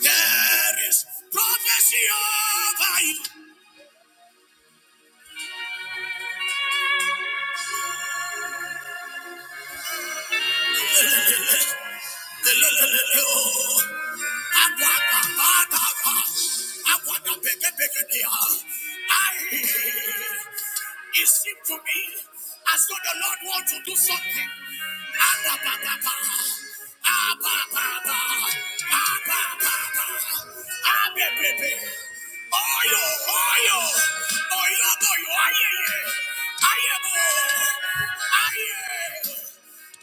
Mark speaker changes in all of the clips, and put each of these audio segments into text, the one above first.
Speaker 1: There is prophecy over you. It seemed to me as though the Lord wants to do something.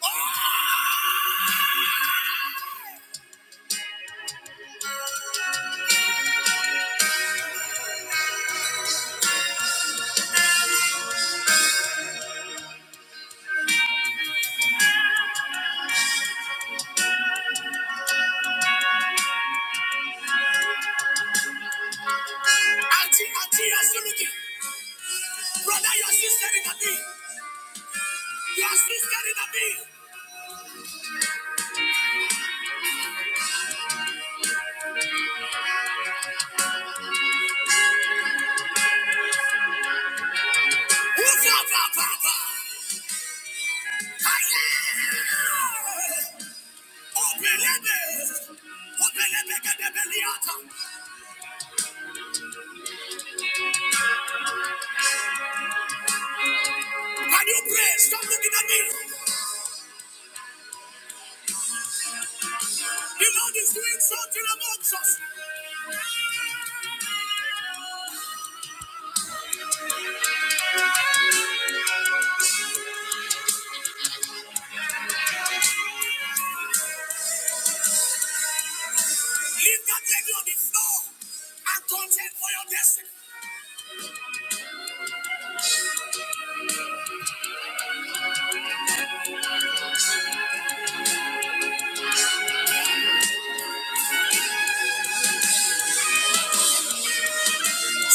Speaker 1: oh. Auntie, auntie, you are still looking. Brother, your sister in the bill. Your sister in the bill. Who's up, up, up, up? Hiya! Open your Open your belly, get the belly out. Can you pray? Stop looking at me. The Lord is doing something amongst us. Leave that lady on the floor and contend for your destiny. I cannot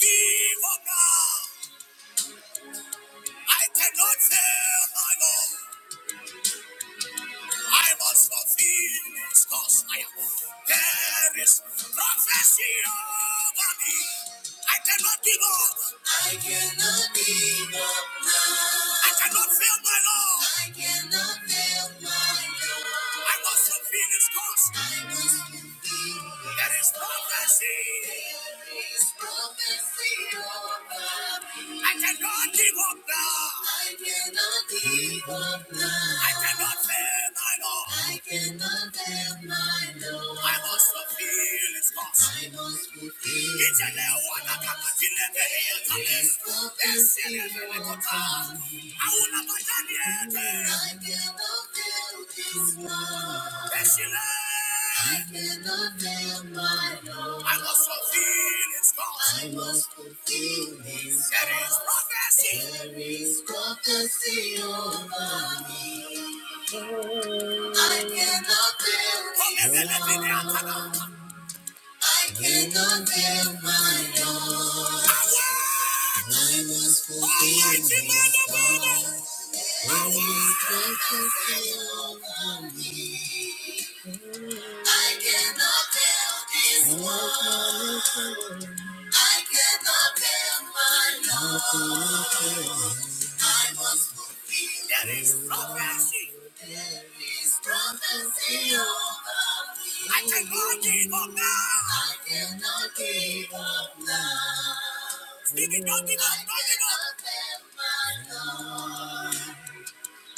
Speaker 1: give up now. I cannot fail my Lord. I must fulfill its cause. I am. There is prophecy over me. I cannot give up. I cannot give up now. I cannot fail my Lord. I cannot fail my Lord. I must fulfill its cause. I must fulfill. There is prophecy. There is prophecy over me. I cannot give up now. I cannot give up now. I cannot fail and I Lord. I cannot help my Lord. I must fulfill His cause. I must fulfill It's a new one. I can't delay the hill to this. It's a new one. I will not buy that I cannot help His cause. I cannot help my Lord. I must fulfill His cause. I must fulfill His cause. There is prophecy. There is prophecy over me. I cannot live. I cannot live my own. I must fulfill. my God. When you try to feel on me, I cannot build this wall. I cannot build my own. I was fulfilled. There is prophecy. There is prophecy over me. I cannot give up now. I cannot give up now. Speak don't give up, don't give up. I cannot give up now.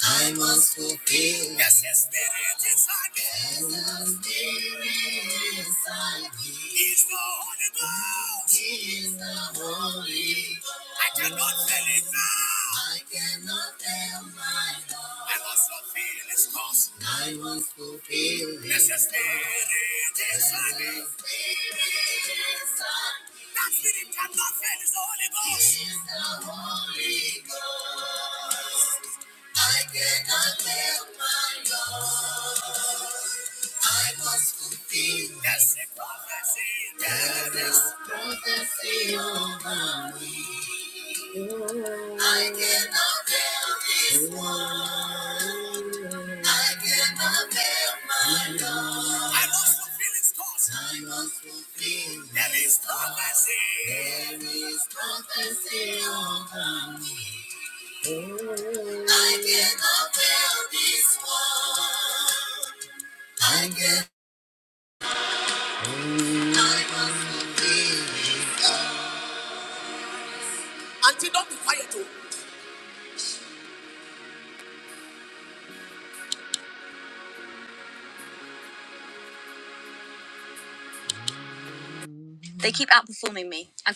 Speaker 1: I must fulfill. Yes, yes, spirit inside me. And the spirit inside me. He's the Holy Ghost. He Is the Holy Ghost. I cannot fail it now. I cannot fail my Lord. I must fulfill His cause. I must fulfill Yes, yes, your spirit inside me. And the spirit inside me. That spirit cannot fail. It's the Holy Ghost. He Is the Holy Ghost. I cannot live my life. I was confused. That's a prophecy. There is prophecy over me. I cannot live this one. I cannot live my life. I must fulfill its course. I must fulfill. There is prophecy. There is prophecy. I cannot live this one. Don't be quiet. oh. They keep outperforming me. I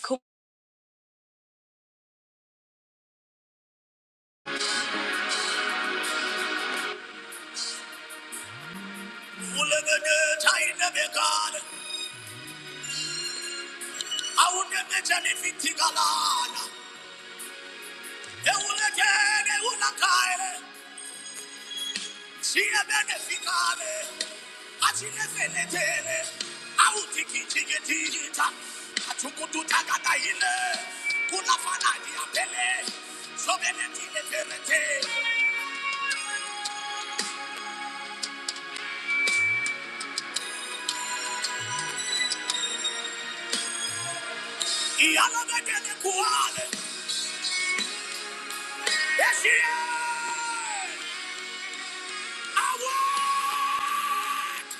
Speaker 1: call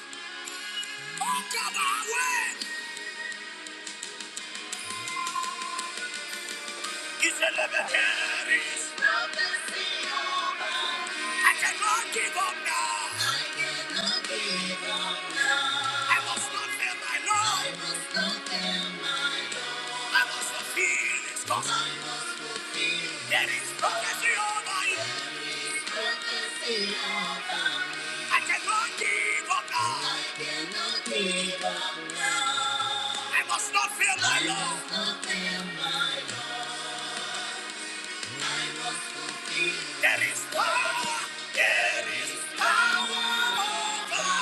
Speaker 1: He said, let me hear it. I cannot give up now. I must not fail my Lord. I must not feel this cause. There is prophecy over you. I cannot give up now. I must not fail my Lord. There is power. There is power over.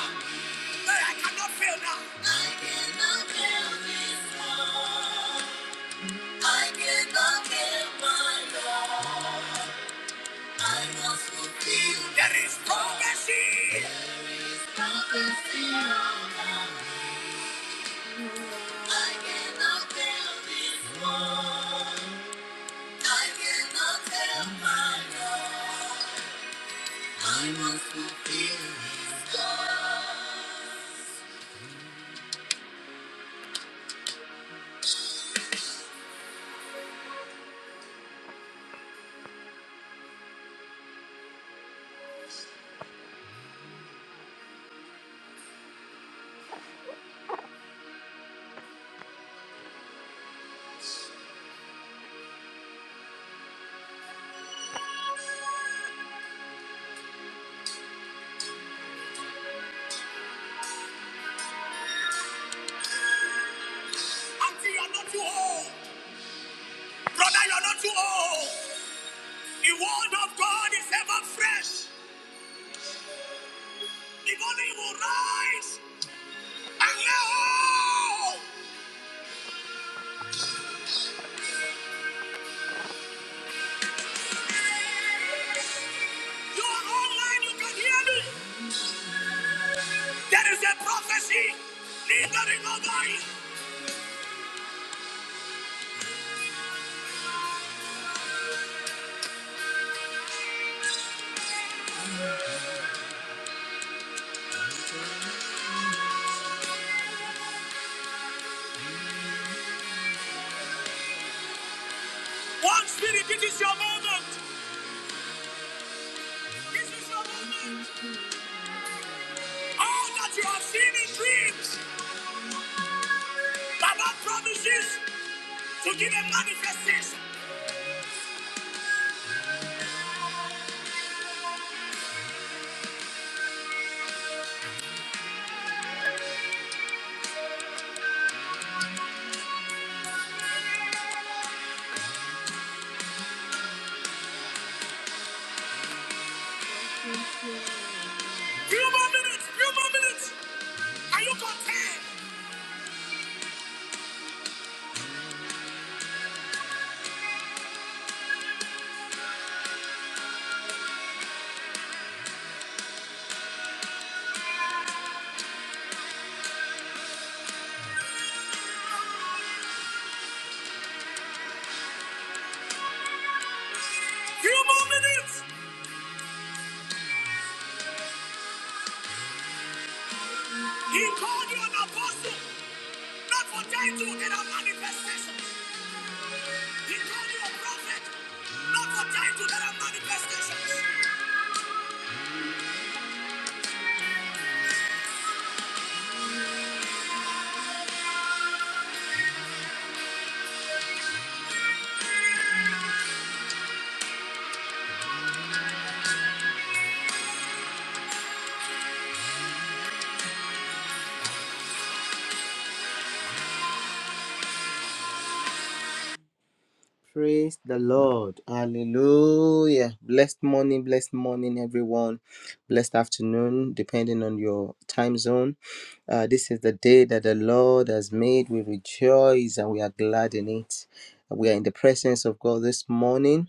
Speaker 1: That I cannot feel now. I cannot feel this war. I cannot feel my law. I must fulfill. There is prophecy. Prophecy. I cannot feel this war. I cannot feel my law. I must fulfill this law. Until you are not too old. Brother, you're not too old. The word of God is ever fresh. The morning will rise. And now, you are online, you can hear me. There is a prophecy lingering over you. One spirit, this is your moment. This is your moment. All that you have seen in dreams, Baba promises to give a manifestation. Few more minutes, few more minutes. Are you content? Few more minutes. He called you an apostle. Not for title, there are manifestations. He called you a prophet. Not for title, there are manifestations. Praise the Lord. Hallelujah. Blessed morning, blessed morning, everyone. Blessed afternoon, depending on your time zone. Uh, this is the day that the Lord has made. We rejoice and we are glad in it. We are in the presence of God this morning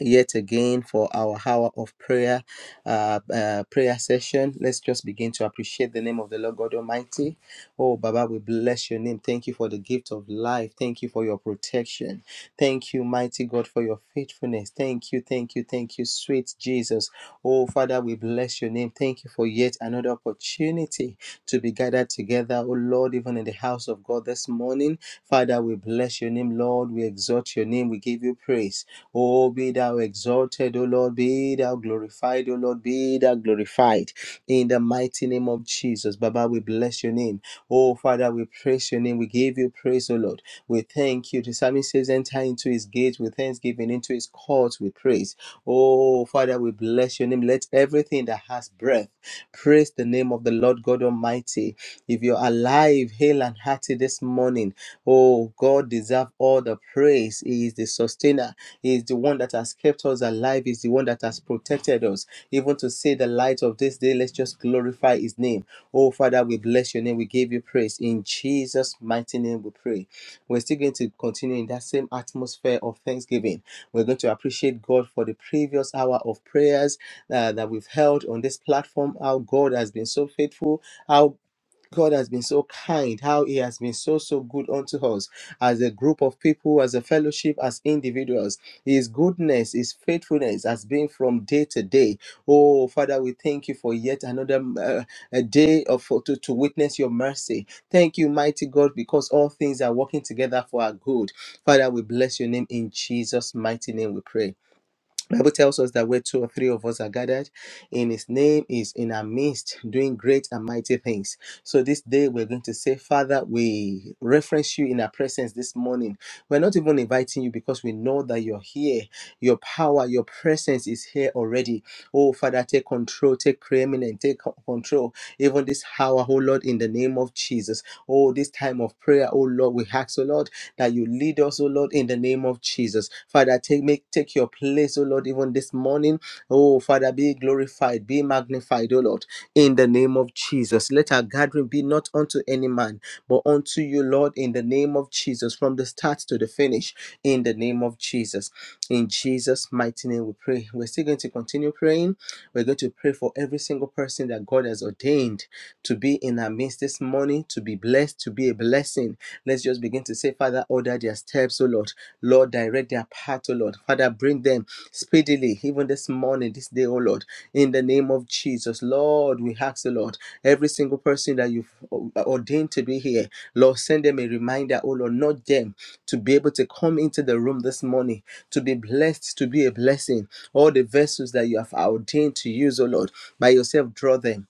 Speaker 1: yet again for our hour of prayer, uh, uh, prayer session. Let's just begin to appreciate the name of the Lord God Almighty. Oh, Baba, we bless your name. Thank you for the gift of life. Thank you for your protection. Thank you, mighty God, for your faithfulness. Thank you, thank you, thank you, sweet Jesus. Oh, Father, we bless your name. Thank you for yet another opportunity to be gathered together, oh Lord, even in the house of God this morning. Father, we bless your name, Lord. We exalt your name. We give you praise. Oh, be thou exalted, O Lord. Be thou glorified magnified, O Lord. Be thou glorified in the mighty name of Jesus. Baba, we bless your name. Oh, Father, we praise your name. We give you praise, O Lord. We thank you. The psalmist says, enter into his gates with thanksgiving, into his courts with praise. Oh, Father, we bless your name. Let everything that has breath praise the name of the Lord God Almighty. If you're alive, hale and hearty this morning, oh, God deserve all the your praise. He is the sustainer. He is the one that has kept us alive. He is the one that has protected us. Even to see the light of this day, let's just glorify his name. Oh, Father, we bless your name. We give you praise. In Jesus' mighty name, we pray. We're still going to continue in that same atmosphere of thanksgiving. We're going to appreciate God for the previous hour of prayers uh, that we've held on this platform, how God has been so faithful, how God has been so kind, how He has been so, so good unto us as a group of people, as a fellowship, as individuals. His goodness, His faithfulness has been from day to day. Oh, Father, we thank you for yet another uh, a day of, for, to, to witness your mercy. Thank you, mighty God, because all things are working together for our good. Father, we bless your name in Jesus' mighty name, we pray. Bible tells us that where two or three of us are gathered in his name is in our midst doing great and mighty things. So this day we're going to say, Father, we reference you in our presence this morning. We're not even inviting you because we know that you're here. Your power, your presence is here already. Oh, Father, take control, take preeminent, take co- control. Even this hour, oh Lord, in the name of Jesus. Oh, this time of prayer, oh Lord, we ask, oh Lord, that you lead us, oh Lord, in the name of Jesus. Father, take make take your place, oh Lord, even this morning. Oh, Father, be glorified, be magnified, oh Lord, in the name of Jesus. Let our gathering be not unto any man man, but unto you, Lord, in the name of Jesus, from the start to the finish, in the name of Jesus. In Jesus' mighty name, we pray. We're still going to continue praying. We're going to pray for every single person that God has ordained to be in our midst this morning, to be blessed, to be a blessing. Let's just begin to say, Father, order their steps, O Lord. Lord, direct their path, O Lord. Lord. Father, bring them speedily, even this morning, this day, oh Lord, in the name of Jesus. Lord, we ask the Lord, every single person that you've o- ordained to be here, Lord, send them a reminder, oh Lord, not them, to be able to come into the room this morning, to be blessed, to be a blessing. All the vessels that you have ordained to use, oh Lord, by yourself, draw them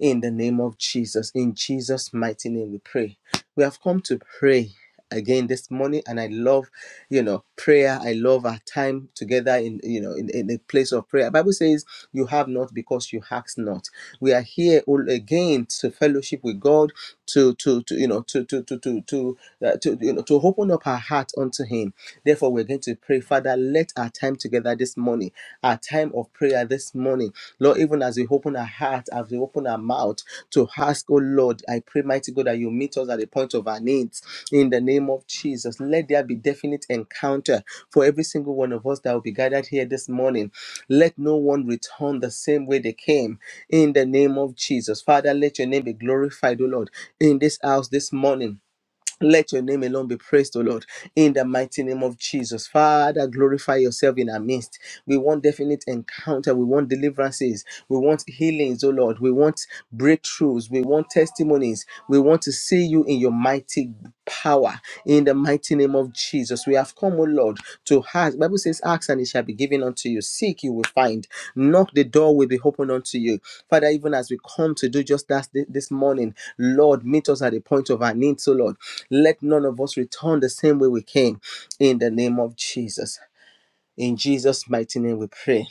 Speaker 1: in the name of Jesus. In Jesus' mighty name, we pray. We have come to pray again this morning and i love you know prayer i love our time together in you know in, in a place of prayer bible says you have not because you ask not we are here all again to fellowship with god to to, to you know to to to to to, uh, to you know to open up our heart unto him therefore we're going to pray father let our time time together this morning, our time of prayer this morning. Lord, even as we open our heart, as we open our mouth to ask, oh Lord, I pray, mighty God, that you meet us at the point of our needs in the name of Jesus. Let there be definite encounter for every single one of us that will be gathered here this morning. Let no one return the same way they came in the name of Jesus. Father, let your name be glorified, oh Lord, in this house this morning let your name alone be praised, O Lord, in the mighty name of Jesus. Father, glorify yourself in our midst. We want definite encounter. We want deliverances. We want healings, O Lord. We want breakthroughs. We want testimonies. We want to see you in your mighty power, in the mighty name of Jesus. Jesus, we have come, O Lord, to ask. Bible says, "Ask and it shall be given unto you. Seek, you will find. Knock, the door will be opened unto you." Father, even as we come to do just that thi- this morning, Lord, meet us at the point of our needs, O Lord. Let none of us return the same way we came. In the name of Jesus, in Jesus' mighty name, we pray.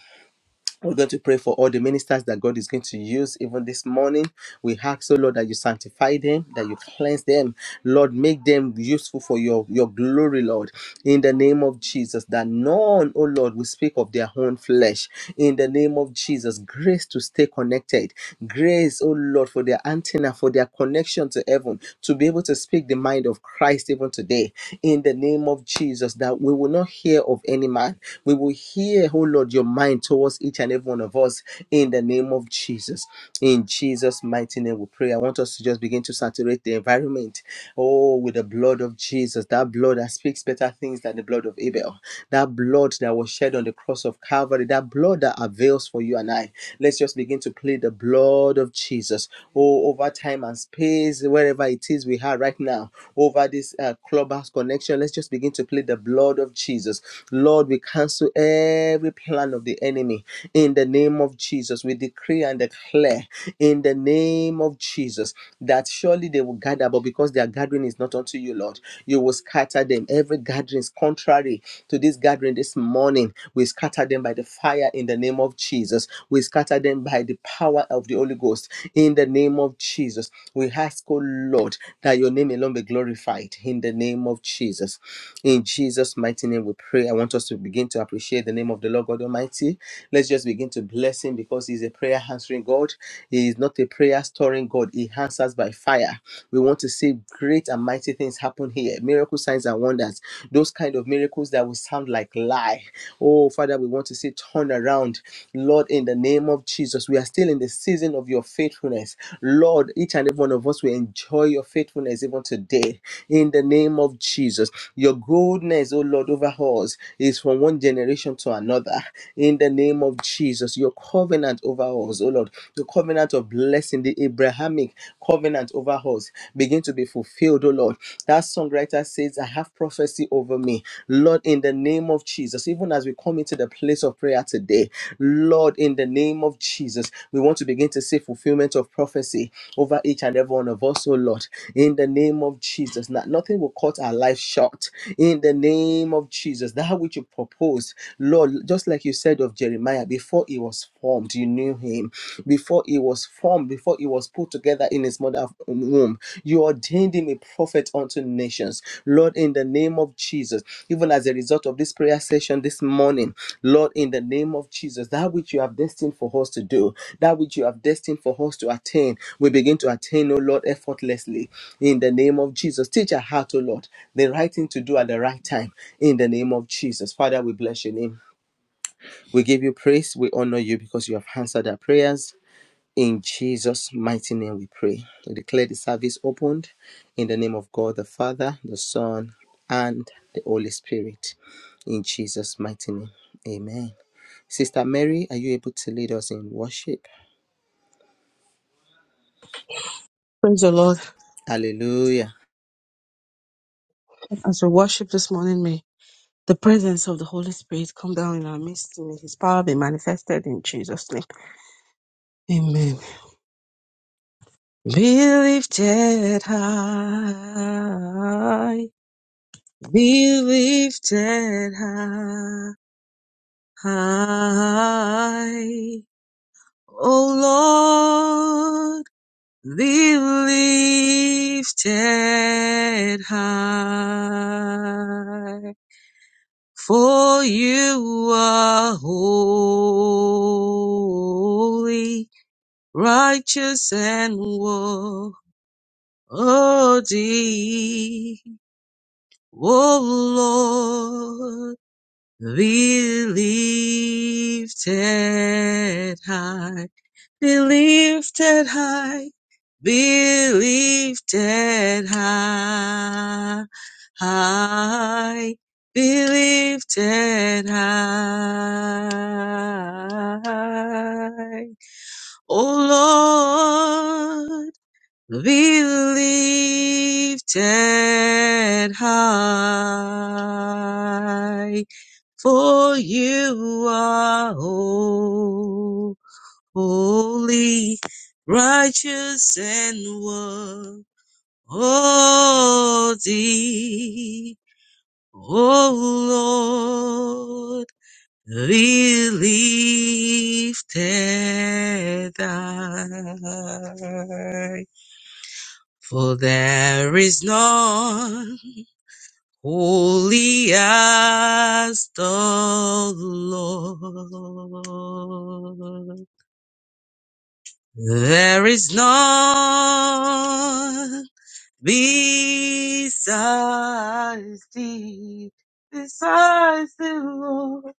Speaker 1: We're going to pray for all the ministers that God is going to use even this morning. We ask, oh Lord, that you sanctify them, that you cleanse them. Lord, make them useful for your, your glory, Lord. In the name of Jesus, that none, oh Lord, will speak of their own flesh. In the name of Jesus, grace to stay connected. Grace, oh Lord, for their antenna, for their connection to heaven, to be able to speak the mind of Christ even today. In the name of Jesus, that we will not hear of any man. We will hear, oh Lord, your mind towards us, each and every one of us, in the name of Jesus. In Jesus' mighty name, we pray. I want us to just begin to saturate the environment, oh, with the blood of Jesus, that blood that speaks better things than the blood of Abel, that blood that was shed on the cross of Calvary, that blood that avails for you and I. Let's just begin to plead the blood of Jesus, oh, over time and space, wherever it is we are right now, over this uh, clubhouse connection. Let's just begin to plead the blood of Jesus. Lord, we cancel every plan of the enemy enemy. In the name of Jesus, we decree and declare in the name of Jesus that surely they will gather, but because their gathering is not unto you, Lord, you will scatter them. Every gathering is contrary to this gathering this morning. We scatter them by the fire in the name of Jesus. We scatter them by the power of the Holy Ghost in the name of Jesus. We ask, oh Lord, that your name alone be glorified in the name of Jesus. In Jesus' mighty name, we pray. I want us to begin to appreciate the name of the Lord God Almighty. Almighty. Let's just begin to bless Him because He's a prayer answering God. He is not a prayer storing God. He answers by fire. We want to see great and mighty things happen here. Miracle signs and wonders. Those kind of miracles that will sound like lie. Oh, Father, we want to see turn around. Lord, in the name of Jesus, we are still in the season of your faithfulness. Lord, each and every one of us will enjoy your faithfulness even today. In the name of Jesus, your goodness, oh Lord, over us is from one generation to another in the name of Jesus. Your covenant over us, oh Lord, the covenant of blessing, the Abrahamic covenant over us, begin to be fulfilled, oh Lord. That songwriter says, I have prophecy over me. Lord, in the name of Jesus, even as we come into the place of prayer today, Lord, in the name of Jesus, we want to begin to see fulfillment of prophecy over each and every one of us, oh Lord, in the name of Jesus. Not, nothing will cut our life short. In the name of Jesus, that which you proposed, Lord, just like you said of Jeremiah, before he was formed, you knew him. Before he was formed, before he was put together in his mother's womb, you ordained him a prophet unto nations. Lord, in the name of Jesus, even as a result of this prayer session this morning, Lord, in the name of Jesus, that which you have destined for us to do, that which you have destined for us to attain, we begin to attain, oh Lord, effortlessly. In the name of Jesus, teach our heart, oh Lord, the right thing to do at the right time. In the name of Jesus, Father, we bless your name. We give you praise. We honor you because you have answered our prayers. In Jesus' mighty name we pray. We declare the service opened in the name of God the Father, the Son, and the Holy Spirit. In Jesus' mighty name. Amen. Sister Mary, are you able to lead us in worship?
Speaker 2: Praise the Lord.
Speaker 1: Hallelujah.
Speaker 2: As we worship this morning, may the presence of the Holy Spirit come down in our midst. and May His power be manifested in Jesus' name. Amen. Be lifted high. Be lifted high. O Lord, be lifted high. for you are holy, righteous and worthy, O Lord. Be lifted high, be lifted high, be lifted high, high, be lifted high. O Lord, be lifted high for you are holy, righteous, and worthy. O Lord, be lifted high, for there is none. Holy as the Lord, there is none besides thee, besides the Lord,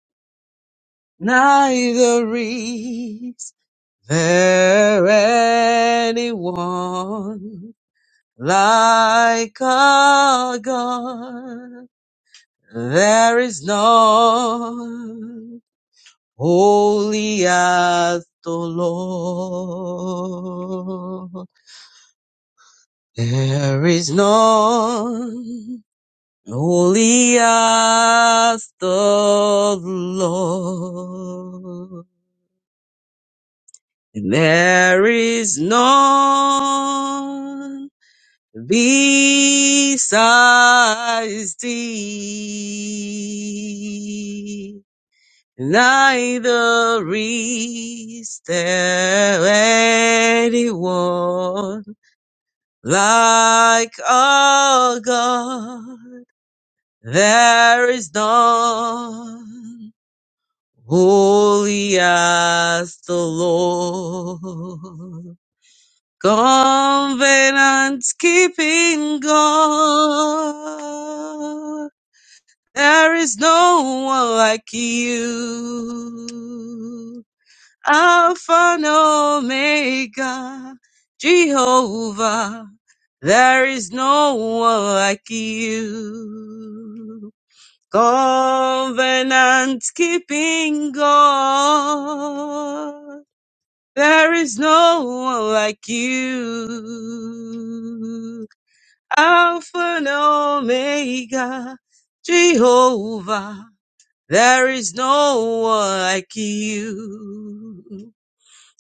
Speaker 2: neither is there anyone like our God. There is none Holy as the Lord, there is none. Holy as the Lord, there is none besides thee. Neither is there anyone like our God. There is none holy as the Lord. Covenant keeping God. There is no one like you. Alpha and Omega, Jehovah, there is no one like you. Covenant keeping God, there is no one like you. Alpha and Omega, Jehovah, there is no one like you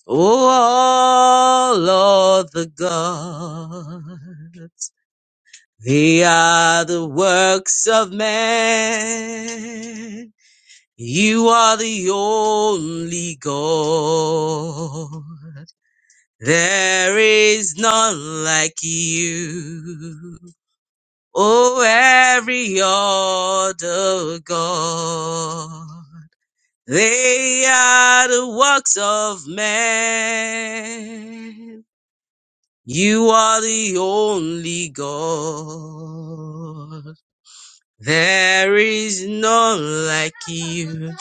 Speaker 2: all of the gods, they are the works of man. You are the only God. There is none like you. Oh, every other God. They are the works of man. You are the only God. There is none like you.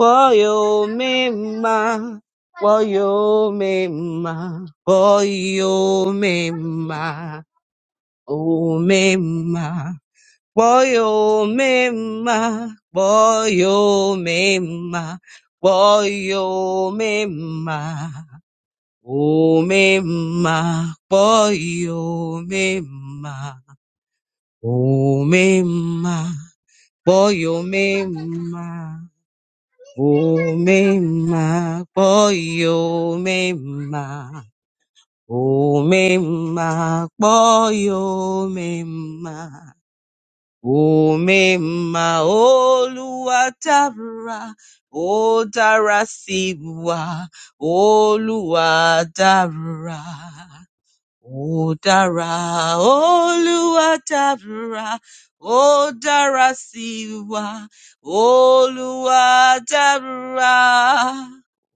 Speaker 2: Boyo mema, boyo mema, boyo mema, o mema, boyo mema, boyo mema, boyo mema. Umema, boy, umema, umema, boy, umema, umema, boy, umema, umema, boy, umema, umema, oluwatara, o dara siwa, oluwatara. Ó dára, Olúwa dára, ó dára sí wa, Olúwa dára,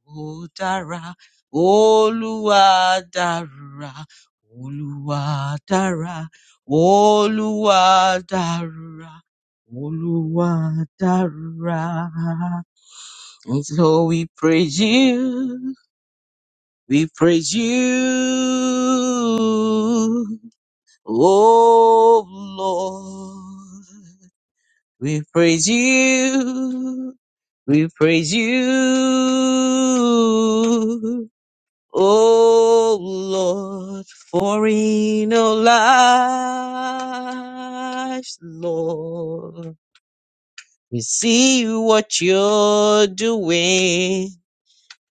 Speaker 2: ó dára, Olúwa dára, Olúwa dára, Olúwa dára, Olúwa dára. And so we praise you, we praise you. Oh Lord, we praise you, we praise you. Oh Lord, for in our lives, Lord, we see what you're doing.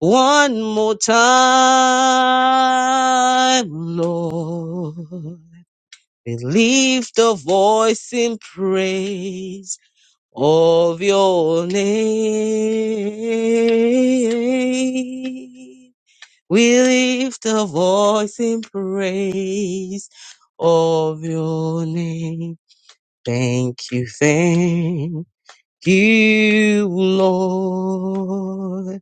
Speaker 2: One more time, Lord. We lift a voice in praise of your name. We lift a voice in praise of your name. Thank you, thank you, Lord.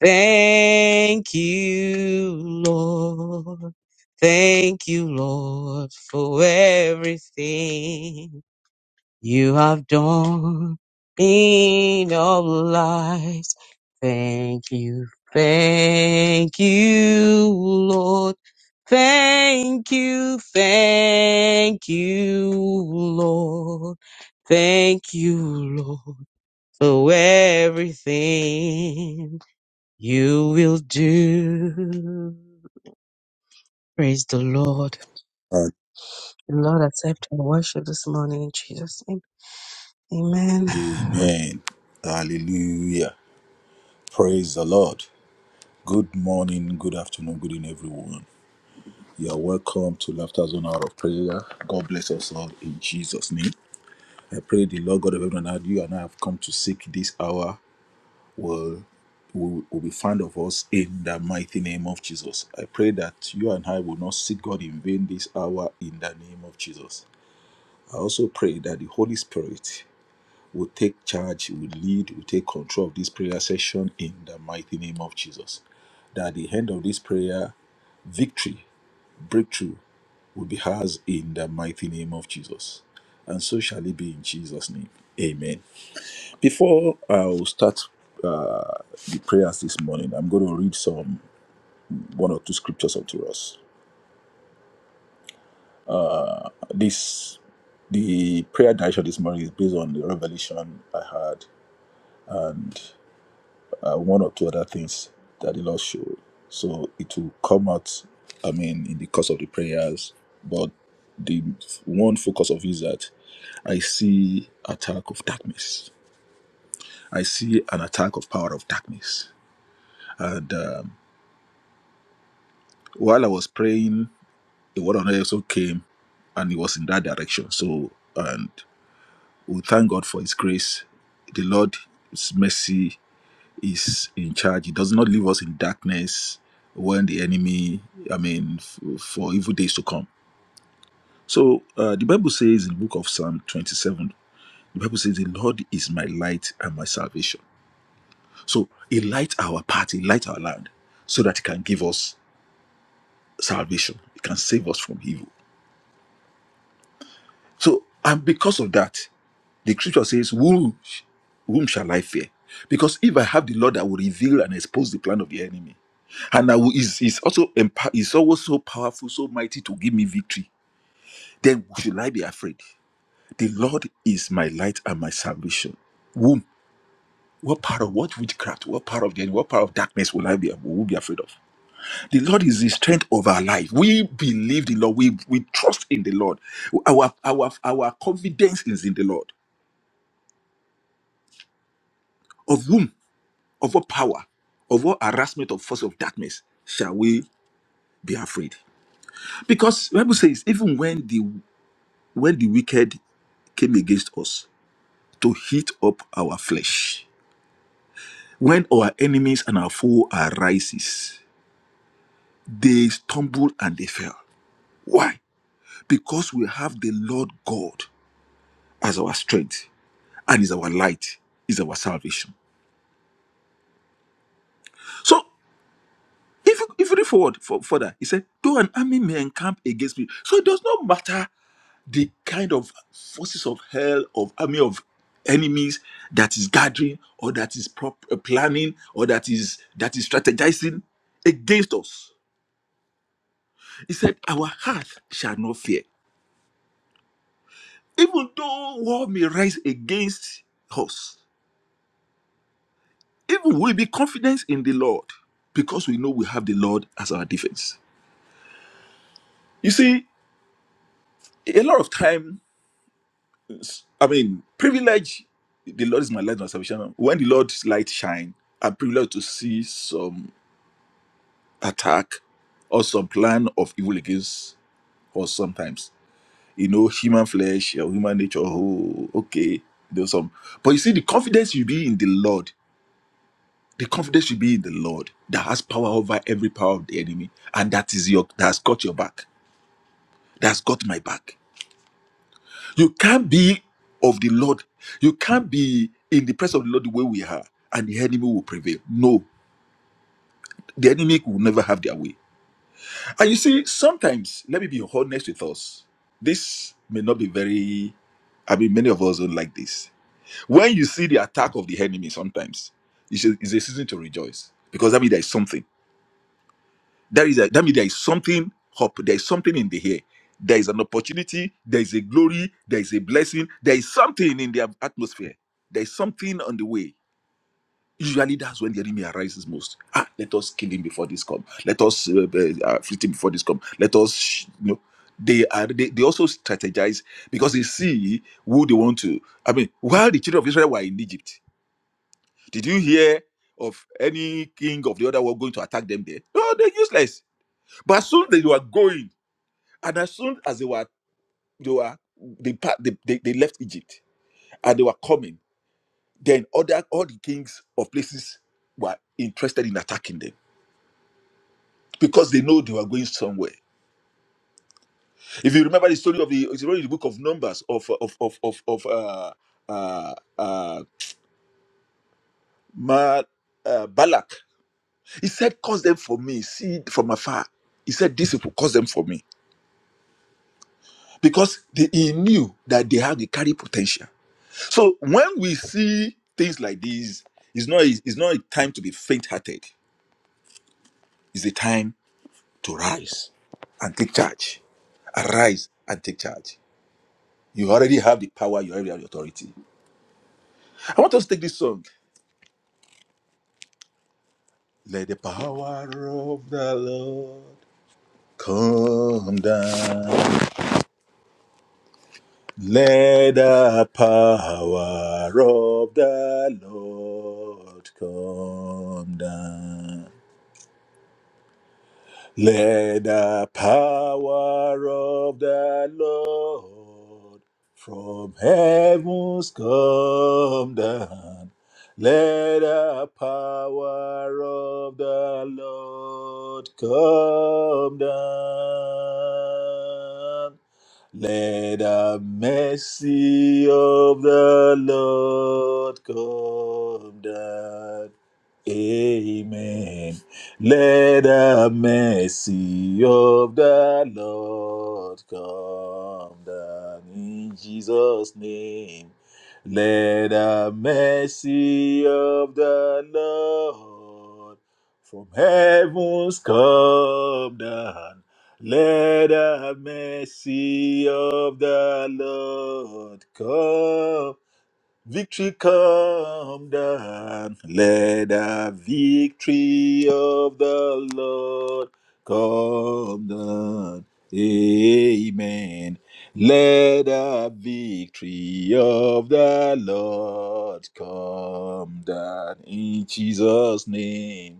Speaker 2: Thank you, Lord. Thank you, Lord, for everything you have done in our lives. Thank you, thank you, Lord. Thank you, thank you, Lord. Thank you, Lord, for everything. You will do. Praise the Lord.
Speaker 3: And
Speaker 2: The Lord accept our worship this morning in Jesus' name. Amen.
Speaker 3: Amen. Hallelujah. Praise the Lord. Good morning, good afternoon, good evening, everyone. You are welcome to Laughter Zone Hour of Prayer. God bless us all in Jesus' name. I pray the Lord God of heaven and earth, you and I have come to seek this hour will, will, will be found of us in the mighty name of Jesus. I pray that you and I will not seek God in vain this hour in the name of Jesus. I also pray that the Holy Spirit will take charge, will lead, will take control of this prayer session in the mighty name of Jesus. That at the end of this prayer, victory, breakthrough will be ours in the mighty name of Jesus. And so shall it be in Jesus' name. Amen. Before I will start uh, the prayers this morning, I'm going to read some one or two scriptures up to us. This the prayer direction this morning is based on the revelation I had uh, one or two other things that the Lord showed. So it will come out, I mean, in the course of the prayers. But the one focus of is that I see attack of darkness. I see an attack of power of darkness. And um, while I was praying, the word on earth also came and it was in that direction. So, and we thank God for His grace, the Lord's mercy is in charge. He does not leave us in darkness when the enemy, I mean, f- for evil days to come. So uh, the Bible says in the book of Psalm 27, the Bible says, The Lord is my light and my salvation. So he light our path, he light our land so that he can give us salvation, he can save us from evil. So, and because of that, The scripture says, Who, Whom shall I fear? Because if I have the Lord, I will reveal and expose the plan of the enemy. And I will, is, is also empower, is always so powerful, so mighty to give me victory. Then should I be afraid? The Lord is my light and my salvation. Whom? What part of what witchcraft? What part of the enemy? What part of darkness will I be? Will we be afraid of? The Lord is the strength of our life. We believe the Lord. We we trust in the Lord. Our our our confidence is in the Lord. Of whom? of what power, of what harassment of force of darkness shall we be afraid? Because the Bible says, even when the when the wicked came against us to heat up our flesh, when our enemies and our foe arises, they stumbled and they fell. Why? Because we have the Lord God as our strength and is our light, is our salvation. So if you, if you read forward for, further, he said, though an army may encamp against me. So it does not matter the kind of forces of hell of army of enemies that is gathering or that is prop- uh, planning or that is that is strategizing against us he said our heart shall not fear even though war may rise against us even we will be confident in the lord because we know we have the lord as our defense you see a lot of time i mean privilege the lord is my light and my salvation when the lord's light shine i'm privileged to see some attack or some plan of evil against us sometimes. You know, human flesh or human nature. Oh, okay. There's some. But you see, the confidence you be in the Lord, the confidence you be in the Lord that has power over every power of the enemy. And that is your that's got your back. That's got my back. You can't be of the Lord. You can't be in the presence of the Lord the way we are, and the enemy will prevail. No, the enemy will never have their way. And you see, sometimes, let me be honest with us. This may not be very, I mean, many of us don't like this. When you see the attack of the enemy, sometimes it's a, it's a season to rejoice because that means there is something. That is a, that means there is something hope. There is something in the air. There is an opportunity. There is a glory. There is a blessing. There is something in the atmosphere. There is something on the way Usually that's when the enemy arises most. Ah, let us kill him before this come. Let us uh, uh, afflict him before this come. Let us, sh-" you know. They are they, they also strategize because they see who they want to. I mean, while the children of Israel were in Egypt, did you hear of any king of the other world going to attack them there? No, they're useless. But as soon as they were going, and as soon as they were they were they pa- they, they, they left Egypt and they were coming, then other all the kings of places were interested in attacking them because they know they were going somewhere. If you remember the story of the, it's already in the book of Numbers of of of of, of uh, uh, uh, Ma, uh, Balak. He said, "Cause them for me, see from afar." He said, "This people cause them for me," because they, he knew that they have the carry potential. So when we see things like these, it's not it's not a time to be faint-hearted. It's a time to rise and take charge. Arise and take charge. You already have the power. You already have the authority I want us to take this song. Let the power of the Lord come down. Let the power of the Lord come down. Let the power of the Lord from heavens come down. Let the power of the Lord come down. Let the mercy of the Lord come down. Amen. Let the mercy of the Lord come down in Jesus' name. Let the mercy of the Lord from heavens come down. Let the mercy of the Lord come Victory come down. Let the victory of the Lord come down. Amen. Let the victory of the Lord come down in Jesus' name.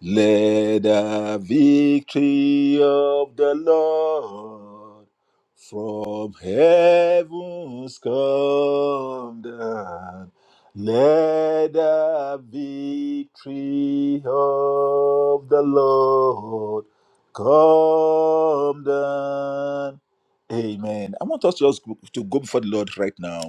Speaker 3: Let the victory of the Lord from heavens come down. Let the victory of the Lord come down. Amen. I want us just to go before the Lord right now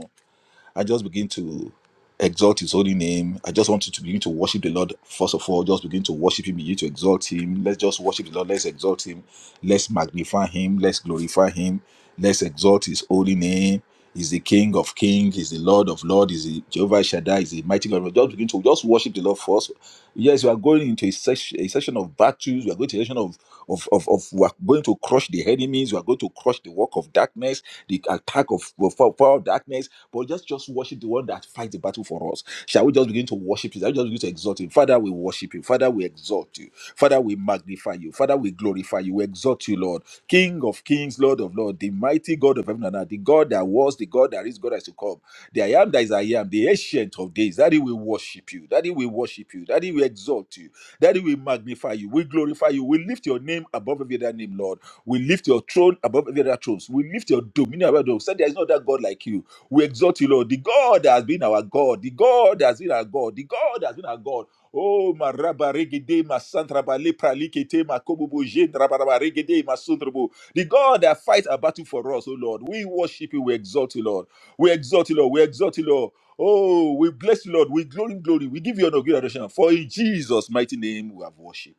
Speaker 3: I just begin to exalt his holy name. I just want you to begin to worship the Lord first of all. Just begin to worship him, begin to exalt him. Let's just worship the Lord. Let's exalt him. Let's magnify him. Let's glorify him. Let's exalt his holy name. He's the King of Kings. He's the Lord of Lords. He's the Jehovah Shaddai. He's the mighty God. Just begin to just worship the Lord first. Yes, we are going into a, session, a session of battles. We are going to a session of of, of, of we are going to crush the enemies. We are going to crush the work of darkness the attack of power of darkness, but just just worship the one that fights the battle for us. Shall we just begin to worship Him? Shall we just begin to exalt Him? Father, we worship you. Father, we exalt you. Father, we magnify you. Father, we glorify you. We exalt you, Lord, King of Kings, Lord of Lords, the mighty God of heaven and earth, the God that that was, the God that is God that is to come, the I am that is I am, the ancient of days. That he will worship you, that he will worship you, that he will exalt you, that he will magnify you, we glorify you, we lift your name above every other name, Lord. We lift your throne above every other thrones. We lift your dominion above those. Said there is no other God like you. We exalt you, Lord. The God that has been our God, the God that has been our God, the God that has been our God. Oh, ma raba regede, ma santraba lepra likete, ma kobobo jen raba raba regede, ma suntrobo. The God that fights a battle for us, oh Lord. We worship you, we exalt you, Lord. We exalt you, Lord. We exalt you, Lord. Oh, we bless you, Lord. We glory, glory. We give you honor, great adoration. For in Jesus' mighty name we have worship.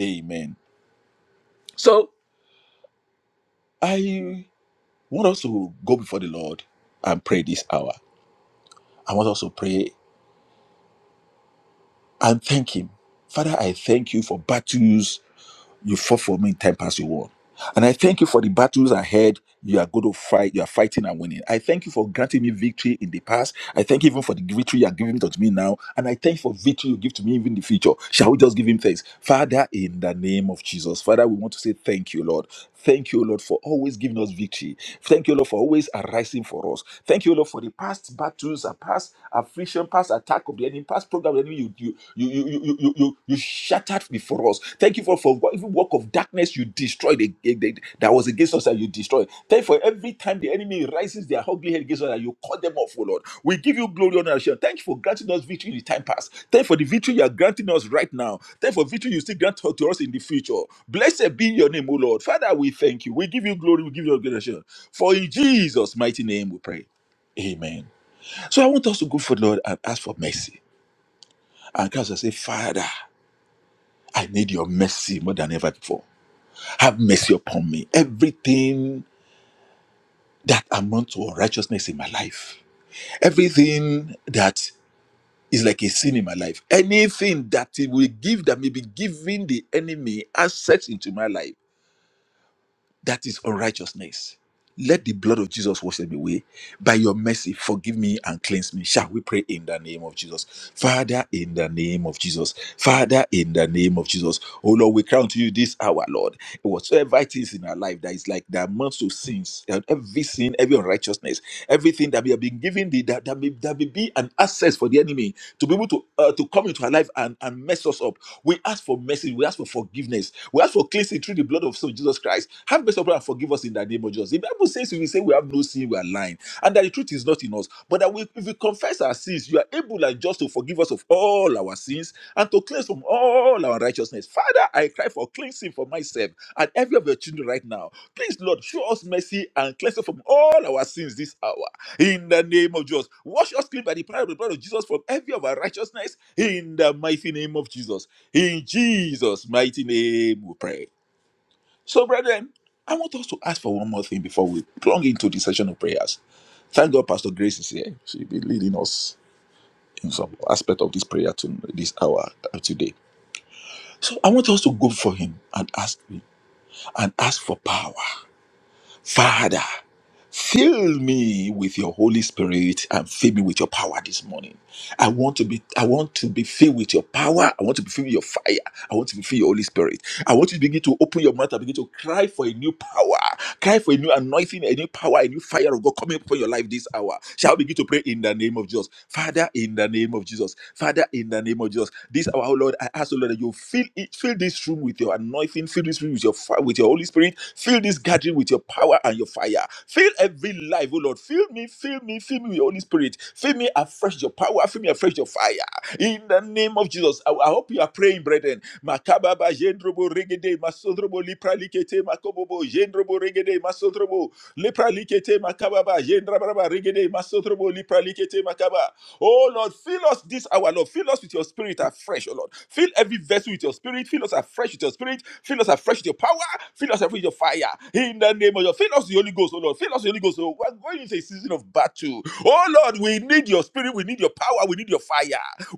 Speaker 3: Amen. So I want us to go before the Lord and pray this hour. I want us to pray and thank Him. Father, I thank you for battles You fought for me in time past, you won. And I thank you for the battles ahead. You are going to fight. You are fighting and winning. I thank you for granting me victory in the past. I thank you even for the victory you are giving to me now. And I thank you for victory you give to me even in the future. Shall we just give him thanks? Father, in the name of Jesus, Father, we want to say thank you, Lord. Thank you, Lord, for always giving us victory. Thank you, Lord, for always arising for us. Thank you, Lord, for the past battles, and past affliction, past attack of the enemy, past program of the enemy you, you, you, you, you, you, you, you shattered before us. Thank you for, for what- every work of darkness you destroyed ag- ag- that was against us and you destroyed. Thank you for Every time the enemy rises their ugly head against us, you cut them off, O Lord. We give you glory, honor, and shame. Thank you for granting us victory in the time past. Thank you for the victory you are granting us right now. Thank you for victory you still grant to us in the future. Blessed be your name, O Lord. Father, we thank you. We give you glory. We give you adoration. For in Jesus' mighty name we pray. Amen. So I want us to go for Lord and ask for mercy. And cast and say, Father, I need your mercy more than ever before. Have mercy upon me. Everything that amounts to unrighteousness in my life. everything that is like a sin in my life anything that it will give that may be giving the enemy access into my life that is unrighteousness. Let the blood of Jesus wash them away. By your mercy, forgive me and cleanse me. Shall we pray in the name of Jesus? Father, in the name of Jesus. Father, in the name of Jesus. Oh Lord, we crown to you this hour, Lord. Whatsoever it is in our life that is like the amounts of sins, and every sin, every unrighteousness, everything that we have been given, the, that, that, may, that may be an access for the enemy to be able to, uh, to come into our life and, and mess us up. We ask for mercy. We ask for forgiveness. We ask for cleansing through the blood of so Jesus Christ. Have mercy upon us and forgive us in the name of Jesus. The Bible says if we say we have no sin, we are lying. And that the truth is not in us. But that we, if we confess our sins, you are able and just to forgive us of all our sins and to cleanse from all our righteousness. Father, I cry for cleansing for myself and every of your children right now. Please, Lord, show us mercy and cleanse us from all our sins this hour in the name of Jesus. Wash us clean by the power of the blood of Jesus from every of our righteousness in the mighty name of Jesus. In Jesus' mighty name we pray. So, brethren, I want us to ask for one more thing before we plunge into the session of prayers. Thank God Pastor Grace is here. She'll be leading us in some aspect of this prayer to this hour uh, today. So I want us to go for him and ask him and ask for power. Father, fill me with your Holy Spirit and fill me with your power this morning. I want to be I want to be filled with your power. I want to be filled with your fire. I want to be filled with your Holy Spirit. I want you to begin to open your mouth and begin to cry for a new power. Cry for a new anointing, a new power, a new fire of God coming upon your life this hour. Shall we begin to pray in the name of Jesus? Father, in the name of Jesus. Father, in the name of Jesus. This hour, oh Lord, I ask, oh Lord, that you fill it, fill this this room with your anointing, fill this room with your fire, with your Holy Spirit, fill this gathering with your power and your fire. Fill every life, oh Lord. Fill me, fill me, fill me with your Holy Spirit. Fill me afresh your power, fill me afresh your fire. In the name of Jesus, I, I hope you are praying, brethren. Makababa jendrobo regede masodrobo lipra likete makobobo jendrobo regede masodrobo lipra likete makababa jendrabraba regede masodrobo lipra likete makaba Oh Lord, fill us this hour, Lord. Fill us with your spirit afresh, oh Lord. Fill every vessel with your spirit. Fill us afresh with your spirit. Fill us afresh with your power. Fill us afresh with your fire. In the name of your fill us with the Holy Ghost, oh Lord. Fill us with the Holy Ghost. Oh, we're going into a season of battle. Oh Lord, we need your spirit. We need your power. We need your fire.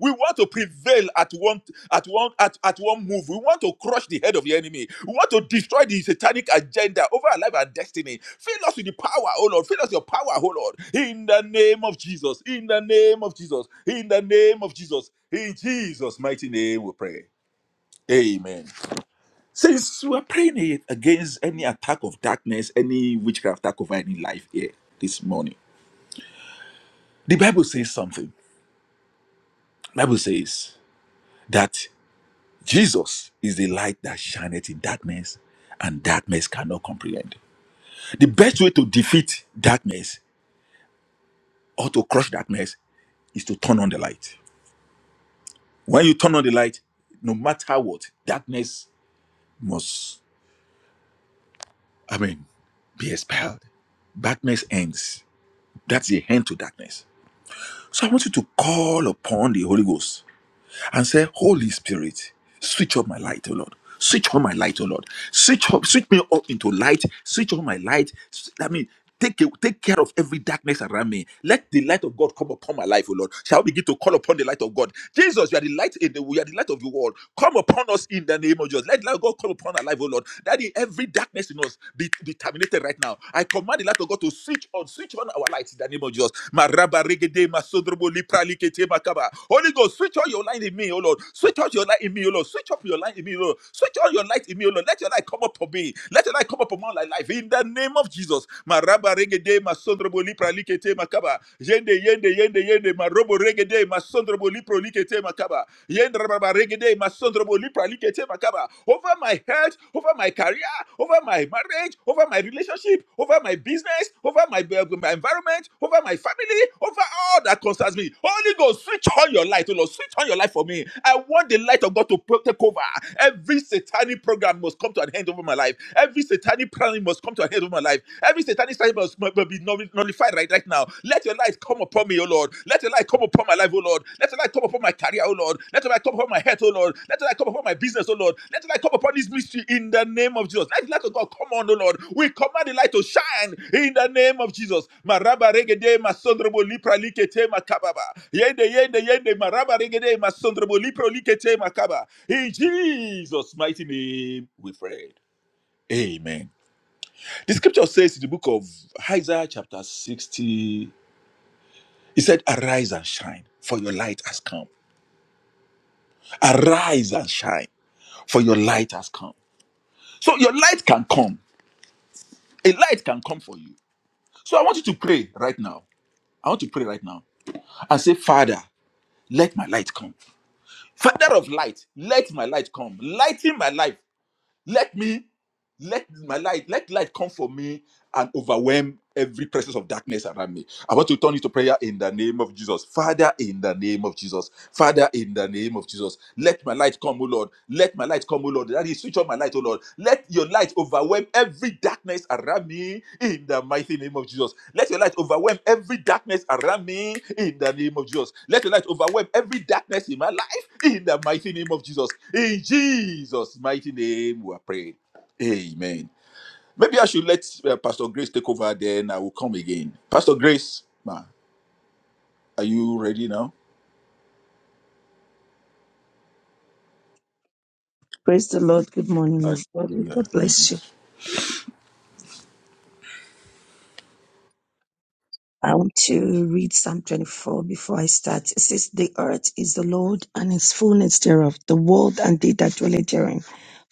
Speaker 3: We want to prevail at one at one at, at one move. We want to crush the head of the enemy. We want to destroy the satanic agenda over our life and destiny. Fill us with the power, oh Lord. Fill us with your power, oh Lord. In the name of Jesus. In the name of Jesus. In the name of Jesus. In Jesus' mighty name we pray. Amen. Since we're praying it against any attack of darkness, any witchcraft attack over any life here this morning, the Bible says something. Bible says that Jesus is the light that shineth in darkness, and darkness cannot comprehend. The best way to defeat darkness or to crush darkness is to turn on the light. When you turn on the light, no matter what, darkness must, I mean, be expelled. Darkness ends. That's the end to darkness. So I want you to call upon the Holy Ghost and say, Holy Spirit, switch on my light, O Lord. Switch on my light, O Lord. Switch up, switch me up into light. Switch on my light. S- I mean, take a- take care of every darkness around me. Let the light of God come upon my life, O Lord. Shall we begin to call upon the light of God? Jesus, you are the light in the you are the light of the world. Come upon us in the name of Jesus. Let the light of God come upon our life, O Lord. That every darkness in us be, be terminated right now. I command the light of God to switch on, switch on our lights in the name of Jesus. Maraba regede masodrobo lipra likete makaba. Holy Ghost, switch on your light in me, oh Lord. Switch on your light in me, oh Lord. Switch up your light in me, oh Lord. Switch on your light in me, oh Lord. Let your light come up for me. Let your light come up for my life in the name of Jesus. Maraba regede masodrobo lipra likete makaba. Yende yende yende yende marobo regede masodrobo lipro likete makaba. Yende rababa regede masodrobo lipra over my health, over my career, over my marriage, over my relationship, over my business, over my, uh, my environment, over my family, over all that concerns me. Holy Ghost, switch on your light, oh Lord, switch on your light for me. I want the light of God to pro- take over. Every satanic program must come to an end over my life. Every satanic plan must come to an end over my life. Every satanic strategy must must be null- nullified right, right now. Let your light come upon me, O Lord. Let your light come upon my life, O Lord. Let your light come upon my career, O Lord. Let your light come upon my health, O Lord. Let your light come upon my business, O Lord. Let your light come upon this mystery in the name of Jesus. Let the light of God come on, O Lord. We command the light to shine in the name of Jesus. Maraba regede masondrobo lipra likete makababa. Yende yende yende maraba regede masondrobo lipro likete makaba. In Jesus' mighty name, we pray. Amen. The scripture says in the book of Isaiah chapter 60 he said, Arise and shine, for your light has come. Arise and shine, for your light has come. So your light can come. A light can come for you. So I want you to pray right now. I want to pray right now and say, Father, let my light come. Father of light, let my light come. Lighten my life. Let me, let my light, let light come for me and overwhelm every presence of darkness around me. I want to turn into prayer in the name of Jesus. Father, in the name of Jesus. Father, in the name of Jesus. Let my light come, O Lord. Let my light come, O Lord. That is, switch on my light, O Lord. Let your light overwhelm every darkness around me in the mighty name of Jesus. Let your light overwhelm every darkness around me in the name of Jesus. Let your light overwhelm every darkness in my life in the mighty name of Jesus. In Jesus' mighty name, we are praying. Amen. Maybe I should let uh, Pastor Grace take over, then I will come again. Pastor Grace, ma, are you ready now?
Speaker 4: Praise the Lord. Good morning, everybody.
Speaker 3: Hallelujah.
Speaker 4: God bless
Speaker 3: Amen.
Speaker 4: you. I want to read Psalm 24 before I start. It says, The earth is the Lord and its fullness thereof, the world and they that dwell therein.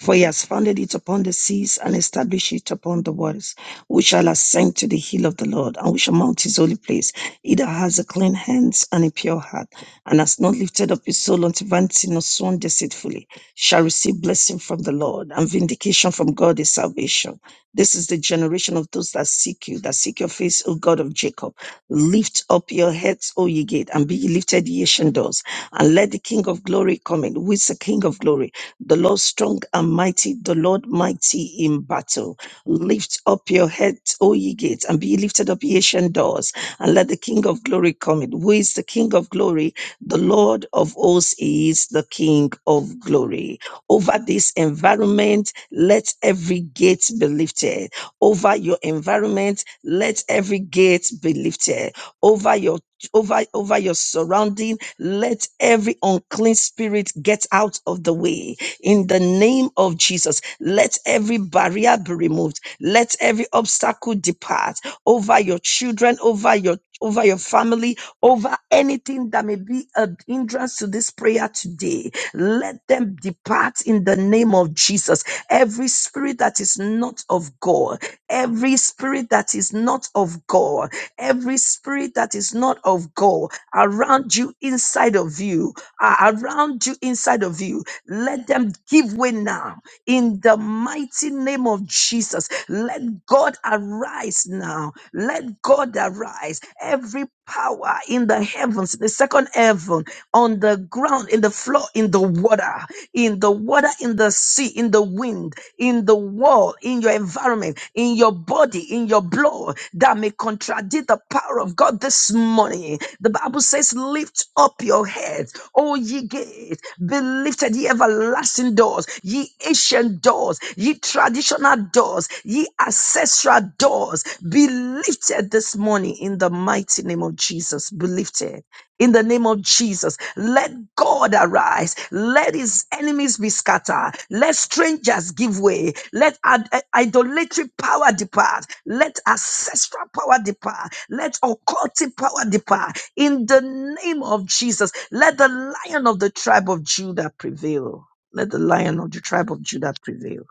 Speaker 4: For he has founded it upon the seas and established it upon the waters. We shall ascend to the hill of the Lord and we shall mount his holy place. He that has a clean hands and a pure heart and has not lifted up his soul unto vanity nor sworn deceitfully shall receive blessing from the Lord and vindication from God is salvation. This is the generation of those that seek you, that seek your face, O God of Jacob. Lift up your heads, O ye gate, and be ye lifted, ye ancient doors, and let the King of glory come in. Who is the King of glory? The Lord strong and mighty, the Lord mighty in battle. Lift up your heads, O ye gates, and be ye lifted up, ye ancient doors, and let the King of glory come in. Who is the King of glory? The Lord of hosts is the King of glory. Over this environment, let every gate be lifted. Over your environment, let every gate be lifted. Over your over over your surrounding let every unclean spirit get out of the way in the name of jesus let every barrier be removed let every obstacle depart over your children, over your over your family, over anything that may be a hindrance to this prayer today. Let them depart in the name of Jesus. Every spirit that is not of God, every spirit that is not of God, every spirit that is not of God around you, inside of you, uh, around you, inside of you, let them give way now in the mighty name of Jesus. Let God arise now. Let God arise. Every power in the heavens, the second heaven, on the ground, in the floor, in the water, in the water, in the sea, in the wind, in the wall, in your environment, in your body, in your blow that may contradict the power of God this morning. The Bible says, Lift up your heads, O ye gates, be lifted, ye everlasting doors, ye ancient doors, ye traditional doors, ye ancestral doors, be lifted this morning in the mighty name of Jesus. Be lifted in the name of Jesus. Let God arise. Let his enemies be scattered. Let strangers give way. Let ad- eh, idolatry power depart. Let ancestral power depart. Let occultic power depart. In the name of Jesus, let the lion of the tribe of Judah prevail. Let the lion of the tribe of Judah prevail.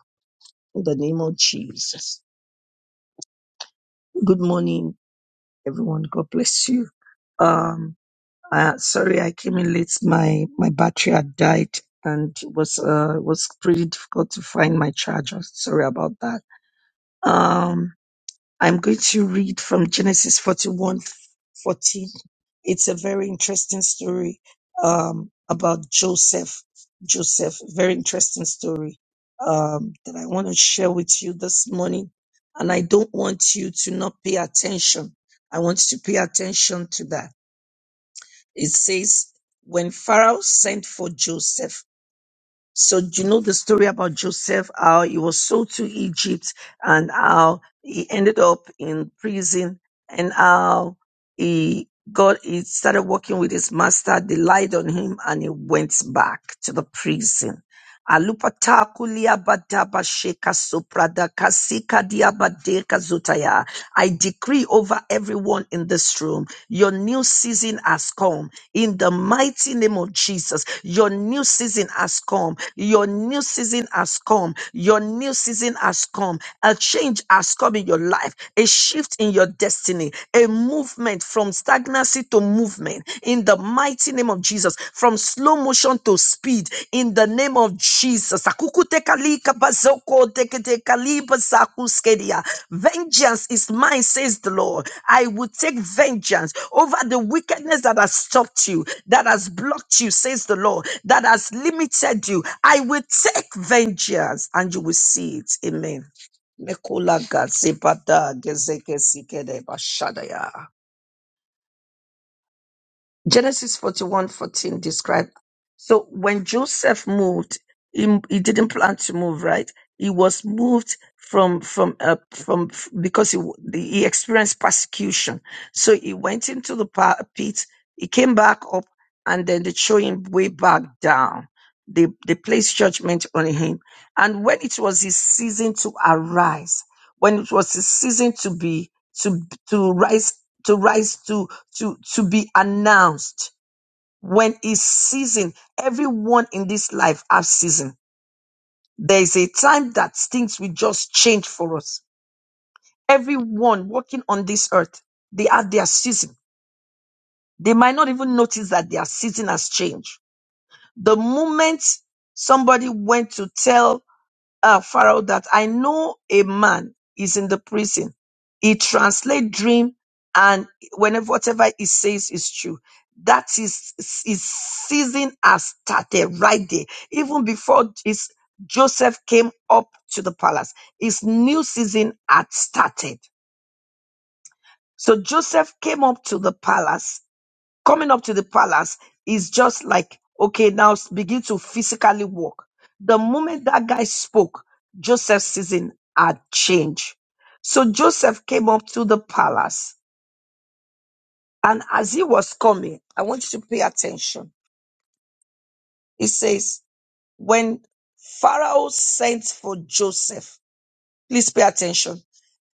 Speaker 4: In the name of Jesus. Good morning, everyone. God bless you. Um. Uh, sorry, I came in late. My my battery had died, and it was uh it was pretty difficult to find my charger. Sorry about that. Um, I'm going to read from Genesis 41:14. It's a very interesting story um about Joseph. Joseph, very interesting story um that I want to share with you this morning, and I don't want you to not pay attention. I want you to pay attention to that it says, when Pharaoh sent for Joseph. So do you know the story about Joseph, how he was sold to Egypt and how he ended up in prison and how he got, he started working with his master. They lied on him and he went back to the prison. I decree over everyone in this room, your new season has come in the mighty name of Jesus. Your new season has come. Your new season has come. Your new season has come. A change has come in your life, a shift in your destiny, a movement from stagnancy to movement in the mighty name of Jesus, from slow motion to speed in the name of Jesus. Akukutekalika bazoko teketekaliba zakuskedia. Vengeance is mine, says the Lord. I will take vengeance over the wickedness that has stopped you, that has blocked you, says the Lord, that has limited you. I will take vengeance and you will see it. Amen. Mekula gatsipata gezeke sikede bashadaya. Genesis forty-one fourteen 14 described. So when Joseph moved, he, he didn't plan to move, right? He was moved from, from, uh, from, because he, w- he experienced persecution. So he went into the pa- pit, he came back up, and then they threw him way back down. They, they placed judgment on him. And when it was his season to arise, when it was his season to be to to rise to rise to to to be announced when it's season everyone in this life has season there is a time that things will just change for us everyone walking on this earth they have their season they might not even notice that their season has changed the moment somebody went to tell uh, Pharaoh that I know a man is in the prison. He translate dream and whenever whatever he says is true. That is his season has started right there. Even before his Joseph came up to the palace, his new season had started. So Joseph came up to the palace coming up to the palace is just like, okay, now s- begin to physically walk. The moment that guy spoke, Joseph's season had changed. So Joseph came up to the palace, and as he was coming, I want you to pay attention. It says, when Pharaoh sent for Joseph, please pay attention.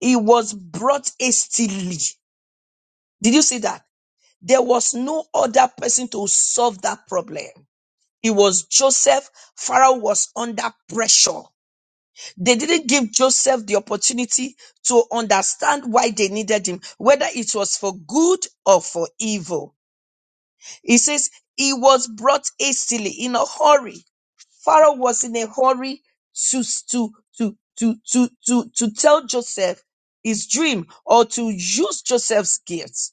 Speaker 4: He was brought hastily. Did you see that? There was no other person to solve that problem. It was Joseph. Pharaoh was under pressure. They didn't give Joseph the opportunity to understand why they needed him, whether it was for good or for evil. He says he was brought hastily in a hurry. Pharaoh was in a hurry to, to, to, to, to, to, to tell Joseph his dream or to use Joseph's gifts.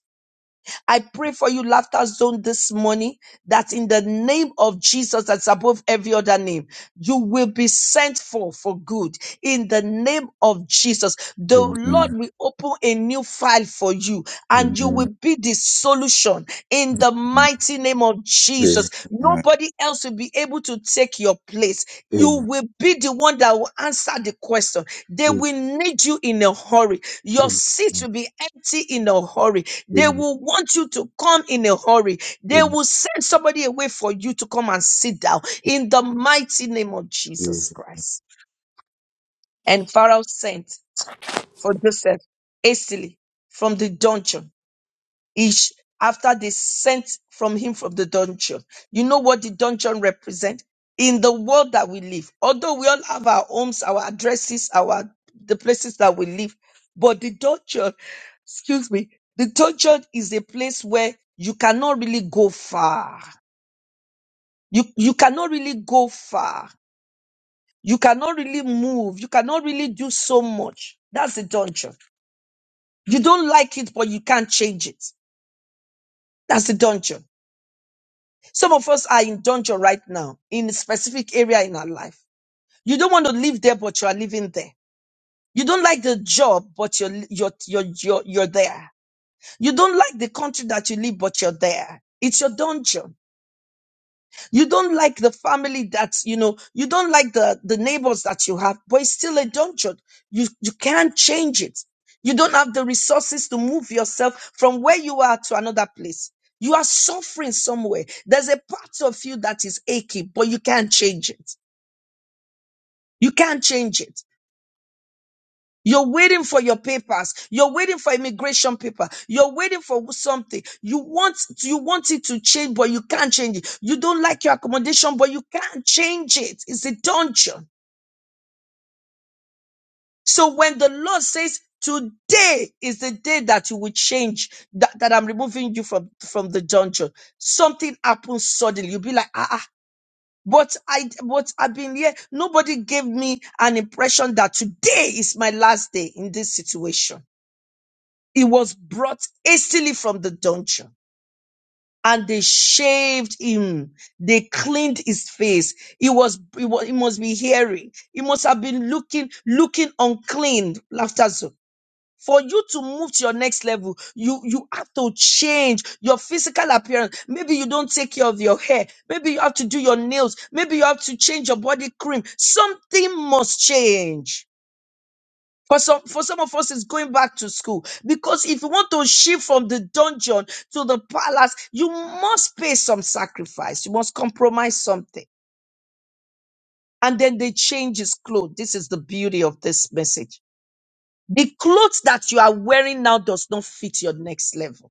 Speaker 4: I pray for you, Laughter Zone, this morning, that in the name of Jesus, that's above every other name, you will be sent for for good. In the name of Jesus,
Speaker 3: Amen.
Speaker 4: the Lord
Speaker 3: Amen. Amen.
Speaker 4: will open a new file for you, and you
Speaker 3: Amen.
Speaker 4: will be the solution. In the
Speaker 3: Amen.
Speaker 4: mighty name of
Speaker 3: Amen.
Speaker 4: Jesus, nobody else will be able to take your place. You will be the one that will answer the question. They will need you in a hurry. Your
Speaker 3: Amen.
Speaker 4: seat will be empty in a hurry they
Speaker 3: Amen.
Speaker 4: will want you to come in a hurry. They will send somebody away for you to come and sit down in the mighty name of Jesus Christ. And Pharaoh sent for Joseph hastily from the dungeon each after they sent from him from the dungeon. You know what the dungeon represent in the world that we live. Although we all have our homes, our addresses, our the places that we live, but the dungeon, excuse me, the dungeon is a place where you cannot really go far. You you cannot really go far. You cannot really move. You cannot really do so much. That's the dungeon. You don't like it, but you can't change it. That's the dungeon. Some of us are in dungeon right now, in a specific area in our life. You don't want to live there, but you are living there. You don't like the job, but you're, you're, you're, you're, you're there. You don't like the country that you live, but you're there. It's your dungeon. You don't like the family that's you know, you don't like the, the neighbors that you have, but it's still a dungeon. You, you can't change it. You don't have the resources to move yourself from where you are to another place. You are suffering somewhere. There's a part of you that is aching, but you can't change it. You can't change it. You're waiting for your papers. You're waiting for immigration paper. You're waiting for something. You want, you want it to change, but you can't change it. You don't like your accommodation, but you can't change it. It's a dungeon. So when the Lord says, today is the day that you will change, that, that I'm removing you from, from the dungeon, something happens suddenly. You'll be like, ah, ah. But I, but I've been here. Nobody gave me an impression that today is my last day in this situation. He was brought hastily from the dungeon and they shaved him. They cleaned his face. He was, he was, he must be hairy. He must have been looking, looking unclean. Laughter zone. For you to move to your next level, you, you have to change your physical appearance. Maybe you don't take care of your hair. Maybe you have to do your nails. Maybe you have to change your body cream. Something must change for some, for some of us, it's going back to school. Because if you want to shift from the dungeon to the palace, you must pay some sacrifice. You must compromise something. And then they change his clothes. This is the beauty of this message. The clothes that you are wearing now does not fit your next level.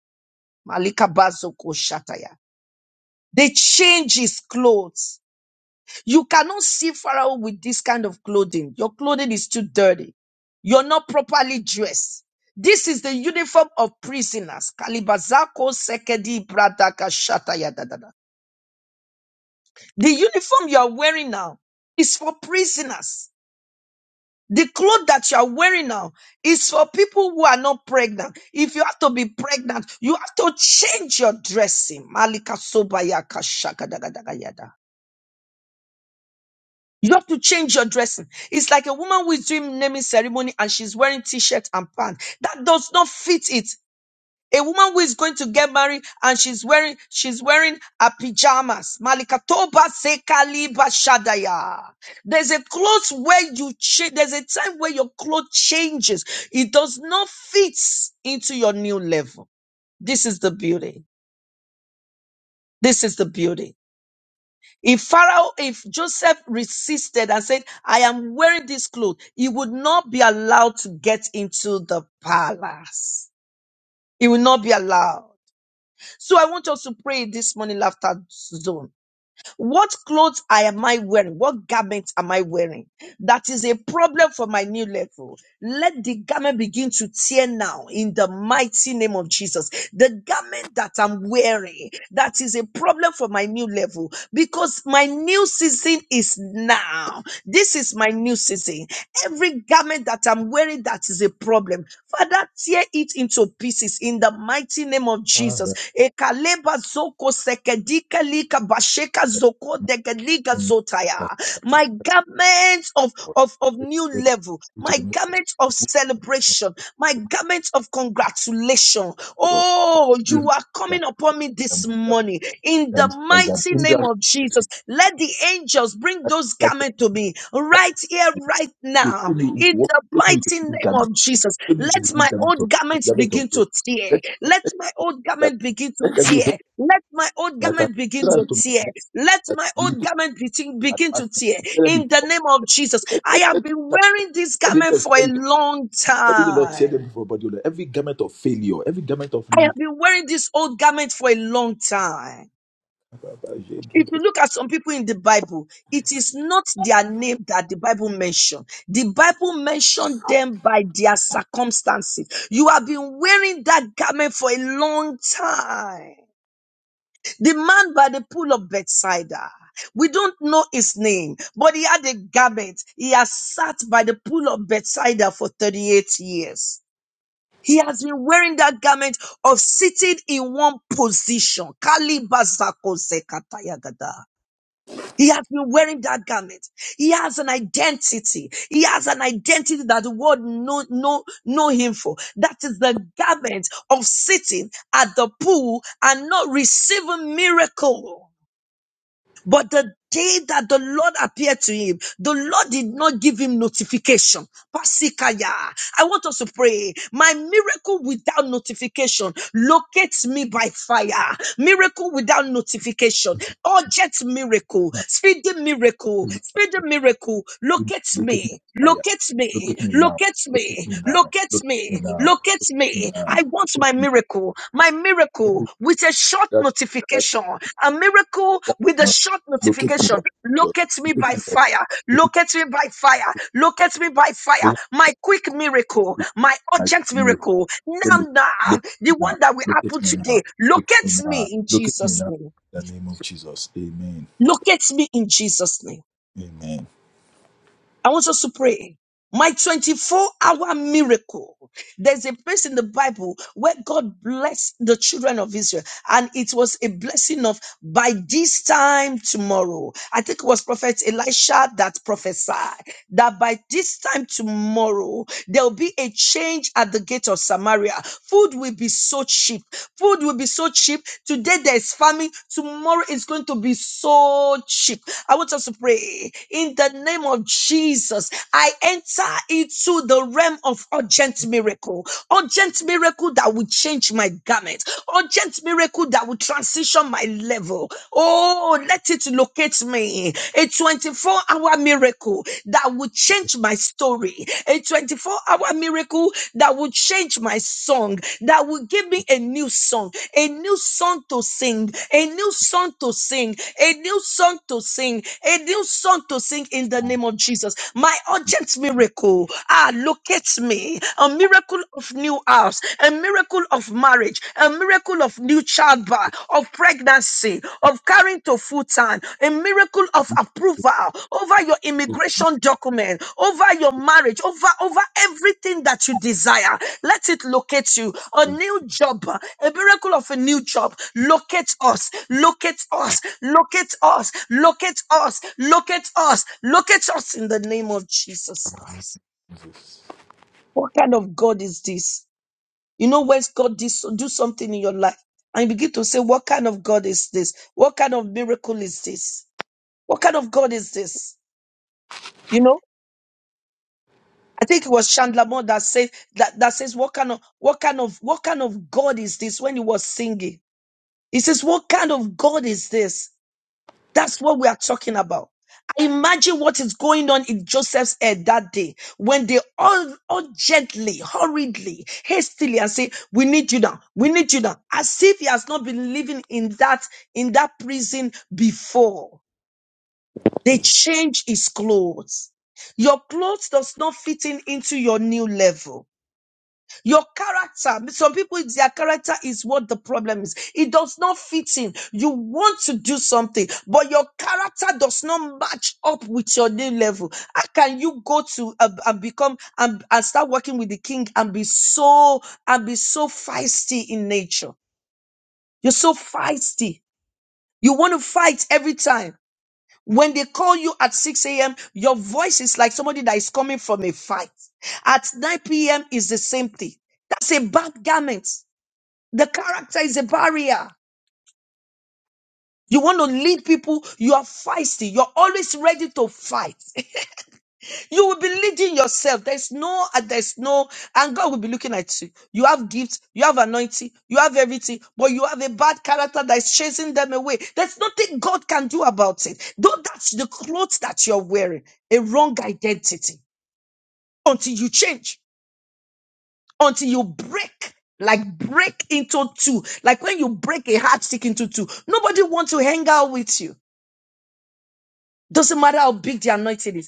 Speaker 4: Malika Bazoko Shataya. They change his clothes. You cannot see Pharaoh with this kind of clothing. Your clothing is too dirty. You're not properly dressed. This is the uniform of prisoners. Kalibazako sekedi bradaka shata ya da da da. The uniform you are wearing now is for prisoners. The cloth that you are wearing now is for people who are not pregnant. If you have to be pregnant, you have to change your dressing. Malika sobaya kashaka You have to change your dressing. It's like a woman who is doing naming ceremony and she's wearing t-shirt and pants. That does not fit it. A woman who is going to get married and she's wearing she's wearing a pajamas. Malikatoba sekaliba shadaya. There's a clothes where you change. There's a time where your clothes changes. It does not fit into your new level. This is the beauty. This is the beauty. If Pharaoh, if Joseph resisted and said, I am wearing this cloth, he would not be allowed to get into the palace. He will not be allowed. So I want us to pray this morning, laughter zone. What clothes I am I wearing? What garment am I wearing? That is a problem for my new level. Let the garment begin to tear now in the mighty name of Jesus. The garment that I'm wearing, that is a problem for my new level because my new season is now. This is my new season. Every garment that I'm wearing that is a problem. Father, tear it into pieces in the mighty name of Jesus. Ekaleba zoko sekedika lika basheka Lika zoko deke lika
Speaker 3: That
Speaker 4: zotaya. My garments of, of, of new
Speaker 3: led
Speaker 4: level,
Speaker 3: me to
Speaker 4: my
Speaker 3: the
Speaker 4: garments of celebration, my garments of congratulation. Oh, you
Speaker 3: moon.
Speaker 4: are
Speaker 3: That-
Speaker 4: coming upon me this
Speaker 3: um, that-
Speaker 4: morning in the
Speaker 3: that is an
Speaker 4: mighty
Speaker 3: angel
Speaker 4: name of Jesus. Let the angels bring those
Speaker 3: that
Speaker 4: garments to me right here, right
Speaker 3: is
Speaker 4: now,
Speaker 3: in me.
Speaker 4: in
Speaker 3: Walk-
Speaker 4: the
Speaker 3: Take me with a
Speaker 4: mighty
Speaker 3: new
Speaker 4: name
Speaker 3: garment.
Speaker 4: of Jesus.
Speaker 3: Take me with a
Speaker 4: Let
Speaker 3: new
Speaker 4: my
Speaker 3: garment
Speaker 4: old
Speaker 3: of the
Speaker 4: garments
Speaker 3: garment of
Speaker 4: begin
Speaker 3: glory.
Speaker 4: to tear. Let my old
Speaker 3: Let
Speaker 4: garment begin to
Speaker 3: that
Speaker 4: tear. Let my old
Speaker 3: That's an
Speaker 4: garment begin to
Speaker 3: entrance to my
Speaker 4: tear.
Speaker 3: next
Speaker 4: Let my old
Speaker 3: league
Speaker 4: garment begin begin to
Speaker 3: advancement.
Speaker 4: tear
Speaker 3: Let it be
Speaker 4: in the
Speaker 3: tortured.
Speaker 4: name of Jesus. I have been wearing this
Speaker 3: Let it
Speaker 4: garment
Speaker 3: just
Speaker 4: for a
Speaker 3: let it- up.
Speaker 4: long
Speaker 3: let the Lord tear
Speaker 4: time.
Speaker 3: them from body. Lord. Every garment of failure, every garment of
Speaker 4: I have
Speaker 3: limit.
Speaker 4: been wearing this old garment for a long time. If you look at some people in the Bible, it is not their name that the Bible mentioned. The Bible mentioned them by their circumstances. You have been wearing that garment for a long time. The man by the pool of Bethsaida. We don't know his name, but he had a garment. He has sat by the pool of Bethsaida for 38 years. He has been wearing that garment of sitting in one position. Kalibazakosekatayagada. He has been wearing that garment. He has an identity. He has an identity that the world know, know, know him for. That is the garment of sitting at the pool and not receiving miracle. But the day that the Lord appeared to him, the Lord did not give him notification. Pasikaya. I want us to pray. My miracle without notification locates me by fire. Miracle without notification. Urgent miracle.
Speaker 3: Man,
Speaker 4: Speedy miracle. Speedy miracle. Locates
Speaker 3: Look at me
Speaker 4: me.
Speaker 3: by fire.
Speaker 4: Locates
Speaker 3: Look
Speaker 4: me.
Speaker 3: at me now.
Speaker 4: Locates
Speaker 3: Look at
Speaker 4: me.
Speaker 3: me now.
Speaker 4: Look at
Speaker 3: Look at me
Speaker 4: me.
Speaker 3: now. Look at
Speaker 4: Look at
Speaker 3: Me
Speaker 4: me.
Speaker 3: now.
Speaker 4: I want my miracle. My miracle
Speaker 3: That
Speaker 4: with a short
Speaker 3: that
Speaker 4: notification. A miracle
Speaker 3: that
Speaker 4: with a
Speaker 3: must
Speaker 4: short
Speaker 3: look at me.
Speaker 4: notification.
Speaker 3: Look
Speaker 4: Look at me
Speaker 3: at
Speaker 4: by
Speaker 3: me.
Speaker 4: fire.
Speaker 3: Look at
Speaker 4: Look at me by fire. Look at me by fire.
Speaker 3: me.
Speaker 4: My quick miracle. My
Speaker 3: My good
Speaker 4: urgent
Speaker 3: miracle.
Speaker 4: miracle.
Speaker 3: Give
Speaker 4: Now,
Speaker 3: me-
Speaker 4: now,
Speaker 3: Look at
Speaker 4: the
Speaker 3: me now.
Speaker 4: one that will
Speaker 3: Look at
Speaker 4: happen
Speaker 3: me now.
Speaker 4: today.
Speaker 3: Look
Speaker 4: Look
Speaker 3: at me
Speaker 4: at
Speaker 3: now.
Speaker 4: me in
Speaker 3: Look at me
Speaker 4: Jesus'
Speaker 3: now.
Speaker 4: name.
Speaker 3: In the name of Jesus. Amen.
Speaker 4: Look at me in Jesus' name.
Speaker 3: Amen.
Speaker 4: I want us to pray. My 24 hour miracle. There's a place in the Bible where God blessed the children of Israel, and it was a blessing of by this time tomorrow. I think it was Prophet Elisha that prophesied that by this time tomorrow, there'll be a change at the gate of Samaria. Food will be so cheap. Food will be so cheap. Today there's famine. Tomorrow it's going to be so cheap. I want us to pray in the name of Jesus. I enter into the realm of urgent miracle, urgent miracle that will change my garment, urgent miracle that will transition my level. Oh, let it locate me. A 24 hour miracle that will change my story, a 24 hour miracle that will change my song, that will give me a new song, a new song to sing, a new song to sing, a new song to sing, a new song to sing in the name of Jesus. My urgent miracle. Ah, locates me. A miracle of new house, a miracle of marriage, a miracle of new childbirth, of pregnancy, of carrying to full time, a miracle of approval over your immigration document, over your marriage, over, over everything that you desire. Let it locate you. A new job, a miracle of a new job. Locate us, locate us, locate us, locate us, locate us, locate us in the name of Jesus Christ. What kind of God is this? You know, when God dis- do something in your life, and you begin to say, What kind of God is this? What kind of miracle is this? What kind of God is this? You know, I think it was Chandler Moore that said that, that says, What kind of what kind of what kind of God is this when he was singing? He says, What kind of God is this? That's what we are talking about. Imagine what is going on in Joseph's head that day when they all urgently, hurriedly, hastily, and say, "We need you now. We need you now," as if he has not been living in that in that prison before. They change his clothes. Your clothes does not fit in into your new level. Your character, some people, their character is what the problem is. It does not fit in. You want to do something, but your character does not match up with your new level. How can you go to uh, and become and, and start working with the king and be so and be so feisty in nature? You're so feisty. You want to fight every time. When they call you at 6 a.m., your voice is like somebody that is coming from a fight. At 9 p.m. is the same thing. That's a bad garment. The character is a barrier. You want to lead people, you are feisty. You're always ready to fight. You will be leading yourself. There's no, uh, there's no, and God will be looking at you. You have gifts, you have anointing, you have everything, but you have a bad character that is chasing them away. There's nothing God can do about it. Though that's the clothes that you're wearing, a wrong identity until you change. until you break like break into two like when you break a heart stick into two nobody wants to hang out with you doesn't matter how big the anointing is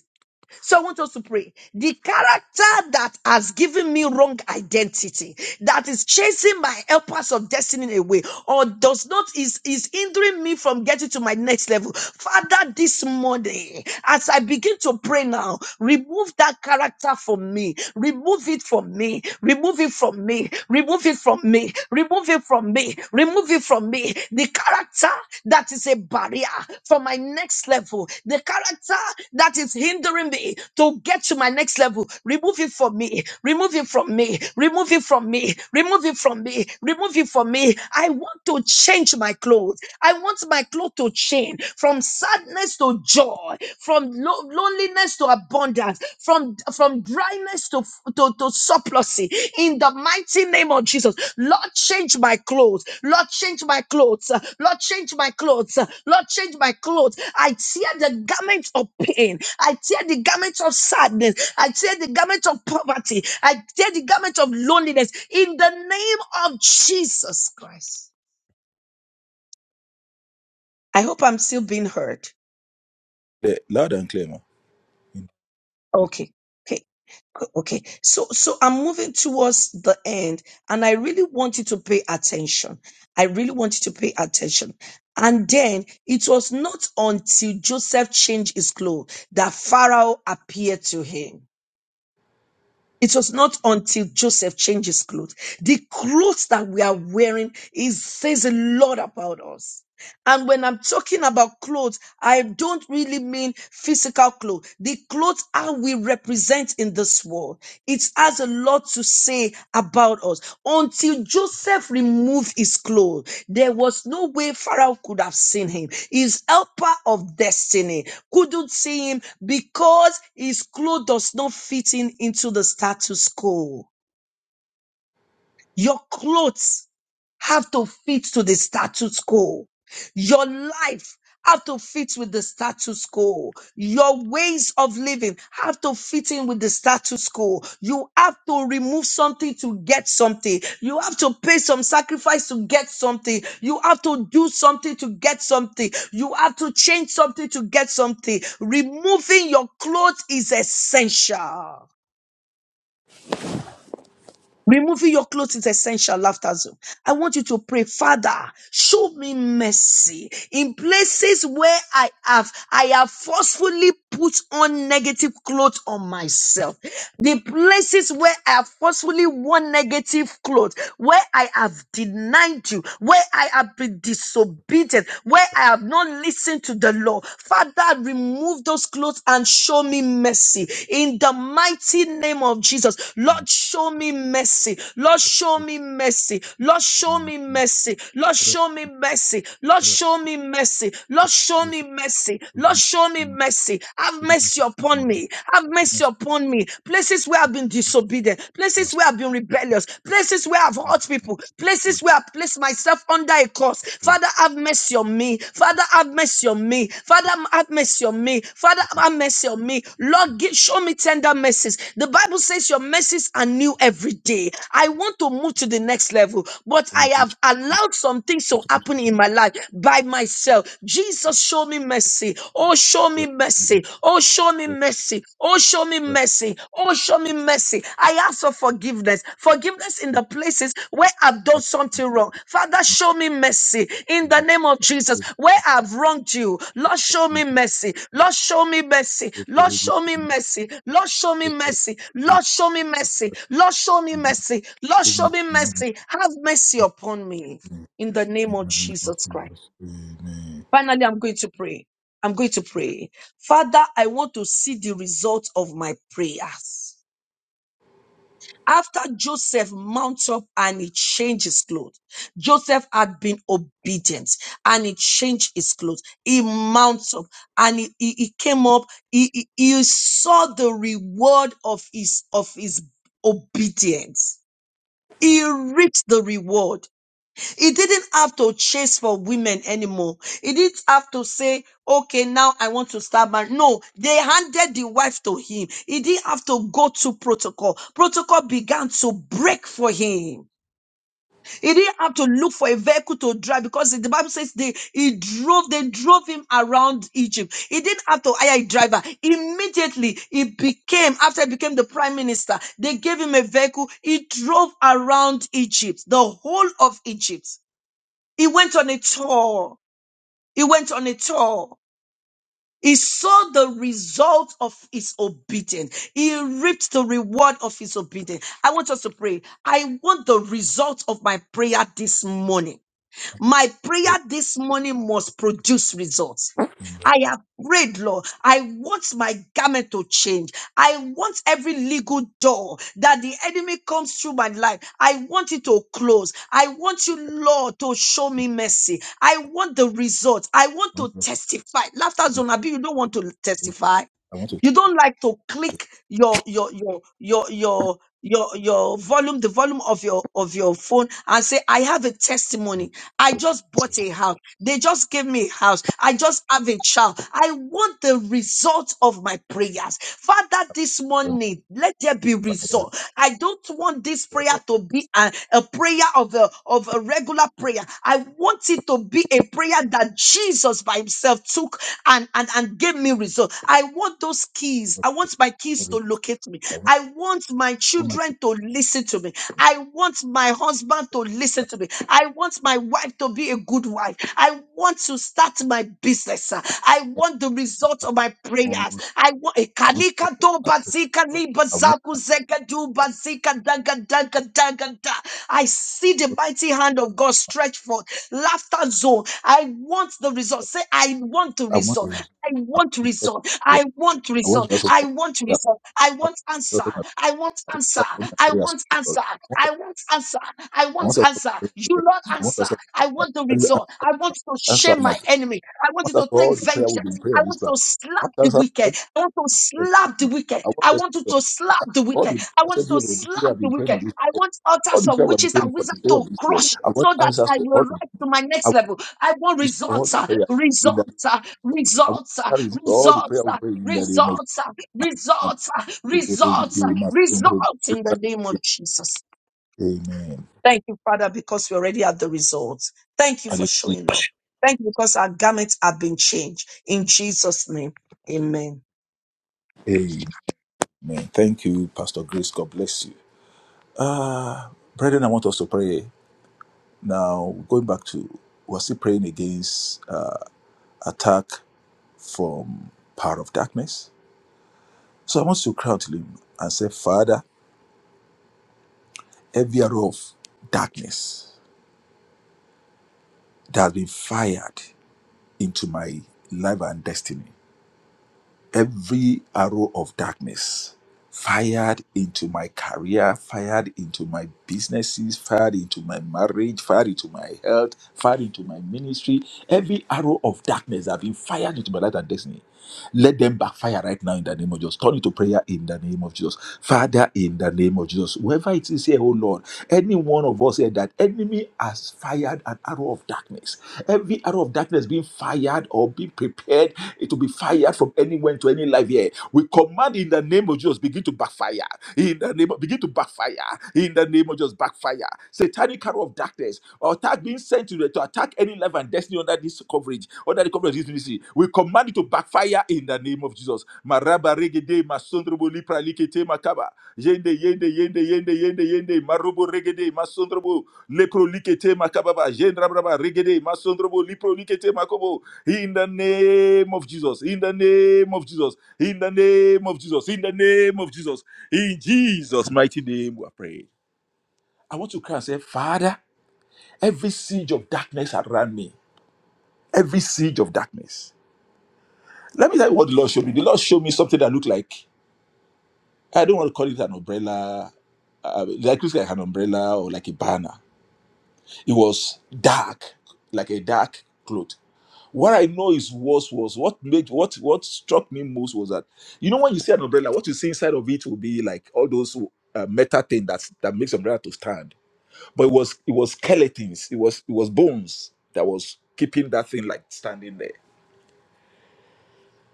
Speaker 4: so I want us to pray. The character that has given me wrong identity, that is chasing my helpers of destiny away, or does not is is hindering me from getting to my next level. Father, this morning, as I begin to pray now, remove that character from me. Remove it from me. Remove it from me. Remove it from me. Remove it from me. Remove it from me. The character that is is a barrier for my next level. The character that is hindering me to get to my next level, remove it from me. Remove it from me. Remove it from me. Remove it from me. Remove it from me. I want to change my clothes. I want my clothes to change from sadness to joy, from lo- loneliness to abundance, from from dryness to, to, to surplusy. In the mighty name of Jesus. Lord, change my clothes. Lord, change my clothes. Lord, change my clothes. Lord, change my clothes. I tear the garment of pain. I tear the garment of sadness. I tear the garment of poverty. I tear the garment of loneliness in the name of Jesus Christ. I hope I'm still being heard.
Speaker 3: Yeah, loud and clear, man.
Speaker 4: Okay. Okay, so so I'm moving towards the end, and I really want you to pay attention. I really want you to pay attention. And then it was not until Joseph changed his clothes that Pharaoh appeared to him. It was not until Joseph changed his clothes. The clothes that we are wearing is says a lot about us. And when I'm talking about clothes, I don't really mean physical clothes. The clothes are we represent in this world. It has a lot to say about us. Until Joseph removed his clothes, there was no way Pharaoh could have seen him. His helper of destiny couldn't see him because his clothes does not fit in into the status quo. Your clothes have to fit to the status quo. Your life have to fit with the status quo. Your ways of living have to fit in with the status quo. You have to remove something to get something. You have to pay some sacrifice to get something. You have to do something to get something. You have to change something to get something. Removing your clothes is essential. Removing your clothes is essential laughter zone. I want you to pray, Father, show me mercy in places where I have, I have forcefully put on negative clothes on myself. The places where I have forcefully worn negative clothes, where I have denied you, where I have been disobedient, where I have not listened to the law. Father, remove those clothes and show me mercy in the mighty name of Jesus. Lord, show me mercy. Lord, show me mercy. Lord, show me
Speaker 3: Amen.
Speaker 4: mercy. Lord, show me mercy. Lord, show me mercy. Lord, show me mercy. Lord, show me mercy. Have mercy upon me. Have mercy upon me. Places where I've been disobedient, places where I've been rebellious, places where I've hurt people, places where I've have placed myself under a curse. Father, have mercy on me. Father, have mercy on me. Father, have mercy on me. Father, have mercy on me. Lord, give, show me tender mercies. The Bible says your mercies are new every day. I want to move to the next level, but I have allowed some things to happen in my life by myself. Jesus, show me mercy. Oh, show me mercy. Oh, show me mercy mercy. Oh, show me mercy. Oh, show me mercy. I ask for forgiveness. Forgiveness in the places where I've done something wrong. Father, show me mercy in the name of Jesus. Where I've wronged you, Lord, show me mercy. Lord, show me mercy. Lord, show me mercy. Lord, show me mercy. Lord, show me mercy. Lord, show me mercy. Lord, show me mercy. Have mercy upon me in the name of Jesus Christ. Finally, I'm going to pray. I'm going to pray. Father, I want to see the result of my prayers. After Joseph mounts up and he changed his clothes, Joseph had been obedient and he changed his clothes. He mounts up and he, he, he came up. He, he, he saw the reward of his of his obedience. He reaped the reward. He didn't have to chase for women anymore. He didn't have to say, okay, now I want to start marriage. No, they handed the wife to him. He didn't have to go to protocol. Protocol began to break for him. He didn't have to look for a vehicle to drive because the Bible says they he drove, they drove him around Egypt. He didn't have to hire a driver. Immediately he became, after he became the prime minister, they gave him a vehicle. He drove around Egypt, the whole of Egypt. He went on a tour. He went on a tour. He saw the result of his obedience. He reaped the reward of his obedience. I want us to pray. I want the result of my prayer this morning. My prayer this morning must produce results. I have prayed, Lord. I want my garment to change. I want every legal door that the enemy comes through my life. I want it to close. I want you, Lord, to show me mercy. I want the results. I want to testify. Laughter zone, Abi, you don't want to testify.
Speaker 3: I want to. I
Speaker 4: You don't like to click your your your your your your your volume, the volume of your of your phone and say, I have a testimony. I just bought a house. They just gave me a house. I just have a child. I want the result of my prayers. Father, this morning, let there be result. I don't want this prayer to be a, a prayer of a of a regular prayer. I want it to be a prayer that Jesus by himself took and and and give me results. I want those keys. I want my keys to
Speaker 3: want.
Speaker 4: locate me.
Speaker 3: I
Speaker 4: I want my
Speaker 3: want my people.
Speaker 4: children to listen to me. I want my husband to listen to me. I want my wife to be a good wife. I want to start my business. uh, I want the results of my
Speaker 3: I
Speaker 4: prayers.
Speaker 3: want.
Speaker 4: I want
Speaker 3: I want.
Speaker 4: Kalika to bazika ni
Speaker 3: I want. the-
Speaker 4: bazaku zeka du basika danga danga danga da. I see the mighty hand of God stretch forth. Laughter zone. I want the result. Say, I want the
Speaker 3: I want the
Speaker 4: result.
Speaker 3: result
Speaker 4: I
Speaker 3: of
Speaker 4: want
Speaker 3: my
Speaker 4: result.
Speaker 3: prayer.
Speaker 4: I want
Speaker 3: I want
Speaker 4: result.
Speaker 3: the result
Speaker 4: I
Speaker 3: my
Speaker 4: want result. I
Speaker 3: I
Speaker 4: want answer.
Speaker 3: want
Speaker 4: I want answer. I
Speaker 3: the result
Speaker 4: want
Speaker 3: my
Speaker 4: answer.
Speaker 3: prayers.
Speaker 4: I want answer. I
Speaker 3: I
Speaker 4: want
Speaker 3: want us to
Speaker 4: answer.
Speaker 3: pray for
Speaker 4: You
Speaker 3: God.
Speaker 4: not
Speaker 3: I want
Speaker 4: answer.
Speaker 3: us to pray for
Speaker 4: I
Speaker 3: God.
Speaker 4: want the
Speaker 3: Daddy, an-
Speaker 4: result. I want you to
Speaker 3: answer
Speaker 4: shame
Speaker 3: my
Speaker 4: my
Speaker 3: prayer.
Speaker 4: enemy. I
Speaker 3: I
Speaker 4: want you
Speaker 3: want us
Speaker 4: to
Speaker 3: for
Speaker 4: take
Speaker 3: all the prayer we've
Speaker 4: vengeance.
Speaker 3: been praying
Speaker 4: I
Speaker 3: on this
Speaker 4: want you
Speaker 3: platform.
Speaker 4: to
Speaker 3: I
Speaker 4: slap
Speaker 3: want
Speaker 4: the
Speaker 3: us to
Speaker 4: wicked.
Speaker 3: every
Speaker 4: I want to
Speaker 3: church.
Speaker 4: slap the wicked.
Speaker 3: I want
Speaker 4: I
Speaker 3: us to
Speaker 4: want you to slap the
Speaker 3: all
Speaker 4: wicked.
Speaker 3: the
Speaker 4: I
Speaker 3: prayers
Speaker 4: want you
Speaker 3: every
Speaker 4: to
Speaker 3: of the children
Speaker 4: slap
Speaker 3: have
Speaker 4: the
Speaker 3: been praying
Speaker 4: wicked.
Speaker 3: on this
Speaker 4: I
Speaker 3: platform.
Speaker 4: want
Speaker 3: All
Speaker 4: altars
Speaker 3: the
Speaker 4: of
Speaker 3: prayer we've been
Speaker 4: witches
Speaker 3: praying
Speaker 4: and
Speaker 3: for the
Speaker 4: wizards
Speaker 3: day
Speaker 4: to
Speaker 3: of this year.
Speaker 4: crush
Speaker 3: I
Speaker 4: so
Speaker 3: want
Speaker 4: that
Speaker 3: answers
Speaker 4: I
Speaker 3: to
Speaker 4: will
Speaker 3: all of them.
Speaker 4: rise to my
Speaker 3: I
Speaker 4: next
Speaker 3: want
Speaker 4: level. I want
Speaker 3: this to all
Speaker 4: results,
Speaker 3: the
Speaker 4: sir.
Speaker 3: prayers in
Speaker 4: results,
Speaker 3: that
Speaker 4: sir.
Speaker 3: I want
Speaker 4: results, sir. results,
Speaker 3: to
Speaker 4: sir.
Speaker 3: to all the
Speaker 4: results,
Speaker 3: prayer we
Speaker 4: sir.
Speaker 3: pray in the name of Jesus.
Speaker 4: results, sir. results, sir. results in the name of Jesus.
Speaker 3: Amen.
Speaker 4: Thank you, Father, because we already have the results. Thank you for showing up.
Speaker 3: Hallelujah.
Speaker 4: Thank you because our garments have been changed. In Jesus' name, amen.
Speaker 3: Amen. Thank you, Pastor Grace. God bless you. Ah, uh, brethren, I want us to pray. Now, going back to, we're still praying against uh, attack from power of darkness. So I want you to cry out to him and say, Father, every arrow of darkness that has been fired into my life and destiny, every arrow of darkness fired into my career, fired into my businesses, fired into my marriage, fired into my health, fired into my ministry. Every arrow of darkness that have been fired into my life and destiny. Let them backfire right now in the name of Jesus. Turn into prayer in the name of Jesus. Father, in the name of Jesus. Whoever it is here, oh Lord, any one of us here that enemy has fired an arrow of darkness. Every arrow of darkness being fired or being prepared it will be fired from anywhere into any life here. We command in the name of Jesus, begin to backfire. In the name of, begin to backfire. In the name of Jesus, backfire. Satanic arrow of darkness or attack being sent to, to attack any life and destiny under this coverage, under the coverage of this ministry. We command it to backfire in the name of Jesus. Maraba regede masondrobo lipra likete makaba. Yende yende yende yende yende yende marobo regede masondrobo lepro likete makababa. Yendrabraba regede masondrobo lipro likete makobo. In the name of Jesus. In the name of Jesus. In the name of Jesus. In the name of Jesus. In Jesus' mighty name, we are praying. I want to cry and say, Father, every siege of darkness around me, every siege of darkness. Let me tell you what the Lord showed me. The Lord showed me something that looked like, I don't want to call it an umbrella, uh, like, it looks like an umbrella or like a banner. It was dark, like a dark cloth. What I know is was was what made what what struck me most was that you know when you see an umbrella, what you see inside of it will be like all those uh, metal thing that that makes umbrella to stand. But it was it was skeletons, it was it was bones that was keeping that thing like standing there.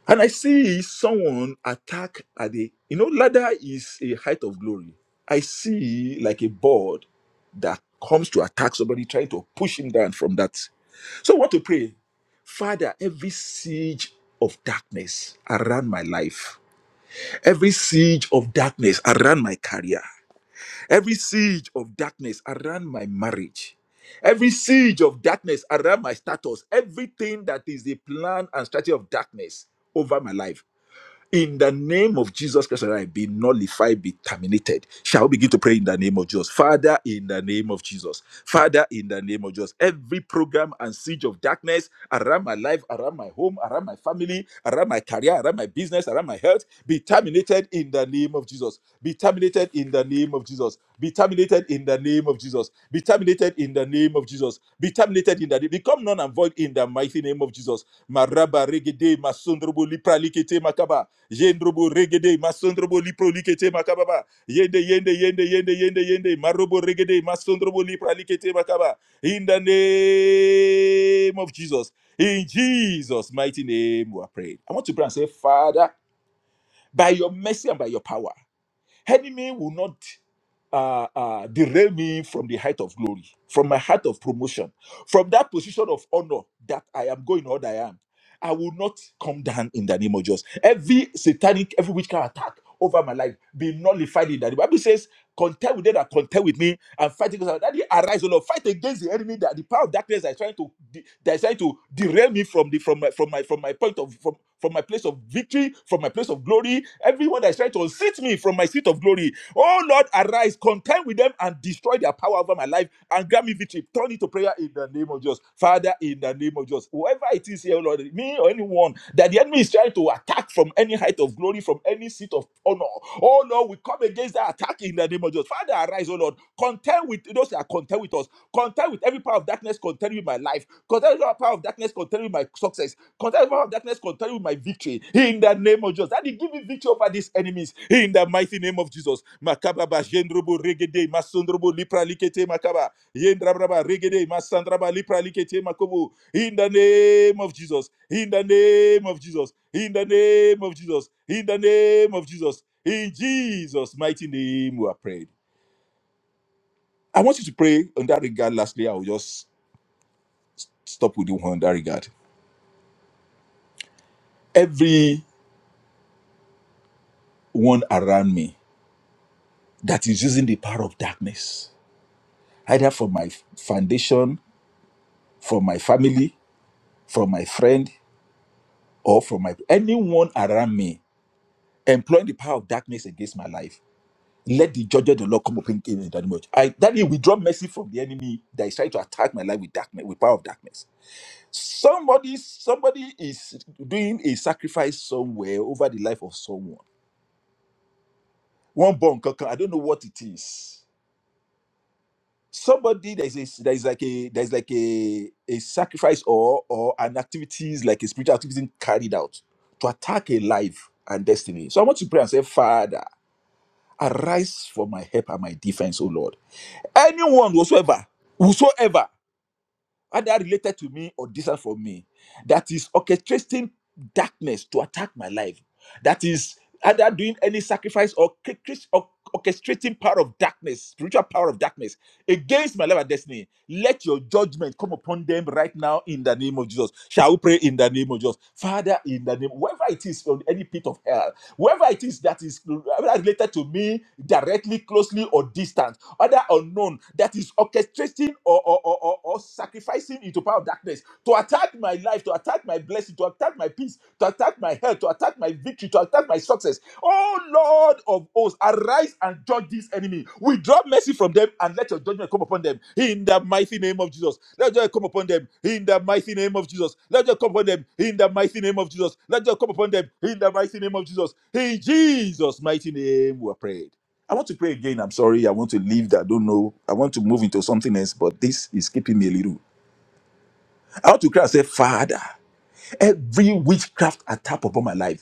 Speaker 3: And I see someone attack at the, you know, ladder is a height of glory. I see like a board that comes to attack somebody, trying to push him down from that. So I want to pray, Father, every siege of darkness around my life, every siege of darkness around my career, every siege of darkness around my marriage, every siege of darkness around my status, everything that is the plan and strategy of darkness over my life in the name of Jesus Christ, and I be nullified, be terminated. Shall we begin to pray in the name of Jesus? Father, in the name of Jesus. Father, in the name of Jesus. Every program and siege of darkness around my life, around my home, around my family, around my career, around my business, around my health, be terminated in the name of Jesus. Be terminated in the name of Jesus. Be terminated in the name of Jesus. Be terminated in the name of Jesus. Be terminated in the name. Become none and void in the mighty name of Jesus. Maraba regede masundrubu lipra likete makaba. Yendrobo regede masondrobo lipro likete makababa. Yende yende yende yende yende yende marobo regede masondrobo lipra likete makaba. In the name of Jesus. In Jesus' mighty name we are praying. I want to pray and say, Father, by your mercy and by your power. Enemy will not uh, uh, derail me from the height of glory, from my height of promotion, from that position of honor that I am going or that I am. I will not come down in the name of Jesus. Every satanic, every witchcraft attack over my life be nullified in that. The Bible says, contend with them that contend with me and fight against that arise, O Lord, fight against the enemy that the power of darkness that is trying to de- that is trying to derail me from the from my from my from my point of from my place of victory, from my place of glory. Everyone that is trying to unseat me from my seat of glory. Oh Lord, arise, contend with them and destroy their power over my life and grant me victory. Turn it to prayer in the name of Jesus. Father, in the name of Jesus. Whoever it is here, Lord, me or anyone that the enemy is trying to attack from any height of glory, from any seat of honor. Oh Lord, we come against that attack in the name of Jesus. Father, arise, oh Lord. Contend with those that are contend with us. Contend with every power of darkness, contend with my life. Contend with every power of darkness, contend with my success. Contend with the power of darkness, contend with my victory in the name of Jesus. Daddy, give me victory over these enemies in the mighty name of Jesus. Makababa, Jendrobo, Regede, Masondrobo, Lipra, Likete, Makaba, Yendrabraba, Regede, Masandraba, Lipra, Likete, Makobo. In the name of Jesus, in the name of Jesus, in the name of Jesus, in the name of Jesus, in Jesus' mighty name we are prayed. I want you to pray on that regard. Lastly, I will just stop with you on that regard. Everyone around me. that is using the power of darkness, either from my foundation, from my family, from my friend, or from my anyone around me, employing the power of darkness against my life. Let the judge of the Lord come upon him in that much. I that he withdraw mercy from the enemy that is trying to attack my life with darkness, with power of darkness. Somebody, somebody is doing a sacrifice somewhere over the life of someone. One born, I don't know what it is somebody there's a there's like a there's like a a sacrifice or or an activities like a spiritual activity carried out to attack a life and destiny so i want to pray and say father arise for my help and my defense O lord anyone whatsoever whosoever either related to me or distant from me, that is orchestrating darkness to attack my life, that is either doing any sacrifice or cre- cre- or- orchestrating power of darkness, spiritual power of darkness against my life and destiny. Let your judgment come upon them right now in the name of Jesus. Shall we pray in the name of Jesus? Father, in the name, wherever it is on any pit of hell, whoever it is that is related to me directly, closely, or distant, other unknown, that is orchestrating or, or, or, or, or sacrificing into power of darkness to attack my life, to attack my blessing, to attack my peace, to attack my health, to attack my victory, to attack my success. Oh God of hosts, arise and judge this enemy. Withdraw mercy from them and let your judgment come upon them in the mighty name of Jesus. Let joy come upon them in the mighty name of Jesus. Let joy come upon them in the mighty name of Jesus. Let joy come upon them in the mighty name of Jesus. In Jesus' mighty name, we are prayed. I want to pray again. I'm sorry. I want to leave that. I don't know. I want to move into something else, but this is keeping me a little. I want to cry and say, Father, every witchcraft attack upon my life.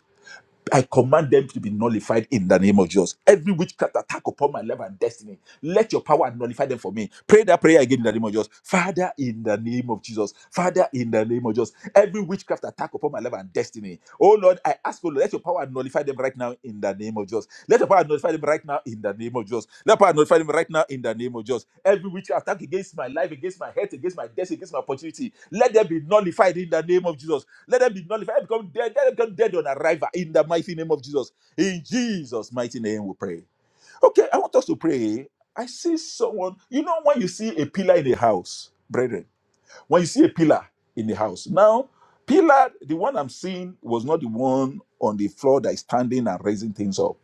Speaker 3: I command them to be nullified in the name of Jesus. Every witchcraft attack upon my life and destiny, let your power nullify them for me. Pray that prayer again in the name of Jesus. Father, in the name of Jesus. Father, in the name of Jesus. Every witchcraft attack upon my life and destiny. Oh Lord, I ask you, let your power nullify them right now in the name of Jesus. Let your power nullify them right now in the name of Jesus. Let your power nullify them right now in the name of Jesus. Every witchcraft attack against my life, against my health, against my destiny, against my opportunity, let them be nullified in the name of Jesus. Let them be nullified. Let them become dead. Let them become dead on arrival in the mighty name of Jesus. In Jesus' mighty name, we pray. Okay, I want us to pray. I see someone. You know, when you see a pillar in a house, brethren, when you see a pillar in the house, now, pillar, the one I'm seeing was not the one on the floor that is standing and raising things up.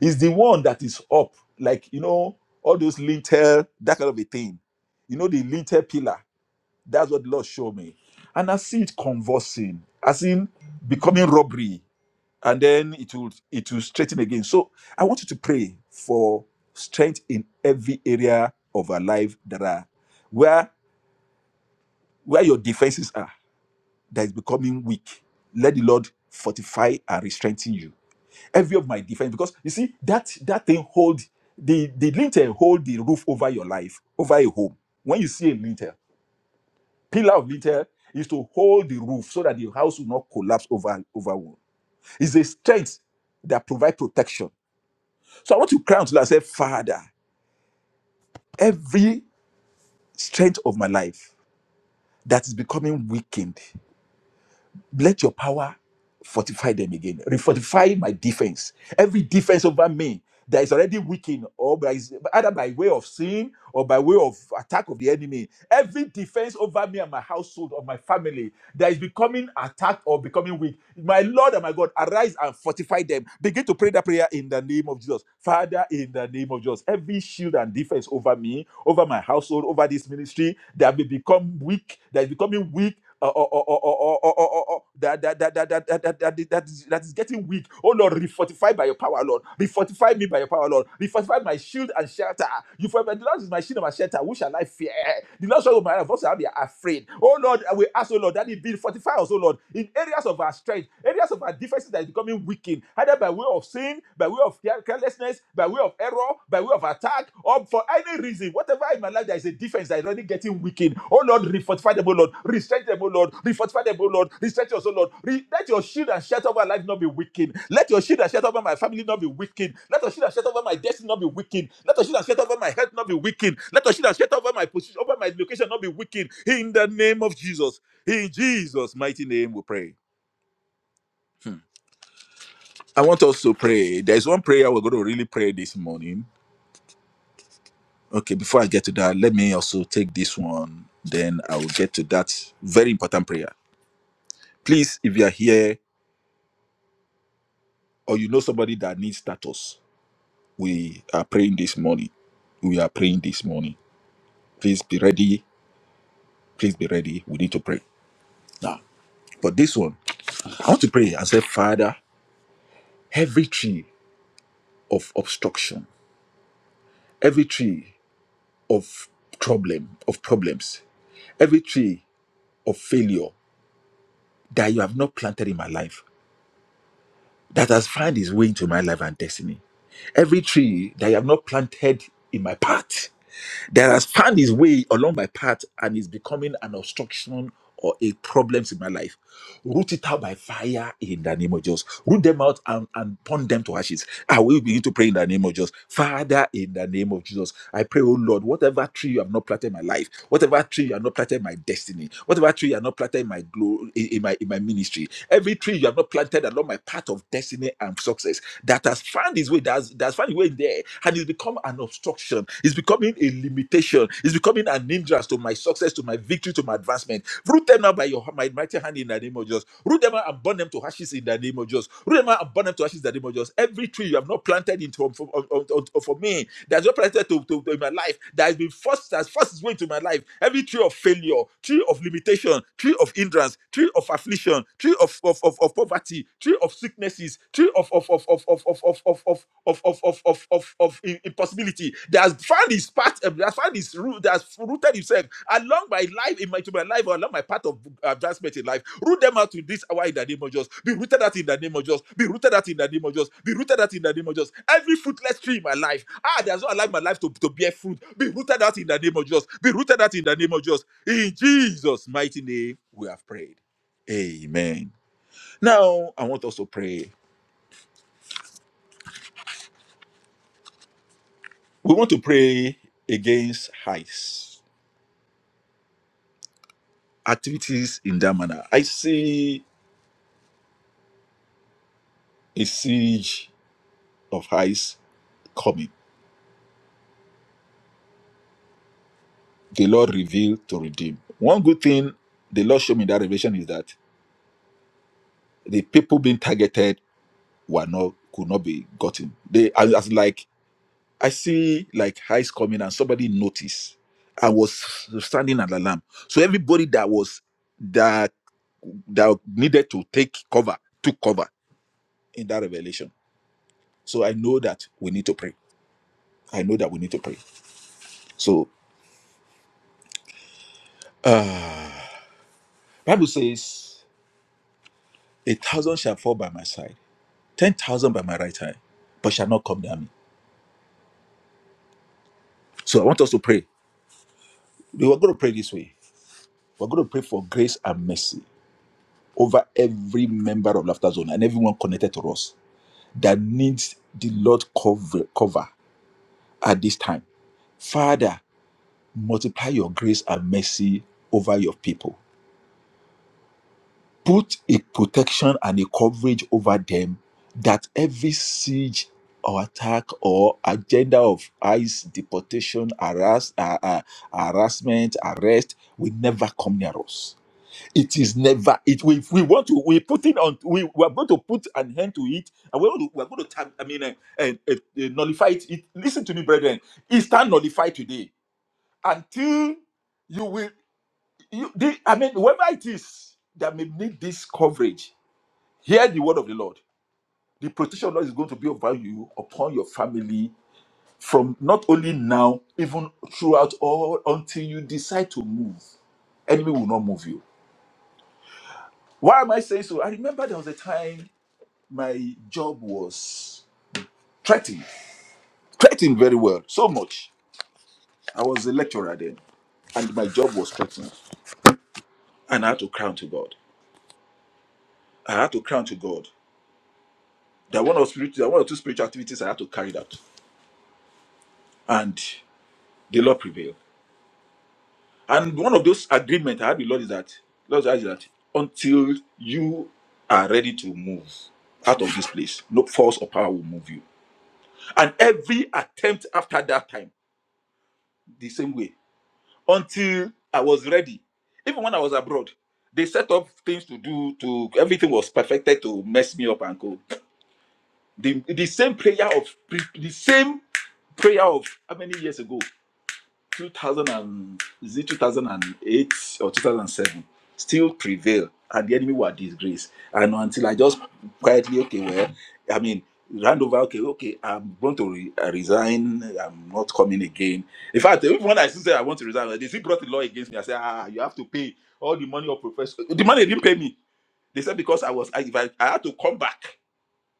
Speaker 3: It's the one that is up, like, you know, all those lintel, that kind of a thing. You know, the lintel pillar. That's what the Lord showed me. And I see it conversing, I see it becoming robbery, and then it will it will straighten again. So I want you to pray for strength in every area of our life that are where where your defenses are that is becoming weak. Let the Lord fortify and restrengthen you. Every of my defense, because you see that that thing hold the the lintel hold the roof over your life, over a home. When you see a lintel. Pillar of little is to hold the roof so that the house will not collapse over over one. It's a strength that provide protection. So I want to cry unto Lord and say, Father, every strength of my life that is becoming weakened, let your power fortify them again. Refortify my defense. Every defense over me that is already weakened, or by, either by way of sin or by way of attack of the enemy. Every defense over me and my household or my family that is becoming attacked or becoming weak. My Lord and my God, arise and fortify them. Begin to pray that prayer in the name of Jesus. Father, in the name of Jesus, every shield and defense over me, over my household, over this ministry that will become weak, that is becoming weak uh, or, or, or, or, or, or, or, or, that, that, that, that, that, that, that, that, is- that, is, getting weak. Oh Lord, refortify by your power, Lord. Refortify me by your power, Lord. Refortify my shield and shelter. You for the Lord is my shield and my shelter. Who shall I fear? The Lord shall be my life. I will I be afraid? Oh Lord, we ask, oh Lord, that it be fortify us, oh Lord, in areas of our strength, areas of our defenses that is becoming weakened, either by way of sin, by way of carelessness, by way of error, by way of attack, or for any reason, whatever in my life, there is a defense that is already getting weakened. Oh Lord, refortify them, oh Lord, restrain them, oh Lord, refortify them, oh Lord, restrain us, oh Lord. Re- let your shield and shelter over life not be weakened. Let your shield and shelter over my family not be weakened. Let your shield and shelter over my destiny not be weakened. Let your shield and shelter over my health not be weakened. Let your shield and shelter over my position, over my location not be weakened. In the name of Jesus. In Jesus' mighty name we pray. I want us to pray. There's one prayer we're going to really pray this morning Okay, before I get to that, let me also take this one. Then I will get to that very important prayer. Please, if you are here or you know somebody that needs status, we are praying this morning. We are praying this morning. Please be ready. Please be ready. We need to pray now. But this one, I want to pray and say, Father, every tree of obstruction, every tree of problem, of problems, every tree of failure that you have not planted in my life. that has found its way into my life and destiny. Every tree that I have not planted in my path, that has found its way along my path and is becoming an obstruction or a problems in my life. Root it out by fire in the name of Jesus. Root them out and, and burn them to ashes. I will begin to pray in the name of Jesus. Father, in the name of Jesus, I pray, oh Lord, whatever tree you have not planted in my life, Whatever tree you have not planted in my destiny, whatever tree you have not planted in my glory, in, in my in my ministry, every tree you have not planted along my path of destiny and success that has found its way, that has, that has found its way there, and it's become an obstruction, it's becoming a limitation, it's becoming an hindrance to my success, to my victory, to my advancement. Root them out by your my mighty hand in the name of Jesus. Root them out and burn them to ashes in the name of Jesus. Root them out and burn them to ashes in the name of Jesus. Every tree you have not planted into um, for, on- on- for me that has not planted to, to, to in my life that has been forced that has forced its way into my life. Every tree of failure, tree of limitation, tree of hindrance, tree of affliction, tree of of, of, of poverty, tree of sicknesses, tree of of of of of of of of of of, of, of of i- impossibility that has found his path uh, that has found his root that has rooted himself along my life in my to my life or along my path of uh, advancement in life root them out to this hour in the name of Jesus be rooted out in the name of Jesus be rooted out in the name of Jesus be rooted out in the name of Jesus every fruitless tree in my life ah that's not allowed my life to, to bear fruit be rooted out in the name of Jesus be rooted out in the name of Jesus in Jesus mighty name we have prayed amen now I want us to pray we want to pray against heists activities in that manner. I see a siege of heists coming. The Lord revealed to redeem. One good thing the Lord showed me in that revelation is that the people being targeted were not could not be gotten. They as, as like I see like heists coming and somebody noticed. I was standing at the lamp. So everybody that was that that needed to take cover took cover in that revelation. So I know that we need to pray. I know that we need to pray. So. Uh, Bible says, a thousand shall fall by my side, ten thousand by my right hand, but shall not come near me. So I want us to pray. We are going to pray this way. We're going to pray for grace and mercy over every member of Laughter Zone and everyone connected to us that needs the Lord cover, cover at this time. Father, multiply your grace and mercy over your people. put a protection and a coverage over them that every siege or attack or agenda of ICE deportation, harass, uh, uh, harassment, arrest will never come near us. It is never. It we, if we want to we put it on. We, we are going to put an end to it, and we are going to, we are going to tag, I mean, uh, uh, uh, uh, nullify it. it. Listen to me, brethren. It's time nullified today until you will. You, the, I mean, whoever it is that may need this coverage Hear the word of the Lord. The protection of the Lord is going to be upon you, upon your family, from not only now, even throughout all until you decide to move. Enemy will not move you. Why am I saying so? I remember there was a time my job was threatened, threatened very well, so much. I was a lecturer then, and my job was threatened, and I had to crown to God. I had to crown to God. There were one or, spirit, there were one or two spiritual activities I had to carry out, and the Lord prevailed. And one of those agreements I had with Lord is that Lord said that until you are ready to move out of this place, no force or power will move you. And every attempt after that time, the same way, until I was ready. Even when I was abroad, they set up things to do to everything was perfected to mess me up and go. The, the same prayer of pre- the same prayer of how many years ago? 2000 and, is it 2008 or 2007 still prevail and the enemy were disgraced and until i just quietly okay well i mean hand over okay okay i'm going to re- uh, resign i'm not coming again in fact even when i still said i want to resign they still brought the law against me i said ah you have to pay all the money of professor the money they didn't pay me they said because i was I, if I, I had to come back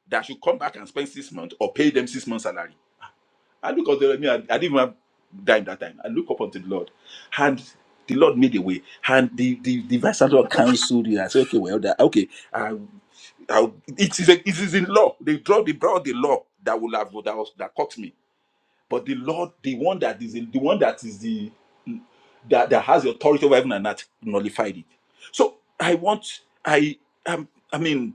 Speaker 3: that I should come back and spend six months or pay them six months salary I look up to me. I, I didn't even have dime that time. I look up unto the Lord, and the Lord made a way, and the the, the vice admiral counseled you. I said, okay, well, that, okay, I, I, it is a, it is in law. They draw they brought the law that will have that was, that caught me. But the Lord, the one that is in, the one that is the that, that has the authority over heaven and earth, nullified it. So I want I um, I mean.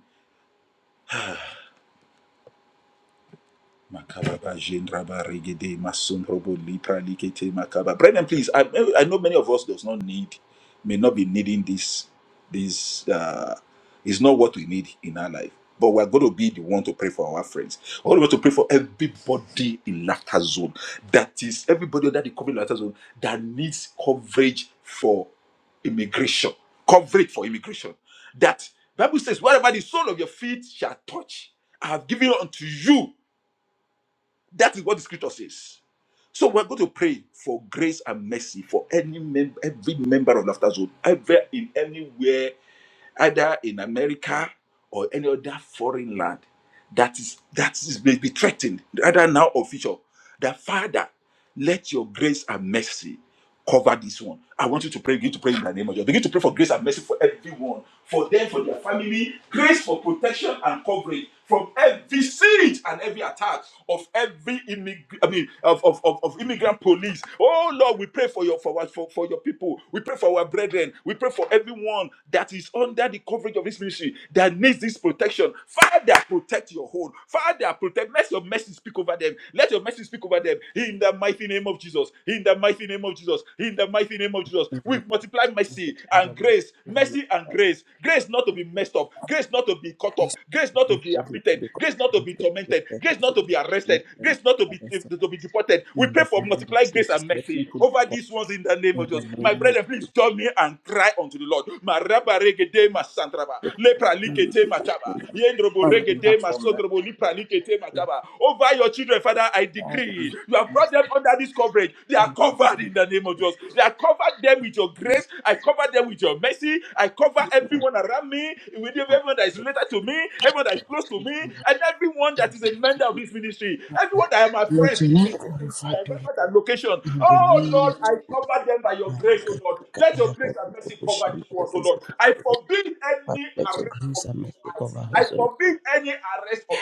Speaker 3: Makababa jendraba regede masundrobo lipra likete makaba. Brethren, please, I, I know many of us does not need, may not be needing this. This uh, is not what we need in our life. But we're going to be the one to pray for our friends. We're going to pray for everybody in laughter zone. That is everybody under the COVID laughter zone that needs coverage for immigration. Coverage for immigration. That Bible says, wherever the sole of your feet shall touch, I have given unto you that is what the scripture says. So we're going to pray for grace and mercy for any member, every member of Laughter Zone, ever in anywhere either in America or any other foreign land that is that is may be threatened, either now or future, that Father, let your grace and mercy cover this one. I want you to pray, begin to pray in the name of Jesus. Begin to pray for grace and mercy for everyone, for them, for their family, grace for protection and coverage from every siege and every attack of every immig- I mean, of, of, of, of immigrant police. Oh Lord, we pray for your for, our- for, for your people. We pray for our brethren. We pray for everyone that is under under the coverage of this ministry that needs this protection. Father, protect your home. Father, protect. Let your mercy speak over them. Let your mercy speak over them. In the mighty name of Jesus. In the mighty name of Jesus. In the mighty name of Jesus. We multiply mercy and grace. Mercy and grace. Grace not to be messed up. Grace not to be caught up. Grace not to be afflicted. Grace not to be tormented. Grace not to be arrested. Grace not to be to be deported. We pray for multiply grace and mercy over these ones in the name of Jesus. Jesus. My brethren, please join me and cry unto the Lord. Ma raba regede ma santraba. Lepra likete ma chaba. Yendrobo regede ma sondrobo lipra likete ma chaba. Over your children, Father, I decree. You have brought them under this coverage. They are covered in the name of Jesus. They are covered them with your grace. I cover them with your mercy. I cover everyone around me, with everyone that is related to me, everyone that is close to me, and everyone that is a member of this ministry. Everyone that are my friends, I very much at location. Oh Lord, I cover them by your grace, oh Lord. Let your grace and mercy cover this ones, oh Lord. I forbid any arrest of eyes. I forbid any arrest of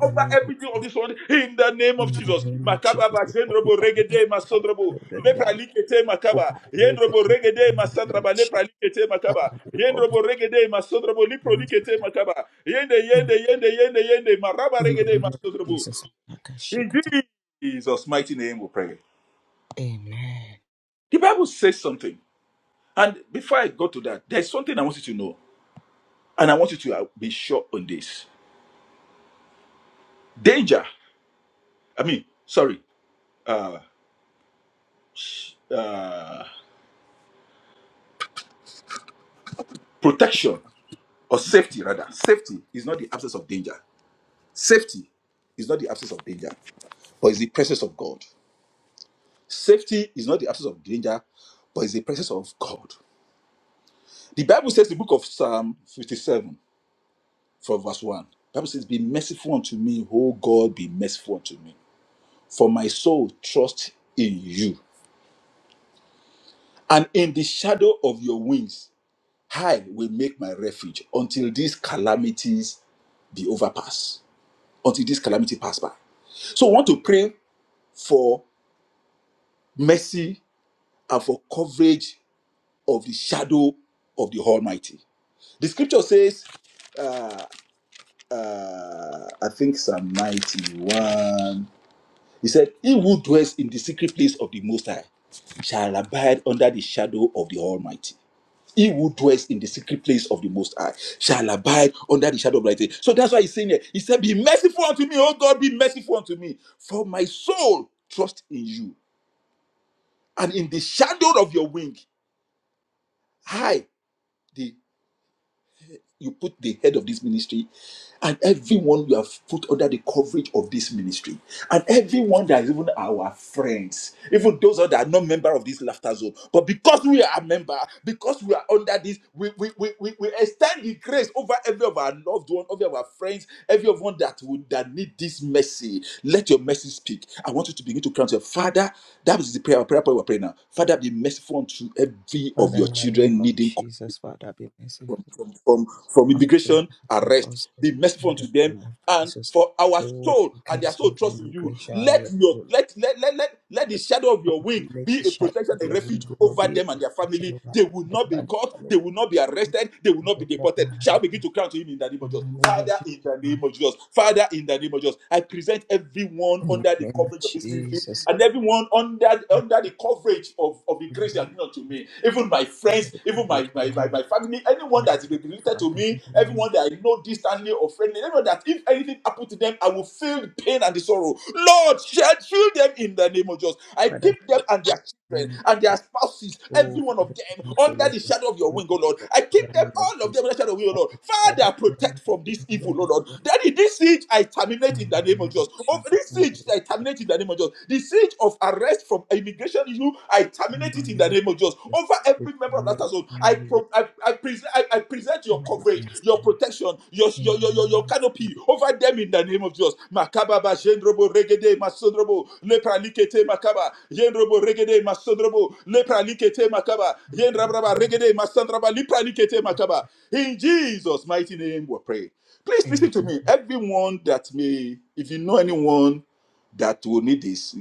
Speaker 3: over everything of this one in the name of Jesus. Makaba bazendrobo regede masondrobo lepra likete makaba yendrobo regede masandraba lepra likete makaba yendrobo regede masondrobo lipro likete makaba yende yende yende yende yende maraba regede masondrobo. In Jesus' mighty name we pray. The Bible says something. And before I go to that, there's something I want you to know. And I want you to uh, be sure on this. Danger, I mean, sorry, uh, sh- uh, protection or safety, rather. Safety is not the absence of danger. Safety is not the absence of danger, but is the presence of God. Safety is not the absence of danger, but is the presence of God. The Bible says, the book of Psalm 57, from verse 1, the Bible says, Be merciful unto me, O God, be merciful unto me. for my soul trusts in you. And in the shadow of your wings, I will make my refuge until these calamities be overpassed, until this calamity pass by. So I want to pray for mercy and for coverage of the shadow of the Almighty. The scripture says, uh, uh, I think Psalm 91. He said, He who dwells in the secret place of the Most High shall abide under the shadow of the Almighty. He who dwells in the secret place of the Most High shall abide under the shadow of the Almighty. So that's why he's saying here, He said, Be merciful unto me, O God, be merciful unto me. For my soul trust in you, and in the shadow of your wing, I, the you put the head of this ministry and everyone you have put under the coverage of this ministry and everyone that is even our friends even those that are not member of this laughter zone but because we are a member because we are under this we we, we, we, we extend the grace over every of our loved one every of our friends every of one that would that need this mercy let your mercy speak i want you to begin to cry out to your father that was the prayer prayer point we're praying now father be merciful unto every of your children needing from, from, from immigration arrest. Be merciful unto them and for our soul and their soul trust in you. Let your let let, let, let, let the shadow of your wing be a protection and refuge over them and their family. They will not be caught, they will not be arrested, they will not be deported. Shall we begin to cry to him in the name of Jesus? Father, in the name of Jesus, Father, in the name of Jesus, I present everyone under the coverage of this ministry and everyone under under the coverage of, of the grace you have given to me, even my friends, even my, my, my, my family, anyone that is related to me, everyone that I know distantly or friendly, anyone that if anything happened to them, I will feel the pain and the sorrow. Lord, shield shield them in the name of Jesus. I keep them and their children and their spouses, every one of them, under the shadow of your wing, O Lord. I keep them, all of them, under the shadow of your wing, O Lord. Father, protect from this evil, O Lord. Daddy, this siege I terminate in the name of name of Jesus. Of this siege, I terminate in the name of Jesus. The siege of arrest from immigration issue, I terminate it in the name of Jesus. Over every member of that household, I pro- I, I, present, I, I present your coverage, your protection, your, your, your, your, your canopy over them in the name of Jesus. Makababa, Jendrobo, Regede, Masodrobo, Lepra Likete, Makaba, Jendrobo, Regede, Masodrobo, Lepra Likete, Makaba, Jendrabraba, Regede, Masandraba, Lepra Likete, Makaba. In Jesus' mighty name we pray. Please listen to me. Everyone that may, if you know anyone that will need this,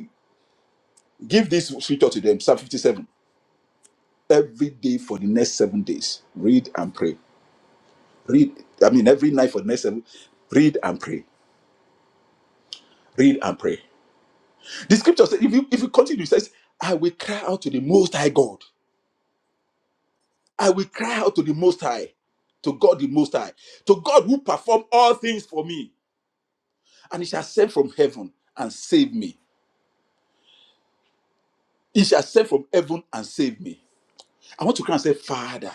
Speaker 3: give this scripture to them, Psalm 57. Every day for the next seven days, read and pray. Read, I mean, every night for the next seven, read and pray. Read and pray. The scripture says, if you, if you continue, it says, I will cry out to the Most High God. I will cry out to the Most High, to God the Most High, to God who performed all things for me. And He shall send from heaven and save me. He shall send from heaven and save me. I want to cry and say, Father,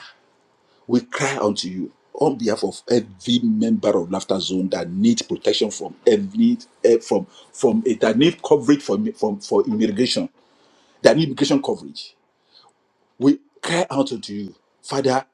Speaker 3: we cry unto you on behalf of every member of Laughter Zone that needs protection from every eh, from from eh, that need coverage for from for immigration, that need immigration coverage. We cry out unto you, Father,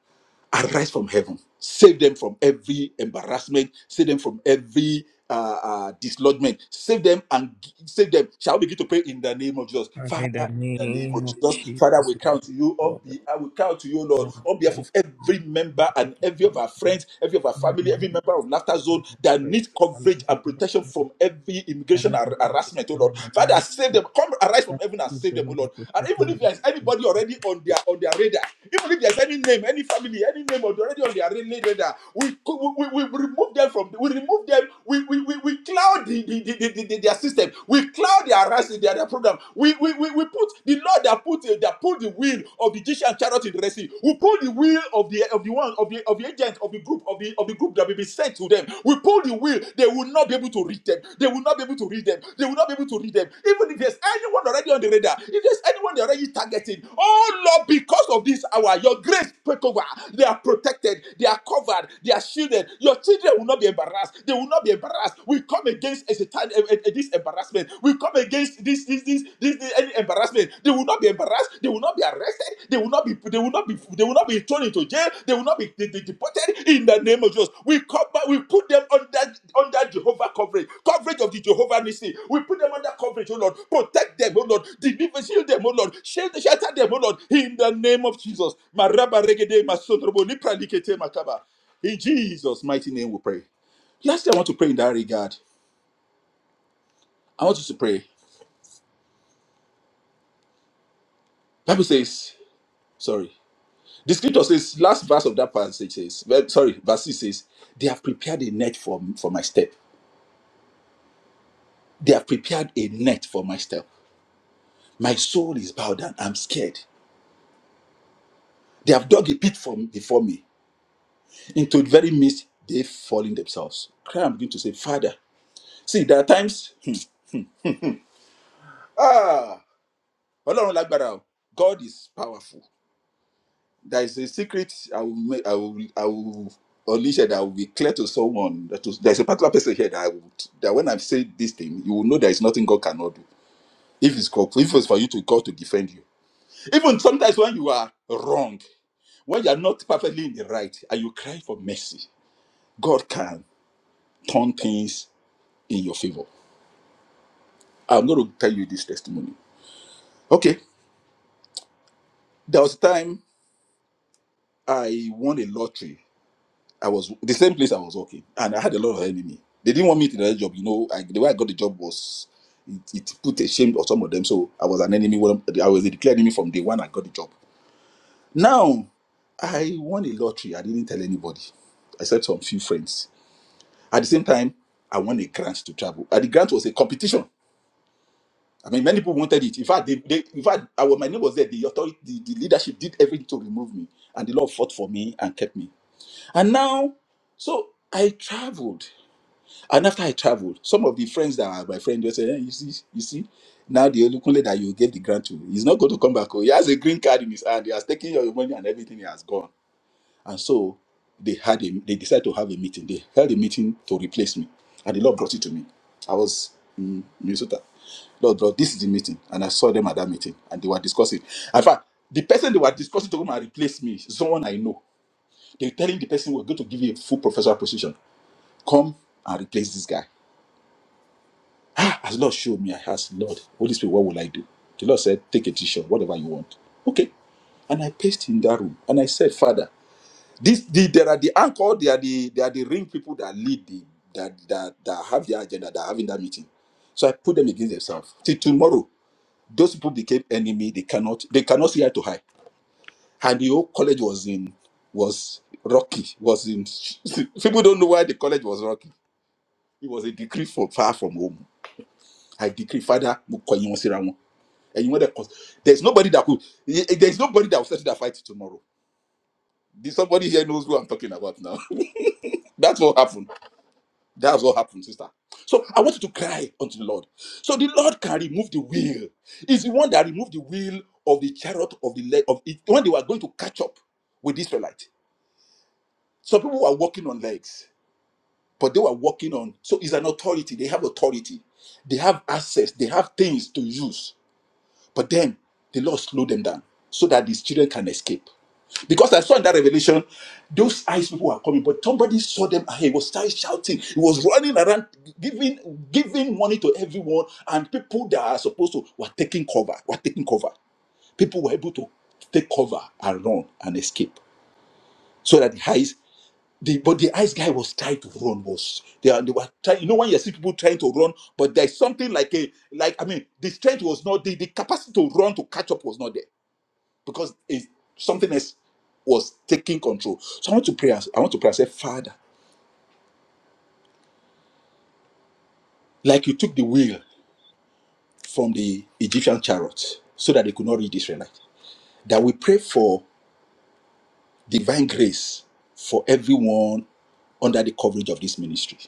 Speaker 3: arise from heaven, save them from every embarrassment, save them from every uh, uh, dislodgement, save them and gi- save them. Shall we begin to pray in the name of Jesus, Father? In the name of Jesus, Father, we count to you on be I will count to you, Lord, on behalf of every member and every of our friends, every of our family, every member of Laughter Zone that needs coverage and protection from every immigration har- harassment, oh Lord. Father, save them. Come arise from heaven and save them, oh Lord. And even if there is anybody already on their on their radar, even if there's any name, any family, any name already on their ra- radar, we co- we, we, we remove them from we remove them, we we, we, we cloud the, the, the, the, the- their system, we cloud they arise in the other program, we, we, we, we put the Lord that put the- that put the wheel of the Egyptian chariot in the Red Sea. We pull the wheel of the of the one of the of the agent of the group of the of the group that will be sent to them. We pull the wheel, they will not be able to read them. They will not be able to read them. They will not be able to read them. Even if there's anyone already on the radar, if there's anyone they're already targeting, oh Lord, because of this hour, your grace take over. They are protected, they are covered, they are shielded. Your children will not be embarrassed. They will not be embarrassed. We come against against a satan- a- a- a- this embarrassment. We come against this this this this, this any embarrassment. They will not be embarrassed. They will not be arrested. They will not be they will not be they will not be thrown into jail. They will not be de- de- deported in the name of Jesus. We cover we put them under under Jehovah coverage coverage of the Jehovah Nissi. We put them under coverage. Oh Lord, protect them. Oh Lord, deliver shield them. Oh Lord, shield shelter them. Oh Lord, in the name of Jesus. Maraba regede masodrobo lipra likete makaba. In Jesus' mighty name, we pray. Lastly, I want to pray in that regard. I want you to pray. Bible says, sorry. The scripture says, last verse of that passage says, well, sorry, verse 6 says, they have prepared a net for, for my step. They have prepared a net for my step. My soul is bowed down. I'm scared. They have dug a pit for, before me. Into the very midst, they've fallen themselves. Cry and begin to say, Father. See, there are times, hmm, ah, Ọlọ́run lágbára o. God is powerful. there is a secret I will make, I will I will unleash it that will be clear to someone that was, there's a particular person here that I would that when I say this thing, you will know there is nothing God cannot do. If it's called, if it's for you to call to defend you. Even sometimes when you are wrong, when you are not perfectly in the right and you cry for mercy, God can turn things in your favor. I'm going to tell you this testimony. Okay, there was a time I won a lottery I was the same place I was working, and I had a lot of enemy. They didn't want me to get the job. You know, I, the way I got the job was it, it put a shame on some of them. So I was an enemy. Well, I was a declared enemy from day one. I got the job. Now I won a lottery. I didn't tell anybody, except some few friends. At the same time, I won a grant to travel. And the grant was a competition. I mean, many people wanted it. In fact, they, they, in fact, I, was- my name was there. The authority, the, the leadership did everything to remove me, and the Lord fought for me and kept me. And now, so I traveled. And after I traveled, some of the friends that are my friend just said, hey, you see, you see, now the Olukunle that you gave the grant to, he's not going to come back. home. He has a green card in his hand. He has taken your money and everything. He has gone. And so they had a, they decided to have a meeting. They held a meeting to replace me, and the Lord brought it to me. I was in Minnesota. Lord, brought this is the meeting, and I saw them at that meeting, and they were discussing. In fact, the person they were discussing to come and replace me, is someone I know. They're telling the person we're going to give you a full professional position. Come and replace this guy. Ah, as Lord showed me, I asked, Lord, Holy Spirit, what will I do? The Lord said, Take a t-shirt, whatever you want. Okay. And I paced in that room and I said, Father, this the, there are the anchor, they are the they are the ring people that lead the that that, that have their agenda, that are having that meeting. So I put them against themselves. Till tomorrow, those people became enemy. They cannot they cannot see eye to eye. And the whole college was in was rocky. Was in people don't know why the college was rocky. It was a decree from far from home. I decree, Father, mo kọ yín wọn síra wọn. And you want to cause there's nobody that could eh, eh, there's nobody that will settle that fight tomorrow. There's somebody here knows who I'm talking about now. That's what happened. That's what happened, sister. So I want you to cry unto the Lord. So the Lord can remove the wheel. Is the one that removed the wheel of the chariot of the leg of it when they were going to catch up with the Israelite. Some people were walking on legs, but they were walking on. So it's an authority. They have authority. They have access. They have things to use. But then the Lord slowed them down so that these children can escape. Because I saw in that revelation, those eyes people were coming, but somebody saw them and he was started shouting. He was running around, giving giving money to everyone, and people that are supposed to were taking cover, were taking cover. People were able to take cover and run and escape. So that the eyes the, but the ice guy was trying to run was they, are- they were trying you know when you see people trying to run but there's something like a like i mean the strength was not the, the capacity to run to catch up was not there because it's something else was taking control so i want to pray as- i want to pray I say father like you took the wheel from the egyptian chariot so that they could not reach the israelite that we pray for divine grace for everyone under the coverage of this ministry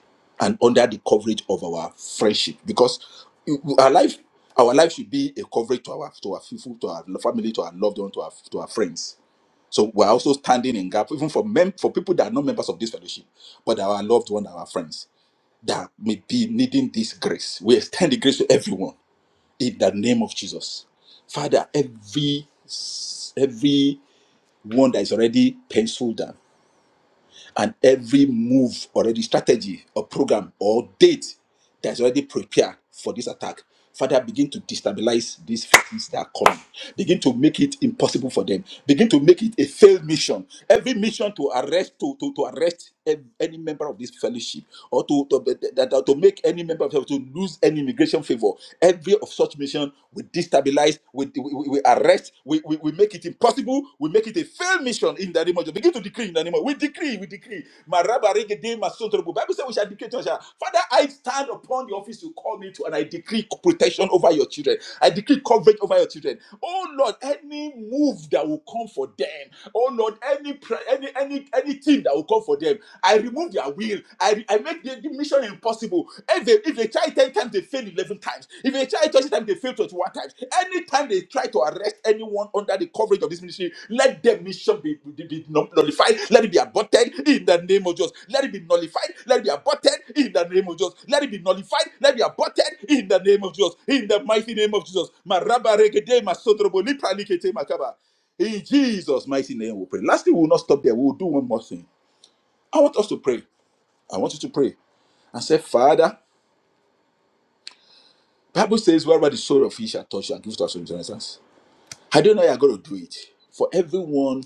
Speaker 3: and under the coverage of our friendship because you- you- our life our life should be a coverage to our to our people to our family to our loved one to our to our friends so we're also standing in gap even for mem- for people that are not members of this fellowship but our loved one our friends that may be needing this grace we extend the grace to everyone in the name of jesus father every every one that is already penciled down and every move already strategy or program or date that's already prepared for this attack father begin to destabilize these forces that are coming begin to make it impossible for them begin to make it a failed mission every mission to arrest to to, to arrest ev- any member of this fellowship or to, to, that, that- to make any member of to lose any immigration favor. Every of such mission we destabilize, we, we, we we arrest, we, we, we make it impossible, we make it a failed mission in the name of Jesus. Begin to decree in the name of We decree, we decree. Marabaregede masotorobo. Bible says we shall decree to ourselves, Father, I stand upon the office you call me to and I decree protection over your children. I decree coverage over your children. Oh Lord, any move that will come for them, oh Lord, any prayer, any any anything that will come for them I remove their will. I, I make the, the mission impossible. If they, if they try 10 times, they fail 11 times. If they try 20 times, they fail 21 times. Anytime they try to arrest anyone under the coverage of this ministry, let their mission be, be, be nullified. Let it be aborted in the name of Jesus. Let it be nullified. Let it be aborted in the name of Jesus. Let it be nullified. Let it be aborted in the name of Jesus. In the mighty name of Jesus. Maraba regede masodrobo lipra likete makaba. In Jesus' mighty name, we pray. Lastly, we will not stop there. We will do one more thing. I want us to pray. I want you to pray and say, Father, Bible says, wherever the soul of fish shall touch, and give to us in repentance. I don't know how you're going to do it. For everyone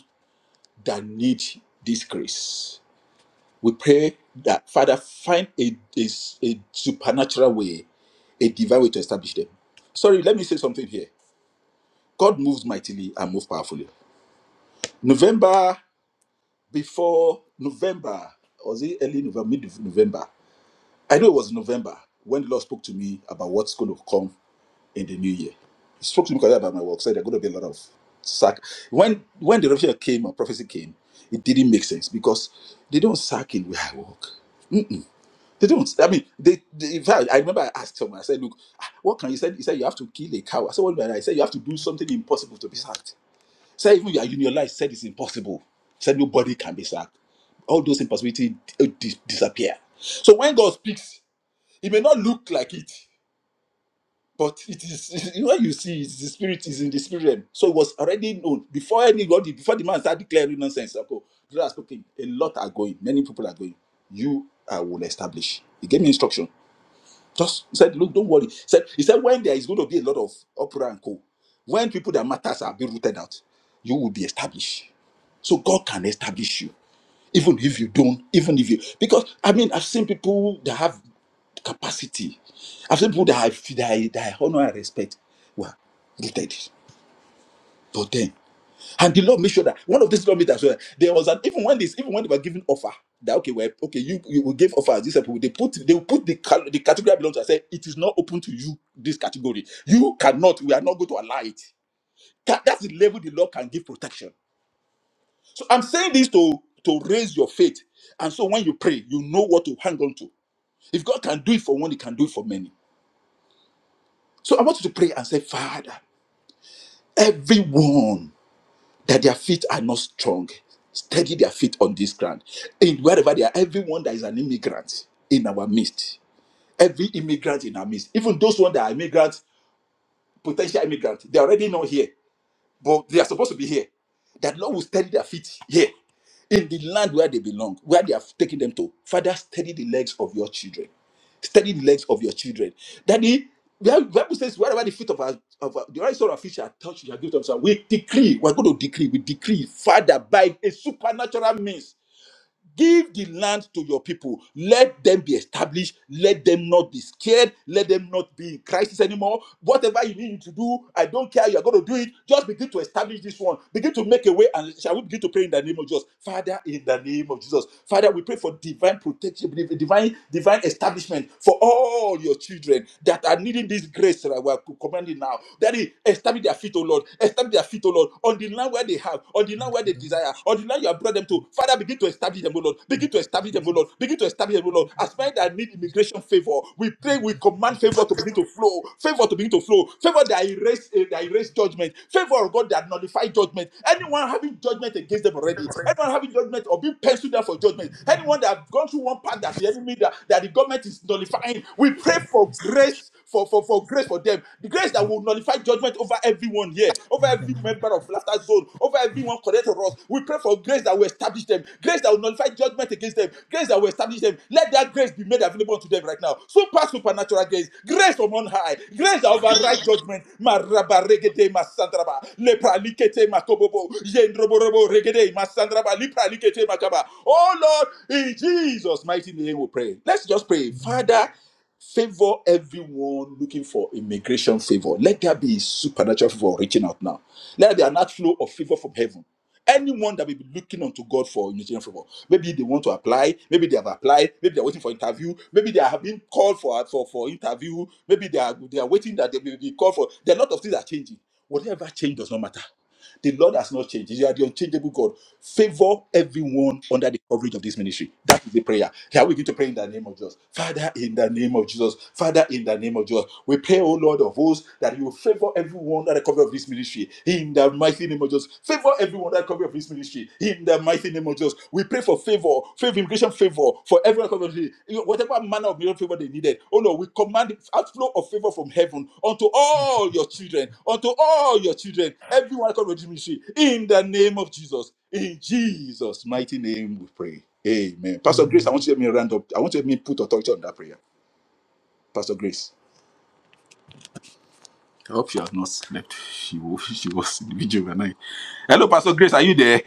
Speaker 3: that needs this grace, we pray that, Father, find a, a, a supernatural way, a divine way to establish them. Sorry, let me say something here. God moves mightily and moves powerfully. November, before November, was it early November, mid November? I know it was November when the Lord spoke to me about what's going to come in the new year. He spoke to me about my work, said there are going to be a lot of sack. When when the revelation came or prophecy came, it didn't make sense because they don't sack in where I work. Mm-mm. They don't. I mean, they, they. In fact, I remember I asked him. I said, "Look, ah, what can you say?" He said, "You have to kill a cow." I said, "What do you mean?" I said, "You have to do something impossible to be sacked." He said, "Even you are unionized." Said it's impossible. He said nobody can be sacked. All those impossibilities uh, dis- disappear. So when God speaks, it may not look like it, but it is when you see it's the spirit is in the spirit realm. So it was already known before anybody, before the man started declaring nonsense. Okay, brother speaking, a lot are going, many people are going. You I will establish. He gave me instruction. Just he said, look, don't worry. He said, he said, when there is going to be a lot of opera and co, when people that matters are being rooted out, you will be established. So God can establish you even if you don't even if you because i mean i've seen people that have capacity i've seen people that i that i, that I honor and respect were gifted but then and the lord made sure that one of these lawmakers were there was an even when this even when they were giving offer that okay well okay you you will give offers these people they put they will put the cal- the category that belongs to and say it is not open to you this category you cannot we are not going to allow it That- that's the level the law can give protection so I'm saying this to to raise your faith. And so when you pray, you know what to hang on to. If God can do it for one, He can do it for many. So I want you to pray and say, Father, everyone that their feet are not strong, steady their feet on this ground. In wherever they are, everyone that is an immigrant in our midst, every immigrant in our midst, even those ones that are immigrants, potential immigrants, they're already not here. but they are supposed to be here. That Lord will steady their feet here in the land where they belong, where they have taken them to. Father, steady the legs of your children. Steady the legs of your children. Daddy, the Bible says, wherever the feet of our, of our the right sort of feet shall touch, you shall give them some. We decree, we're going to decree, we decree, Father, by a supernatural means Give the land to your people. Let them be established. Let them not be scared. Let them not be in crisis anymore. Whatever you need to do, I don't care. You're going to do it. Just begin to establish this one. Begin to make a way. And shall we begin to pray in the name of Jesus? Father, in the name of Jesus. Father, we pray for divine protection, divine, divine establishment for all your children that are needing this grace that we're commanding now. That is, establish their feet, O Lord. Establish their feet, O Lord, on the land where they they have, on the land where they desire, on the land you have brought them to. Father, begin to establish them, O Lord. Begin to establish them, O Lord. Begin to establish them, O Lord. As men that need immigration favor, we pray, we command favor to begin to flow, favor to begin to flow, favor that erase, eh, that erase judgment, favor of God that nullify judgment. Anyone having judgment against them already, anyone having judgment or being penciled down for judgment, anyone that have gone through one path that the enemy that, that the government is nullifying, we pray for grace for, for, for grace for them. The grace that will to nullify judgment over everyone here, over every member of Laughter Zone, over everyone connected to us. We pray for grace that will establish them, grace that will nullify judgment against them, grace that will establish them. Let that grace be made available to them right now. Super supernatural grace, grace from on high, grace that overrides judgment. Maraba regede masandraba, lepra likete makobobo, yendroborobo regede masandraba, lipra likete makaba. Oh Lord, in Jesus' mighty name we pray. Let's just pray, Father favor everyone looking for immigration favor. Let there be supernatural favor reaching out now. Let there be an outflow of favor from heaven. Anyone that may be looking unto God for immigration favor, maybe they want to apply, maybe they have applied, maybe they're waiting for interview, maybe they have been called for for, for interview, maybe they are they are waiting that they will be called for. There are a lot of things that are changing. Whatever change does not matter. The Lord has not changed. You are the unchangeable God. Favor everyone under the coverage of this ministry. That is the prayer. Here we going to pray in the name of Jesus. Father, in the name of Jesus. Father, in the name of Jesus. We pray, O Lord of hosts, that you favor everyone under the coverage of this ministry. In the mighty name of Jesus. Favor everyone under the coverage of this ministry. In the mighty name of Jesus. We pray for for favor, favor, immigration favor for everyone coming to whatever manner of miracle favor they needed. Oh Lord, we command the outflow of favor from heaven unto all your children, unto all your children, everyone coming to ministry in the name of Jesus. In Jesus' mighty name, we pray. Amen. Pastor Grace, I want you to help me round up. I want you to help me put authority on that prayer. Pastor Grace. I hope she has not slept. She was, she was in the video overnight. Hello, Pastor Grace. Are you there?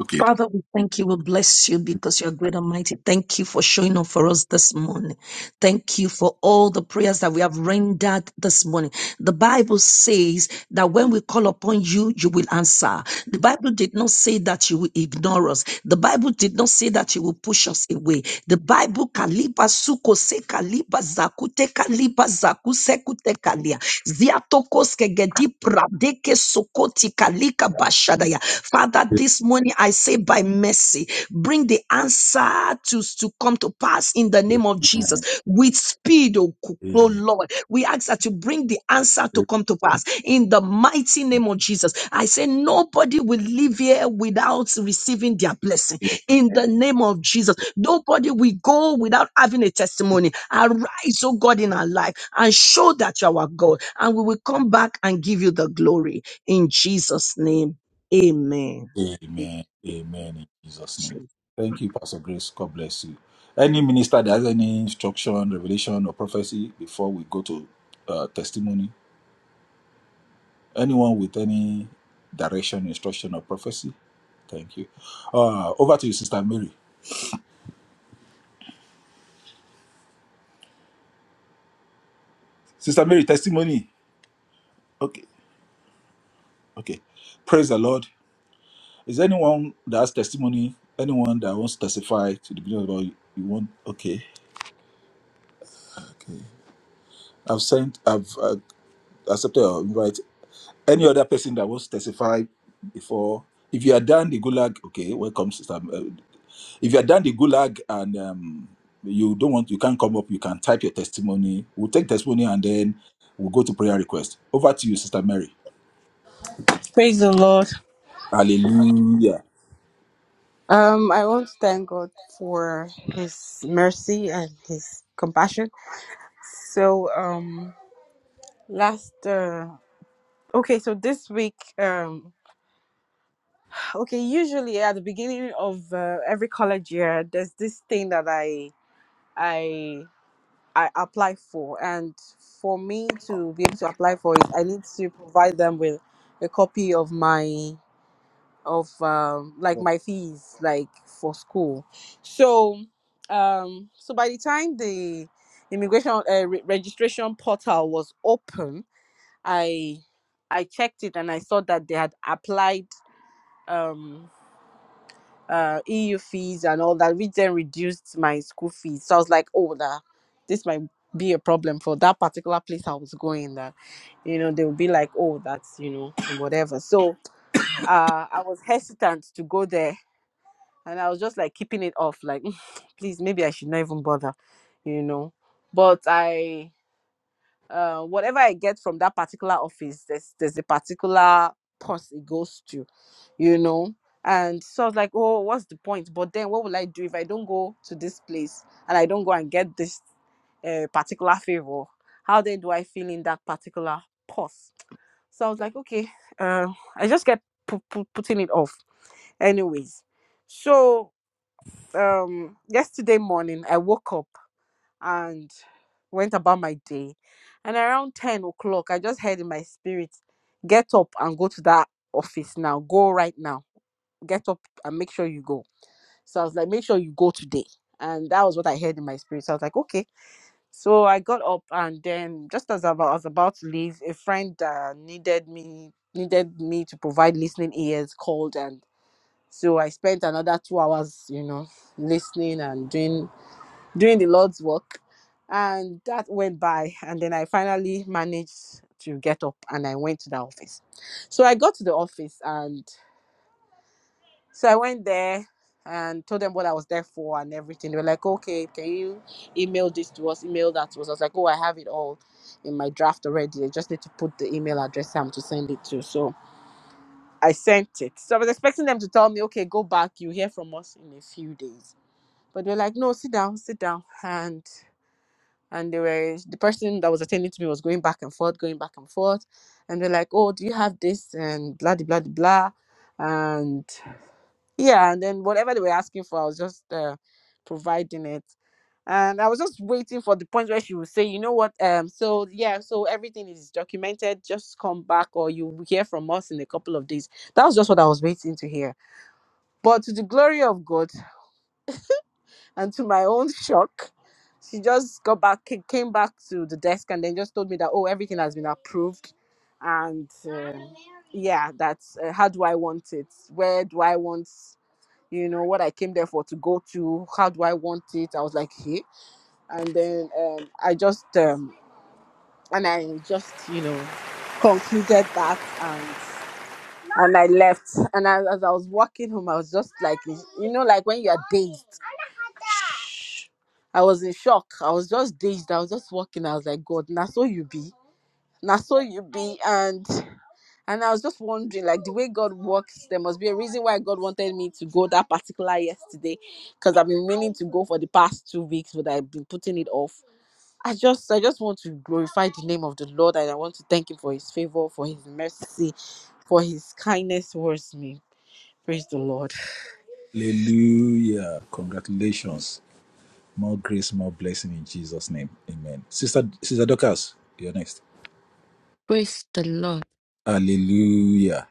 Speaker 3: Okay.
Speaker 4: Father, we thank you. We bless you because you're great and mighty. Thank you for showing up for us this morning. Thank you for all the prayers that we have rendered this morning. The Bible says that when we call upon you, you will answer. The Bible did not say that you will ignore us. The Bible did not say that you will push anxious away. The Bible kaliba suko se kaliba zakute kaliba zaku sekute kalia. Ziatokos kegedi pradeke sokoti kalika bashadaya. Father, this morning I say by mercy, bring the answer to, to come to pass in the name of Jesus with speed, oh, Ku- oh Lord. We ask that you bring the answer to come to pass in the mighty name of Jesus. I say nobody will live here without receiving their blessing in the name of Jesus. Nobody will go without having a testimony. Arise, oh God, in our life and show that you are God. And we will come back and give you the glory in Jesus' name. Amen.
Speaker 3: Amen. Amen. In Jesus' name. Thank you, Pastor Grace. God bless you. Any minister that has any instruction, revelation, or prophecy before we go to uh, testimony? Anyone with any direction, instruction, or prophecy? Thank you. Uh, over to you, Sister Mary. Sister Mary, testimony. Okay. Okay. Praise the Lord. Is anyone that has testimony? Anyone that wants to testify to the glory of God? You want? Okay. Okay. I've sent. I've uh, accepted your invite. Any other person that wants to testify before? If you are done the gulag, okay, welcome, sister. Uh, If you are done the gulag and um, you don't want, you can't come up. You can type your testimony. We'll take testimony and then we'll go to prayer request. Over to you, sister Mary.
Speaker 5: Praise the Lord.
Speaker 3: Hallelujah.
Speaker 5: Um, I want to thank God for His mercy and His compassion. So, um, last, uh, okay, so this week, um, okay, usually at the beginning of uh, every college year, there's this thing that I, I, I apply for, and for me to be able to apply for it, I need to provide them with a copy of my of um like my fees like for school so um so by the time the immigration uh, re- registration portal was open i i checked it and i saw that they had applied um uh eu fees and all that which then reduced my school fees so i was like oh that this might be a problem for that particular place i was going that you know they would be like oh that's you know and whatever so uh i was hesitant to go there and I was just like keeping it off, like please, maybe I should not even bother, you know. But I, uh, whatever I get from that particular office, there's there's a particular purse it goes to, you know. And so I was like, oh, what's the point? But then what will I do if I don't go to this place and I don't go and get this uh, particular favor? How then do I feel in that particular purse? So I was like, okay, uh, I just kept pu- pu- putting it off. Anyways, so um yesterday morning I woke up and went about my day and around 10 o'clock I just heard in my spirit get up and go to that office now go right now get up and make sure you go so I was like make sure you go today and that was what I heard in my spirit so I was like okay so I got up and then just as I wa- was about to leave a friend uh, needed me needed me to provide listening ears called and so I spent another two hours you know listening and doing doing the Lord's work. And that went by. And then I finally managed to get up and I went to the office. So I got to the office and so I went there and told them what I was there for and everything. They were like, okay, can you email this to us, email that to us? I was like, oh, I have it all in my draft already. I just need to put the email address I'm to send it to. So I sent it. So I was expecting them to tell me, okay, go back, you hear from us in a few days. But they're like, no, sit down, sit down. And and they were the person that was attending to me was going back and forth, going back and forth, and they're like, "Oh, do you have this?" and blah de blah de blah, and yeah, and then whatever they were asking for, I was just uh, providing it, and I was just waiting for the point where she would say, "You know what? Um, so yeah, so everything is documented. Just come back, or you will hear from us in a couple of days." That was just what I was waiting to hear. But to the glory of God. And to my own shock, she just got back, ca- came back to the desk, and then just told me that, oh, everything has been approved. And um, yeah, that's uh, how do I want it? Where do I want, you know, what I came there for to go to? How do I want it? I was like, hey. And then um, I just, um, and I just, you know, concluded that and and I left. And I, as I was walking home, I was just like, you know, like when you are dazed I was in shock. I was just dazed. I was just walking. I was like, God, now so you be. Now so you be. And and I was just wondering, like the way God works, there must be a reason why God wanted me to go that particular yesterday. Because I've been meaning to go for the past two weeks, but I've been putting it off. I just I just want to glorify the name of the Lord and I want to thank him for his favor, for his mercy, for his kindness towards me. Praise the Lord.
Speaker 3: Hallelujah. Congratulations. More grace, more blessing in Jesus' name. Amen. Sister Sister Dorcas, you're next.
Speaker 6: Praise the Lord.
Speaker 3: Hallelujah.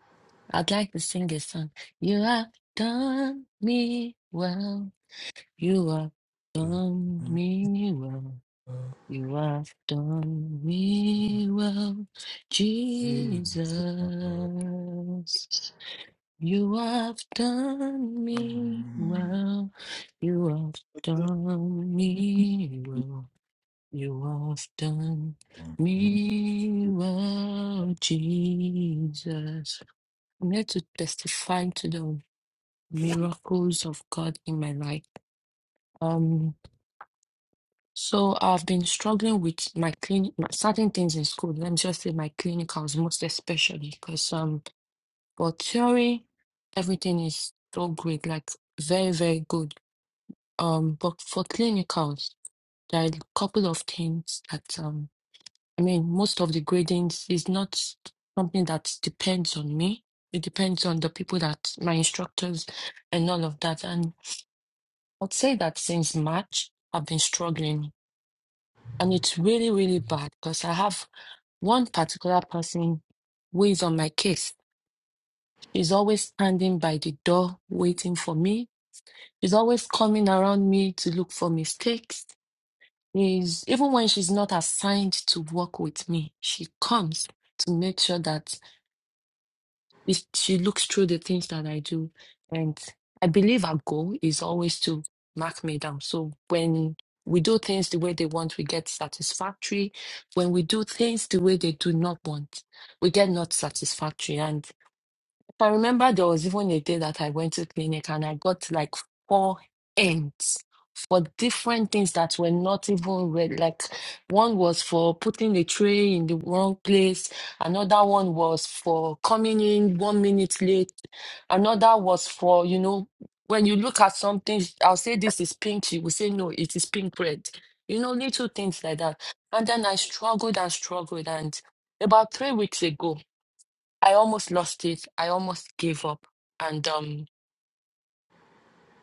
Speaker 6: I'd like to sing a song. You have done me well. You have done me well. You have done me well, Jesus. You have done me well. You have done me well. You have done me well, Jesus. I'm here to testify to the miracles of God in my life. Um, so I've been struggling with my clinic, certain things in school. Let me just say my clinicals, most especially, because um, for theory, everything is so great, like very, very good. Um, but for clinicals, there are a couple of things that um, I mean, most of the gradings is not something that depends on me. It depends on the people that my instructors and all of that. and. I'd say that since March, I've been struggling, and it's really, really bad because I have one particular person who is on my case. She's always standing by the door waiting for me. She's always coming around me to look for mistakes. Is even when she's not assigned to work with me, she comes to make sure that If she looks through the things that I do, and I believe our goal is always to mark me down. So when we do things the way they want, we get satisfactory. When we do things the way they do not want, we get not satisfactory. And. I remember there was even a day that I went to clinic and I got like four ends for different things that were not even red. Like one was for putting the tray in the wrong place. Another one was for coming in one minute late. Another was for, you know, when you look at something, I'll say this is pink. She will say, no, it is pink red. You know, little things like that. And then I struggled and struggled. And about three weeks ago, I almost lost it. I almost gave up. And um,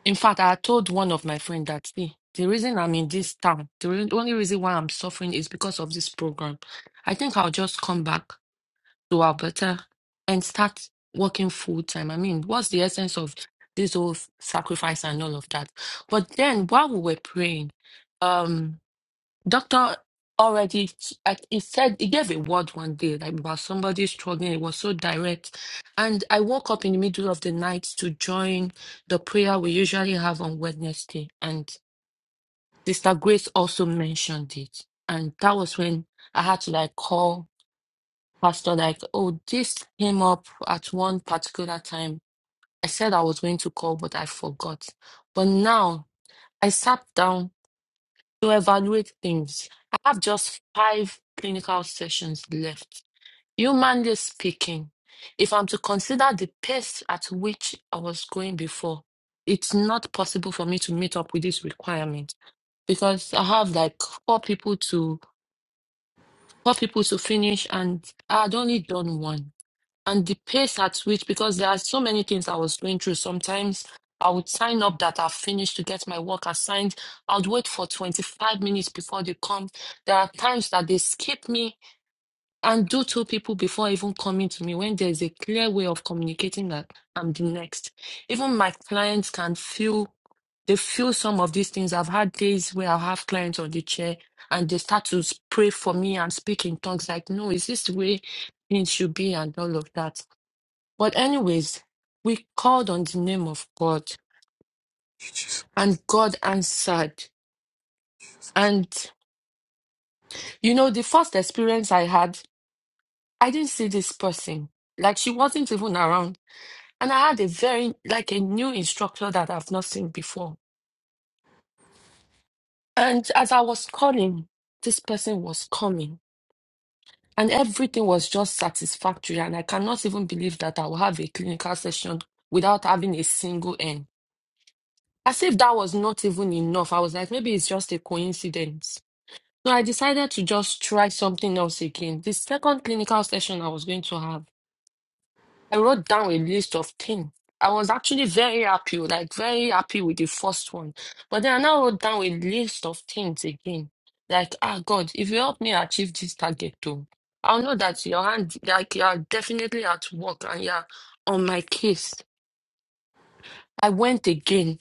Speaker 6: in fact, I had told one of my friends that see, the reason I'm in this town, the re- only reason why I'm suffering is because of this program. I think I'll just come back to Alberta and start working full time. I mean, what's the essence of this whole sacrifice and all of that? But then while we were praying, um, Doctor already, like, he said, he gave a word one day like, about somebody struggling. It was so direct. And I woke up in the middle of the night to join the prayer we usually have on Wednesday. And Sister Grace also mentioned it. And that was when I had to like call Pastor, like, oh, this came up at one particular time. I said I was going to call, but I forgot. But now I sat down to evaluate things. I have just five clinical sessions left. Humanly speaking, if I'm to consider the pace at which I was going before, it's not possible for me to meet up with this requirement because I have like four people to four people to finish and I had only done one and the pace at which because there are so many things I was going through. Sometimes I would sign up that I've finished to get my work assigned. I'd wait for 25 minutes before they come. There are times that they skip me and do two people before even coming to me when there's a clear way of communicating that I'm the next. Even my clients can feel they feel some of these things. I've had days where I have clients on the chair and they start to pray for me and speak in tongues like, no, is this the way things should be and all of that but anyways, we called on the name of God and God answered. And you know, the first experience I had, I didn't see this person. Like she wasn't even around. And I had a very like a new instructor that I've not seen before. And as I was calling, this person was coming. And everything was just satisfactory. And I cannot even believe that I will have a clinical session without having a single end. As if that was not even enough. I was like, maybe it's just a coincidence So I decided to just try something else again. The second clinical session I was going to have, I wrote down a list of things. I was actually very happy, like very happy with the first one. But then I now wrote down a list of things again. Like, ah, God, if you help me achieve this target too, I'll know that your hand, like, you're definitely at work and you're on my case. I went again.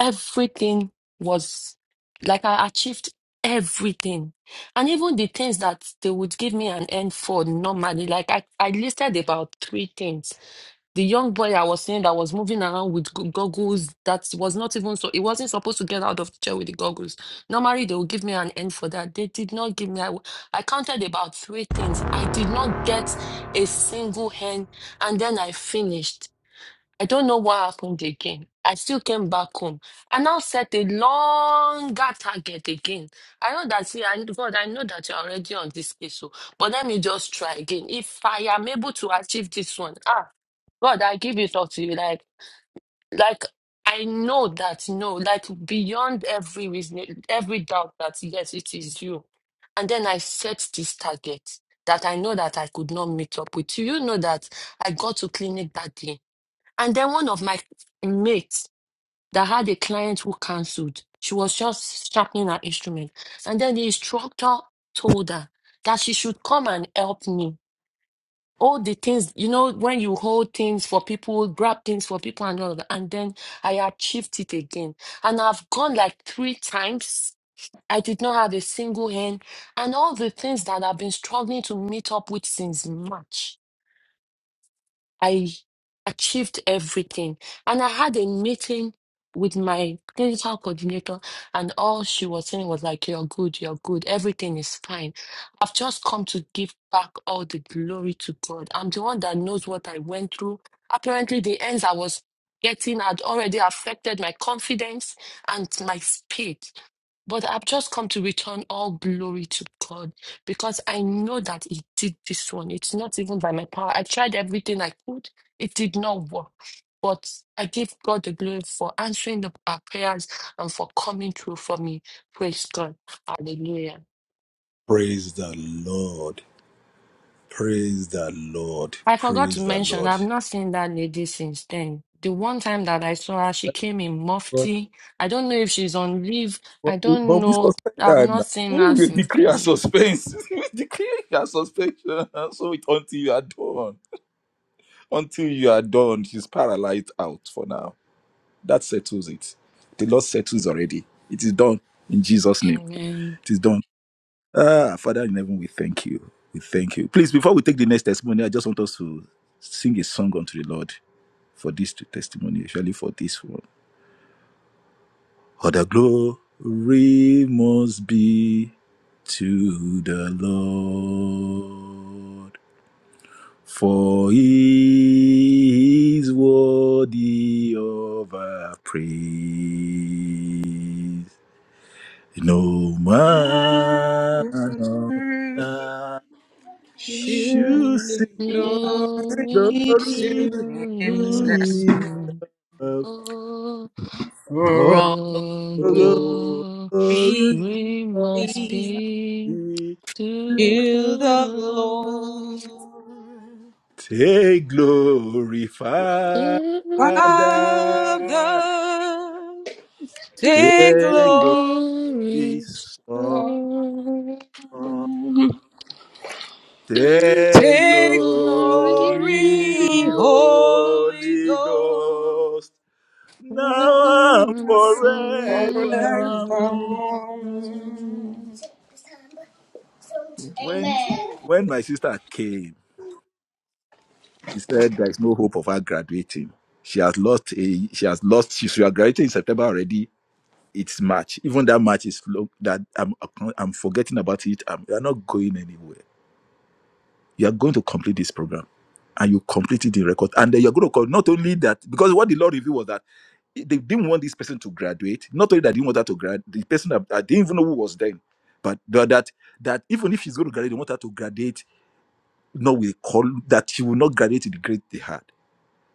Speaker 6: everything was like I achieved everything. And even the things that they would give me an N for normally, like I, I listed about three things. The young boy I was saying that was moving around with go- goggles that was not even so, it wasn't supposed to get out of the chair with the goggles. Normally, they would give me an N for that. They did not give me, I, w- I counted about three things. I did not get a single N, and then I finished. I don't know what happened again. I still came back home. I now set a longer target again. I know that, see, I, God, I know that you're already on this case, so, but let me just try again. If I am able to achieve this one, ah, God, I give it up to you. Like, like, I know that, no, like, beyond every reason, every doubt that, yes, it is you. And then I set this target that I know that I could not meet up with. You You know that I got to clinic that day. And then one of my mates that had a client who cancelled, she was just sharpening her instrument. And then the instructor told her that she should come and help me. All the things, you know, when you hold things for people, grab things for people and all that. And then I achieved it again. And I've gone like three times. I did not have a single hand. And all the things that I've been struggling to meet up with since March. I achieved everything. And I had a meeting with my clinical coordinator, and all she was saying was like, You're good, you're good, everything is fine. I've just come to give back all the glory to God. I'm the one that knows what I went through. Apparently, the ends I was getting had already affected my confidence and my speed. But I've just come to return all glory to God because I know that He did this one. It's not even by my power. I tried everything I could, it did not work. But I give God the glory for answering the, our prayers and for coming through for me. Praise God. Hallelujah.
Speaker 3: Praise the Lord. Praise the Lord.
Speaker 6: I forgot to
Speaker 3: Praise the
Speaker 6: mention,
Speaker 3: Lord.
Speaker 6: I've not seen that lady since then. The one time that I saw her, she came in
Speaker 3: But,
Speaker 6: mufti. I don't know if she's on leave. I don't
Speaker 3: but we
Speaker 6: know.
Speaker 3: suspend
Speaker 6: I've
Speaker 3: that
Speaker 6: not
Speaker 3: now.
Speaker 6: seen
Speaker 3: Ooh,
Speaker 6: her
Speaker 3: we
Speaker 6: since
Speaker 3: decree a
Speaker 6: then.
Speaker 3: suspense. we decree a suspension. So it until you are done. Until you are done, she's paralyzed out for now. That settles it. The Lord settles already. It is done in Jesus' name.
Speaker 6: Amen.
Speaker 3: It is done. Ah, Father in heaven, we thank you. We thank you. Please, before we take the next testimony, I just want us to sing a song unto the Lord for this testimony, especially for this one. For the glory must be to the Lord, for he is worthy of our praise. No man on earth
Speaker 6: To give
Speaker 3: should
Speaker 6: glory
Speaker 3: see
Speaker 5: Shifting glory
Speaker 6: to
Speaker 3: glory
Speaker 5: to himself
Speaker 6: His
Speaker 3: in
Speaker 6: Son.
Speaker 3: himself.
Speaker 6: Oh,
Speaker 5: for
Speaker 3: Oh,
Speaker 6: all
Speaker 5: all
Speaker 6: the
Speaker 5: glory be
Speaker 6: glory
Speaker 3: glory
Speaker 6: must be to the
Speaker 5: to the
Speaker 6: Lord.
Speaker 5: Lord.
Speaker 3: Take glory, Father.
Speaker 6: All the
Speaker 5: Father, take
Speaker 3: Take
Speaker 5: glory,
Speaker 3: glory,
Speaker 6: glory
Speaker 3: Son.
Speaker 5: Lord.
Speaker 6: to the
Speaker 3: Take
Speaker 5: take
Speaker 6: glory
Speaker 5: glory,
Speaker 3: glory,
Speaker 6: all
Speaker 5: Holy
Speaker 3: Holy
Speaker 5: Ghost,
Speaker 3: Ghost.
Speaker 6: Praise
Speaker 3: Now and forevermore.
Speaker 5: forevermore.
Speaker 3: When,
Speaker 5: Amen.
Speaker 3: when my sister came, she said there is no hope of her graduating. She has lost a, she has lost, she should have graduated in September already its match. Even that match is lo- that I'm I'm forgetting about it. I'm, you're not going anywhere. You are going to complete this program, and you complete it in record. And then you're going to call not only that because what the law revealed was that it- they didn't want this person to graduate. Not only that, they didn't want her to grad. The person that I didn't even know who was then, but the- that that even if she's going to graduate, they want her to graduate. No, we call that she will not graduate to the grade they had.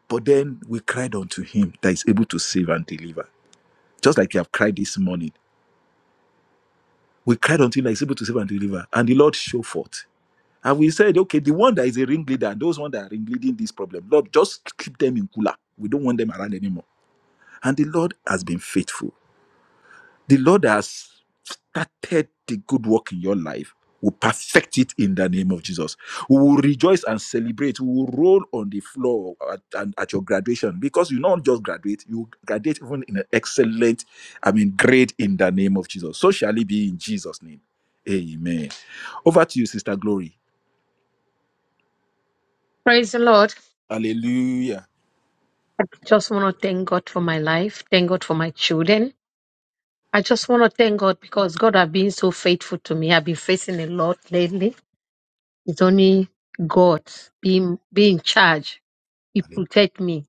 Speaker 3: But then we cried unto Him that is able to save and deliver, just like you have cried this morning We cried until I is able to save and deliver, and the Lord showed forth. And we said, okay, the one that is a ringleader and those one that are ringleading this problem, Lord, just keep them in cooler. We don't want them around anymore. And the Lord has been faithful. The Lord has started the good work in your life. Will perfect it in the name of Jesus. We will rejoice and celebrate. We will roll on the floor at, and at your graduation because you not just graduate, you graduate even in an excellent, I mean, grade in the name of Jesus. So shall it be in Jesus' name. Amen. Over to you, Sister Glory.
Speaker 7: Praise the Lord.
Speaker 3: Hallelujah.
Speaker 7: I just want to thank God for my life. Thank God for my children. I just want to thank God because God has been so faithful to me. I've been facing a lot lately. It's only God being, being in charge. He protect me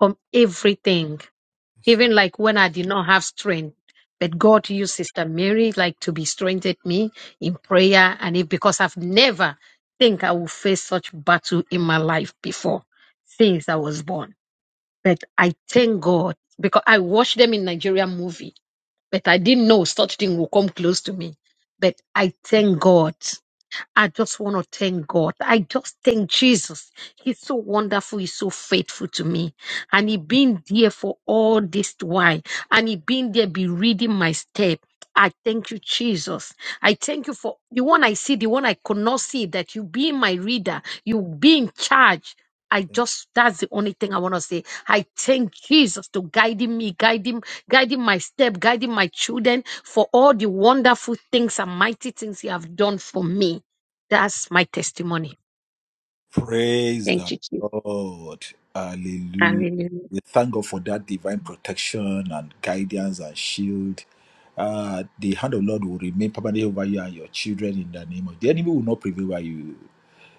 Speaker 7: from everything.
Speaker 3: Hallelujah.
Speaker 7: Even like when I did not have strength. But God used Sister Mary like to be strengthened me in prayer and it because I've never think I will face such battle in my life before since I was born. But I thank God because I watched them in Nigerian movie, but I didn't know such thing will come close to me. But I thank God. I just want to thank God. I just thank Jesus. He's so wonderful. He's so faithful to me. And he been there for all this while. And he been there, be reading my step. I thank you, Jesus. I
Speaker 3: Thank
Speaker 7: thank you for the one I
Speaker 3: you.
Speaker 7: see, the one I could not see, that you be my reader, you be in charge. I just that's the only thing I want to say. I thank Jesus to guiding me, guiding, guiding my step, guiding my children for all the wonderful things and mighty things you have done for me. That's my testimony.
Speaker 3: Praise
Speaker 7: Thank
Speaker 3: the
Speaker 7: you, Jesus.
Speaker 3: Lord. Hallelujah.
Speaker 7: Hallelujah.
Speaker 3: We thank God for that divine protection and guidance and shield. Uh, the hand of Lord will remain permanently over you and your children in the name of the enemy will not prevail over you.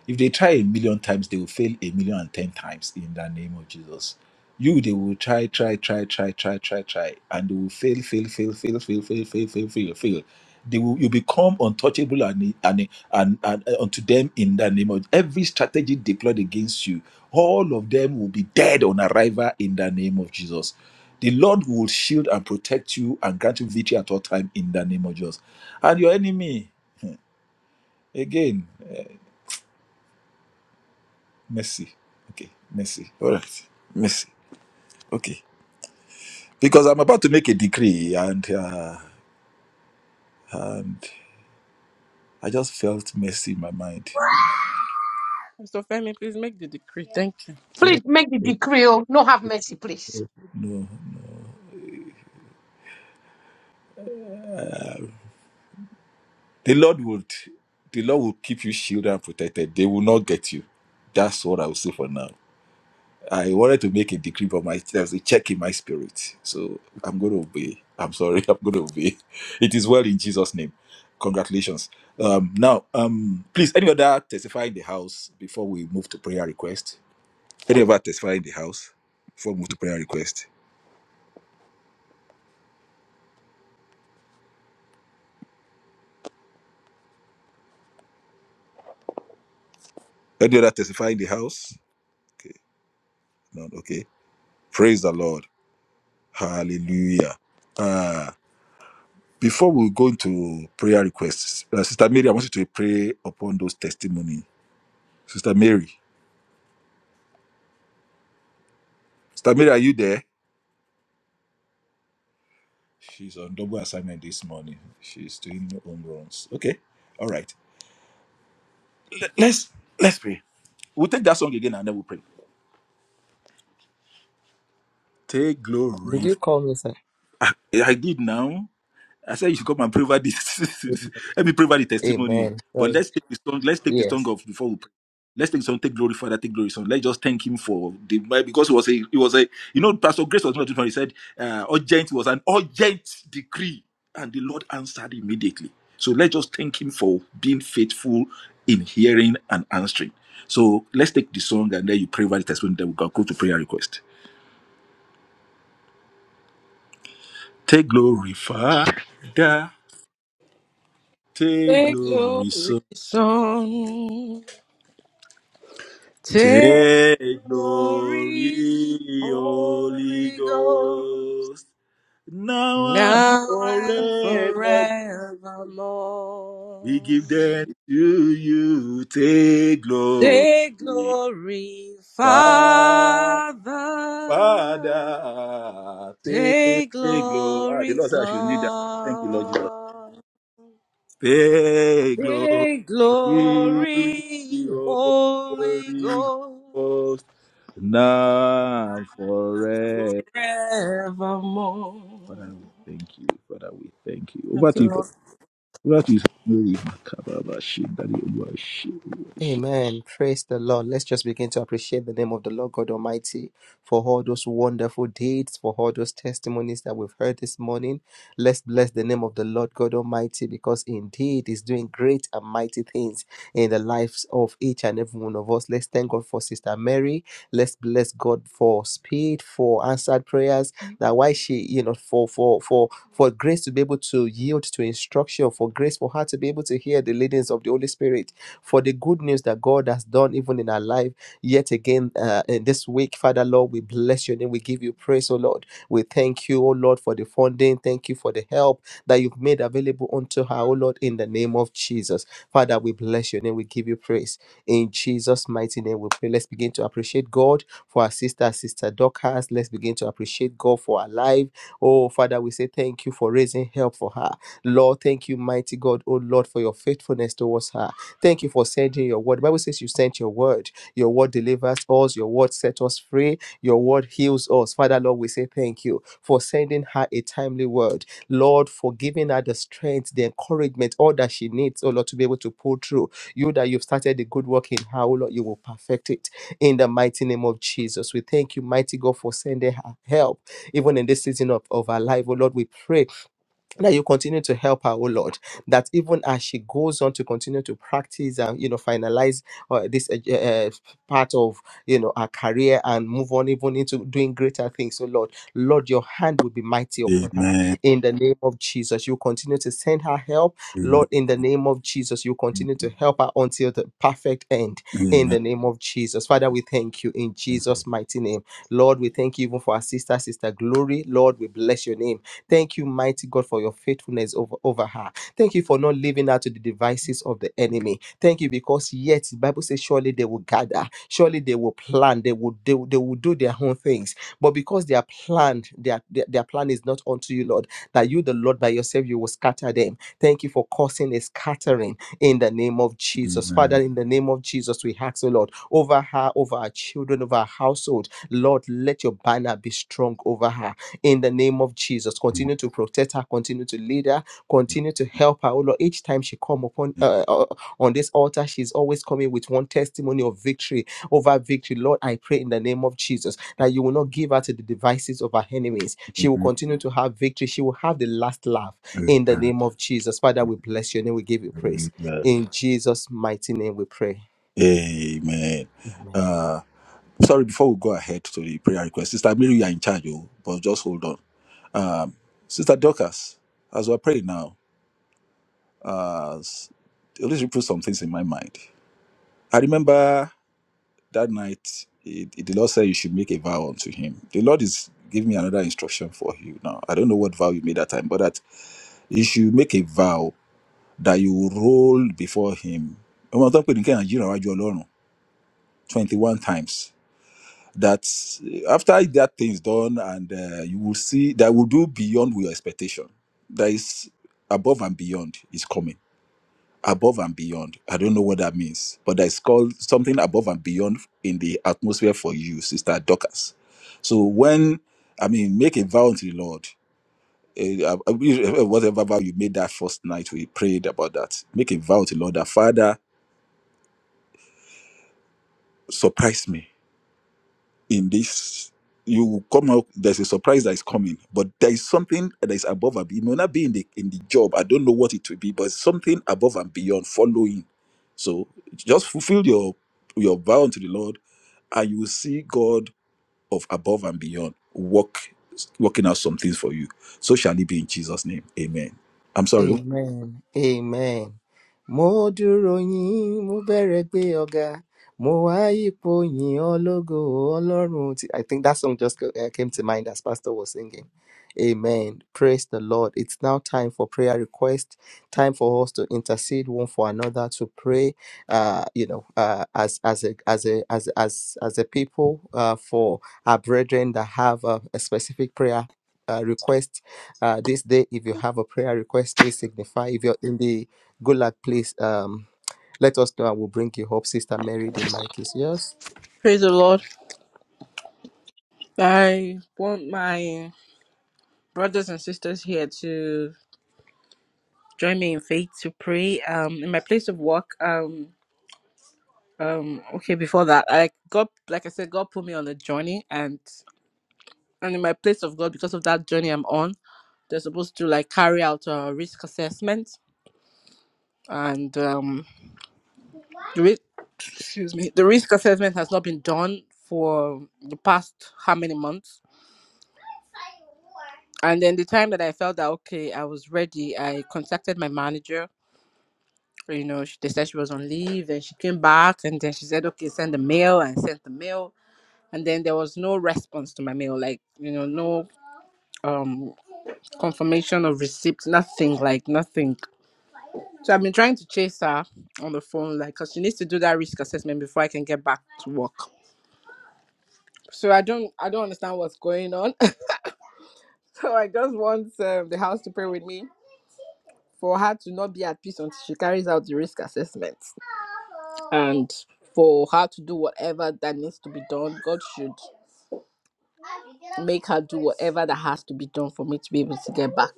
Speaker 3: If they try a million times, they will fail a million and ten times in the name of Jesus. You, they will try, try, try, try, try, try, try, and they will fail, fail, fail, fail, fail, fail, fail, fail, fail, fail. They will, you become untouchable and, and, and, and uh, unto them in the name of every strategy deployed against you. All of them will be dead on arrival in the name of Jesus. The Lord will shield and protect you and grant you victory at all time in the name of Jesus. And your enemy, again. uh, Mercy. Okay. Mercy. All right. Mercy. Okay. Because I'm about to make a decree and uh, and I just felt mercy in my mind.
Speaker 5: So, family, please make the decree. Thank you.
Speaker 7: Please make the decree. Oh, no, have mercy, please.
Speaker 3: No. The Lord would the Lord will keep you shielded and protected. They will not get you. That's what I will say for now. I wanted to make a decree, but my there was a check in my spirit. So I'm gonna obey. I'm sorry, I'm gonna obey. It is well in Jesus' name. Congratulations. Um now um please any other testify in the house before we move to prayer request? Any other testify in the house? Before we move to prayer request. Any other testify in the house? Okay, none. Okay. Praise the Lord. Hallelujah. Ah, before we go into prayer requests, uh, Sister Mary, I want you to pray upon those testimony. Sister Mary. Sister Mary, are you there? She's on double assignment this morning. She's doing home runs. Okay. All right. Let- Let's let's pray. We'll take that song again and then we'll pray. Take glory. I did now. I said you should come and pray over this. Let me pray over the testimony. But let's take the song. Let's take the song off before we pray. Let's take the song. Take glory, Father. Take glory, Son. Let's just thank Him for the because it was a it was a you know Pastor Grace was not different. He said uh, urgent it was an urgent decree, and the Lord answered immediately. So let's just thank Him for being faithful in hearing and answering. So let's take the song and then you pray over the testimony. Then we can go to prayer request. Take glory, Father. Take
Speaker 5: Take
Speaker 3: glory,
Speaker 5: glory,
Speaker 3: Son.
Speaker 5: son. Take
Speaker 3: Take
Speaker 5: glory,
Speaker 3: glory, Holy
Speaker 5: Holy Ghost,
Speaker 3: Ghost, now and
Speaker 5: now and
Speaker 3: forever. We
Speaker 5: forevermore.
Speaker 3: give them to you. Take glory,
Speaker 5: Take glory,
Speaker 3: Fa-
Speaker 5: Father.
Speaker 3: Father. Take
Speaker 5: Take
Speaker 3: glory. Ah, the
Speaker 5: glory,
Speaker 3: Lord said I should need that. Thank you, Lord Jesus.
Speaker 5: Son.
Speaker 3: Take glory,
Speaker 5: Big glory, Holy
Speaker 3: Holy
Speaker 5: Ghost,
Speaker 3: Ghost, now and forever.
Speaker 5: forevermore.
Speaker 3: Father, we thank you. Father, we thank you. Over
Speaker 5: Thank you,
Speaker 3: to you. Papa.
Speaker 5: Lord.
Speaker 3: Over to you. Samuel Makababa Shindari Obuashi.
Speaker 1: Amen. Praise the Lord. Let's just begin to appreciate the name of the Lord God Almighty for all those wonderful deeds, for all those testimonies that we've heard this morning. Let's bless the name of the Lord God Almighty because indeed He's doing great and mighty things in the lives of each and every one of us. Let's thank God for Sister Mary. Let's bless God for speed, for answered prayers that why she you know for for for for grace to be able to yield to instruction for grace for her to be able to hear the leadings of the holy spirit for the good news that god has done even in our life yet again uh, in this week father lord we bless your name we give you praise oh lord we thank Thank you, O Lord, for the funding. Thank you for the help that you've made available unto her, O Lord, in the name of Jesus. Father, we bless your name. We give you praise. In Jesus' mighty name, we pray. Let's begin to appreciate God for our sister, sister Dorcas. Let's begin to appreciate God for our life. Oh, Father, we say thank you for raising help for her. Lord, thank you, mighty God, oh Lord, for your faithfulness towards her. Thank you for sending your word. The Bible says you sent your word. Your word delivers us. Your word set us free. Your word heals us. Father, Lord, we say thank you for sending her a timely word. Lord, for giving her the strength, the encouragement, all that she needs, oh Lord, to be able to pull through. You that you've started the good work in her, oh Lord, you will perfect it in the mighty name of Jesus. We thank you, mighty God, for sending her help, even in this,
Speaker 3: Amen.
Speaker 1: in the name of
Speaker 3: Amen.
Speaker 1: help her until the perfect end, in
Speaker 3: Amen.
Speaker 1: the name of Father, we thank you in Jesus' mighty name. Lord, we thank you even for our sister, Sister Glory. Lord, we bless your name. Thank you, mighty God, for your faithfulness over, over her. Thank you for not leaving her to the devices of the enemy. Thank you because yet the Bible says surely they will gather, surely they will plan, they will they, will- they will do their own things. But because they are planned, their, their their plan is not unto you, Lord, that you, the Lord, by yourself, you will scatter them. Thank you for causing a scattering in the name of Jesus. Father,
Speaker 3: Amen.
Speaker 1: in the name of Jesus, we ask, O Lord, over her, over our children, over our household. Lord, let your banner be strong over her in the name of Jesus.
Speaker 3: Amen.
Speaker 1: Continue to protect her, continue to lead her, continue to help her. O Lord, each time she come upon uh, uh, uh, on this altar, she's always coming with one testimony of victory over victory. Lord, I pray in the name of Jesus that you will not give her to the devices of her enemies. She will continue to have victory. She will have the last laugh in the
Speaker 3: Amen.
Speaker 1: name of Jesus. Father, we bless your name. We give you praise.
Speaker 3: Amen.
Speaker 1: In Jesus' mighty name we pray.
Speaker 3: Amen.
Speaker 1: Amen.
Speaker 3: Uh, sorry, before we go ahead to the prayer request, Sister Mary, you are in charge, oh, but just hold on. Um, Sister Dorcas, as we're praying now, uh, s- the Holy Spirit put some things in my mind. I remember. that night it, it- the lord said you should make a vow unto him the lord is giving me another instruction for you now i don't know what vow you made that time but that you should make a vow that you will roll before him Ọmọ tó ń pè ní Kẹ́hìndé jìnnà wájú Ọlọ́run 21 times that eh, after that thing is done and uh, you will see that will do beyond your expectation that is above and beyond is coming above and beyond. I don't know what that means, but that's called something above and beyond in the atmosphere for you, Sister Dorcas. So when I mean, make a vow unto the Lord. eh, uh, uh, Whatever vow you made that first night, we prayed about that. Make a vow to the Lord that Father surprise me. in this you will come out there's a surprise that is coming but there is something that is above and be- it may not be in the in the job i don't know what it will be but something above and beyond following so just fulfill your your vow unto the lord and you will see god of above and beyond work working out some things for you so shall it be in jesus name amen i'm sorry
Speaker 1: amen amen mo dúró yín mo bẹ̀rẹ̀ pé ọ̀gá mo wá ipò yìn ológo ọlọ́run tí i think that song just ca- eh, came to mind as pastor was singing amen praise the lord it's now time for prayer request time for us to intercede one for another to pray uh you know uh as as a as a as as as a people uh for our brethren that have a, a specific prayer uh, request uh, this day if you have a prayer request please signify if you're in the good luck please um, let us know and we'll bring you up sister mary the mic is yours
Speaker 5: Praise the Lord. I want my brothers and sisters here to join me in faith to pray. Um, in my place of work, um, um, okay, before that, I God, like I said, God put me on a journey, and and in my place of God, because of that journey I'm on, they're supposed to like carry out a risk assessment, and um. the ri- excuse me, the risk assessment has not been done for the past how many months? And then the time that I felt that okay, I was ready, I contacted my manager. You know, she, they said she was on leave, and she came back, and then she said, okay, send the mail, and sent the mail, and then there was no response to my mail, like you know, no um confirmation of receipt, nothing, like nothing. So I've been trying to chase her on the phone, like, cause she needs to do that risk assessment before I can get back to work. so I don't I don't understand what's going on. so I just want um, the house to pray with me for her to not be at peace until she carries out the risk assessment and for her to do whatever that needs to be done. God should make her do whatever that has to be done for me to be able to get back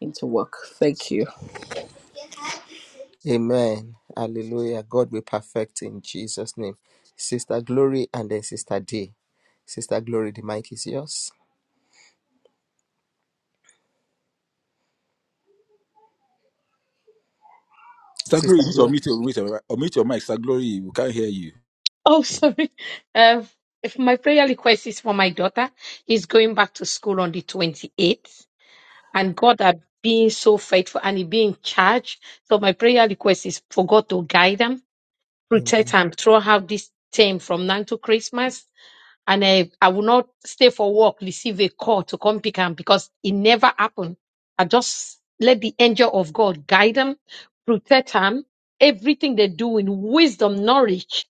Speaker 5: into work. Thank you.
Speaker 1: amen hallelujah god will perfect in jesus name sister glory and then sister d sister glory the mic is yours
Speaker 3: Sir Glory,
Speaker 1: sister
Speaker 3: you need to
Speaker 1: glory
Speaker 3: unmute your, unmute your, unmute your mic. Sir Glory, we can't hear you.
Speaker 7: Oh, sorry. Uh, if my prayer request is for my daughter. He's going back to school on the 28th. And God has been so faithful and He being in charge. So my prayer request is for God to guide them. protect
Speaker 1: amen
Speaker 7: am throughout this term from now to Christmas. And I I will not stay for work, receive a call to come pick him because it never happened. I just let the angel of God guide them, protect them. Everything they do in wisdom, knowledge.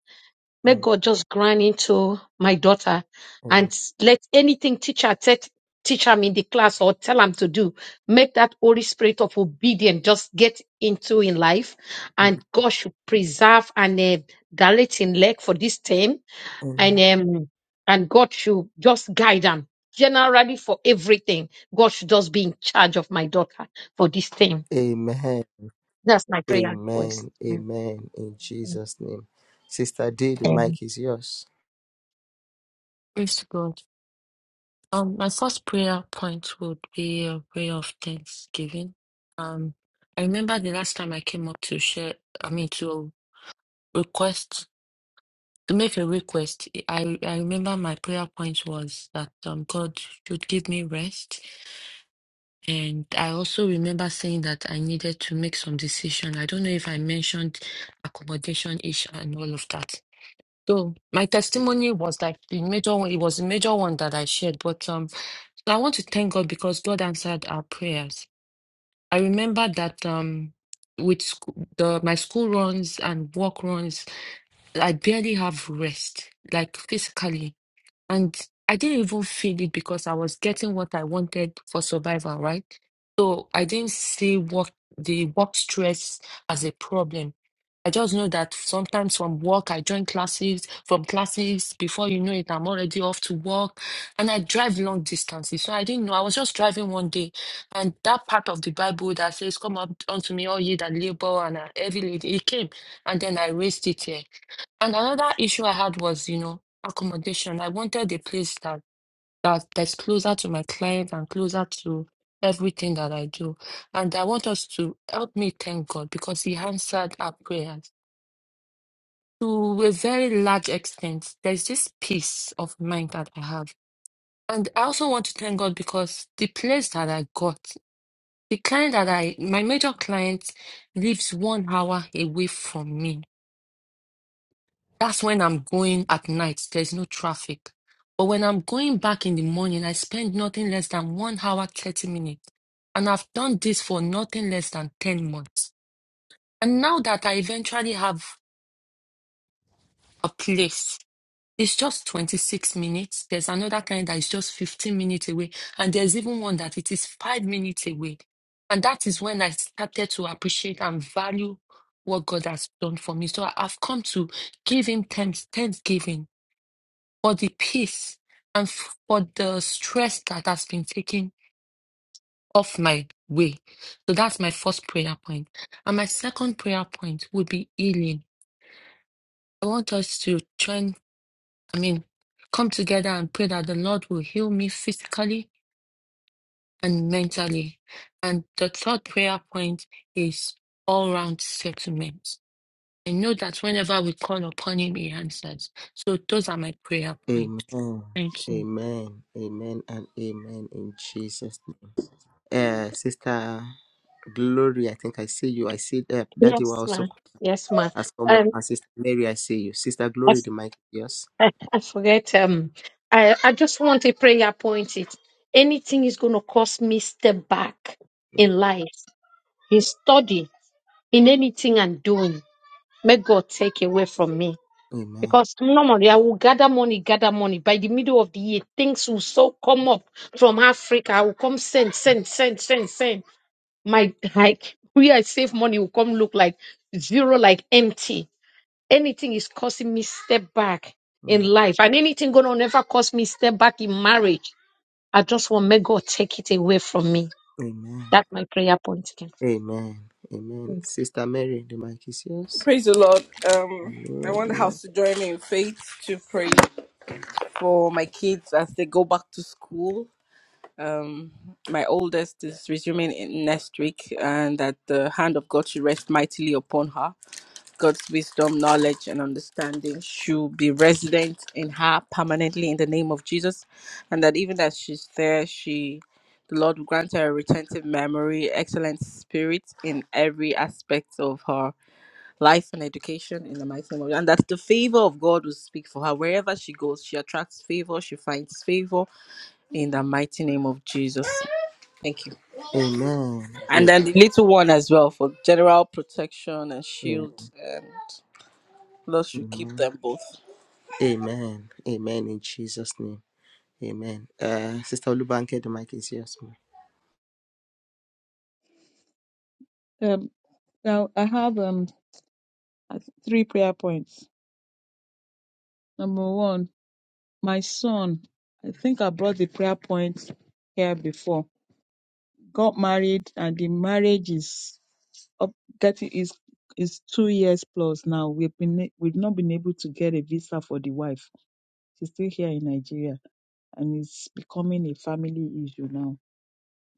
Speaker 7: May God just grant into my daughter and let anything teacher te- teach him in the class or tell him to do, make that Holy Spirit of obedience just get into in life. And God should preserve and uh, dilate in leg for this time. And
Speaker 1: amen
Speaker 7: um, and God should just guide them. Generally for everything, God should just be in charge of my daughter for this time.
Speaker 1: amen
Speaker 7: That's my prayer request.
Speaker 1: amen amen in
Speaker 7: Mm.
Speaker 1: jesus name sister d the
Speaker 7: Amen.
Speaker 1: mic is yours
Speaker 6: to God. Um, my first prayer point would be a prayer of thanksgiving. Um, I remember the last time I came up to share, I mean, to request, to make a request. I, I remember my prayer point was that um, God should give me rest. And I also remember saying that I needed to make some decision. I don't know if I mentioned accommodation issue and all of that. So my testimony was like the major one, it was the major one that I shared. But um I want to thank God because God answered our prayers. I remember that um with school, the my school runs and work runs, I barely have rest, like physically. And I didn't even feel it because I was getting what I wanted for survival, right? So I didn't see work the work stress as a problem. I just know that sometimes from work I join classes, from classes before you know it, I'm already off to work. And I drive long distances. So I didn't know. I was just driving one day. And that part of the Bible that says, Come up unto me, all ye that labor and are heavy laden, it came. And then I raised it here. And another issue I had was, you know accommodation. I wanted a place that that that's closer to my clients and closer to everything that I do. And I want us to help me thank God because He answered our prayers to a very large extent. There's this peace of mind that I have. And I also want to thank God because the place that I got, the client that I, my major client lives one hour away from me That's when I'm going at night. There's no traffic. But when I'm going back in the morning, I spend nothing less than one hour, 30 minutes. And I've done this for nothing less than 10 months. And now that I eventually have a place, it's just 26 minutes. There's another kind that is just 15 minutes away. And there's even one that it is five minutes away. And that is when I started to appreciate and value what God has done for me. So I- I've come to give him thanks, thanksgiving for the peace and f- for the stress that has been taken off my way. So that's my first prayer point. And my second prayer point would be healing. I want us to join, I mean, come together and pray that the Lord will heal me physically and mentally. And the third prayer point is all round settlement. I know that whenever we call upon Him, He answers. So those are my prayer points.
Speaker 1: Amen.
Speaker 6: Thank you.
Speaker 1: Amen. Amen and amen in Jesus' name. Uh, Sister Glory, I think I see you. I see that Daddy will
Speaker 7: Yes,
Speaker 1: also
Speaker 7: ma.
Speaker 1: co-
Speaker 7: Yes, ma.
Speaker 1: has come up. And
Speaker 7: Um,
Speaker 1: Sister Mary, I see you. Sister Glory, the mic is yours.
Speaker 7: I, I forget. Um, I, I just want a prayer point. It anything is going to cause me step back in life, in study, in anything I'm doing. May God take away from me.
Speaker 1: Amen.
Speaker 7: Because normally I will gather money, gather money. By the middle of the year, things will so come up from Africa. I will come send, send, send, send, send. My like where I save money will come look like zero, like empty anything is causing me step back in
Speaker 1: Mm.
Speaker 7: life and anything gonna never cause me step back in marriage i just want may god take it away from me
Speaker 1: Amen.
Speaker 7: that's my prayer point again
Speaker 1: Amen. Amen. Sister Mary, the mic is yours.
Speaker 5: Praise the Lord. Um, I
Speaker 1: Glory.
Speaker 5: want the house to join me in faith to pray for my kids as they go back to school Um, my oldest is resuming in next week, and that the hand of God should rest mightily upon her. God's wisdom, knowledge, and understanding should be resident in her permanently in the name of Jesus, and that even as she's there, she the Lord will grant her a retentive memory, excellent spirit in every aspect of her life and education in the mighty name of God. and that the favor of God will speak for her wherever she goes. She attracts favor, she finds favor in the mighty name of Jesus. Thank you.
Speaker 1: Amen.
Speaker 5: And then the little one as well for general protection and
Speaker 1: Amen.
Speaker 5: shield and Lord should keep
Speaker 1: Amen.
Speaker 5: them both.
Speaker 1: Amen. Amen in Jesus' name. Amen. Uh, Sister Olubanke, the mic is yours.
Speaker 8: Um, now I have um three prayer points. Number one, my son. I think I brought the prayer point here before. Got married, and the marriage is up getting is is two years plus now. We've been we've not been able to get a visa for the wife. She's still here in Nigeria, and it's becoming a family issue now.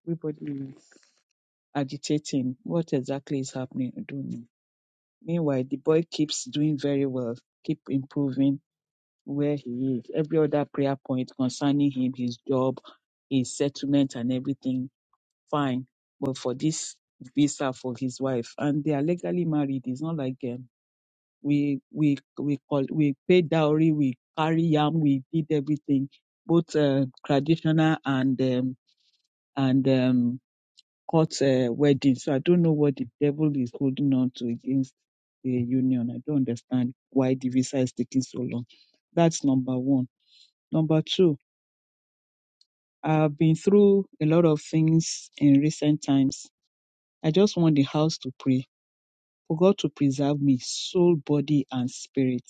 Speaker 8: Everybody is agitating. What exactly is happening? I don't know. Meanwhile, the boy keeps doing very well, keep improving where he is, every other prayer point concerning him, his job, his settlement, and everything, fine. But for this visa for his wife, and they are legally married, it's not like um, we we we call we paid dowry, we carry yam, we did everything, both uh, traditional and um, and um, court uh, wedding. So I don't know what the devil is holding on to against the union. I don't understand why the visa is taking so long. That's number one. Number two, I've been through a lot of things in recent times. I just want the house to pray for God to preserve me, soul, body, and spirit.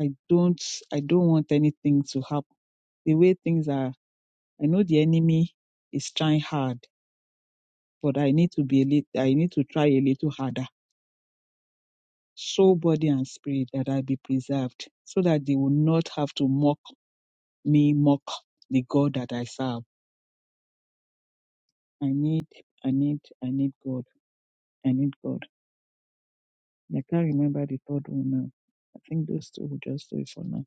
Speaker 8: I don't, I don't want anything to happen. The way things are, I know the enemy is trying hard, but I need to be a little, I need to try a little harder. Soul, body, and spirit that I be preserved, so that they will not have to mock me, mock the God that I serve. I need, I need, I need God. I need God. I can't remember the third one now. I think those two will just do it for now.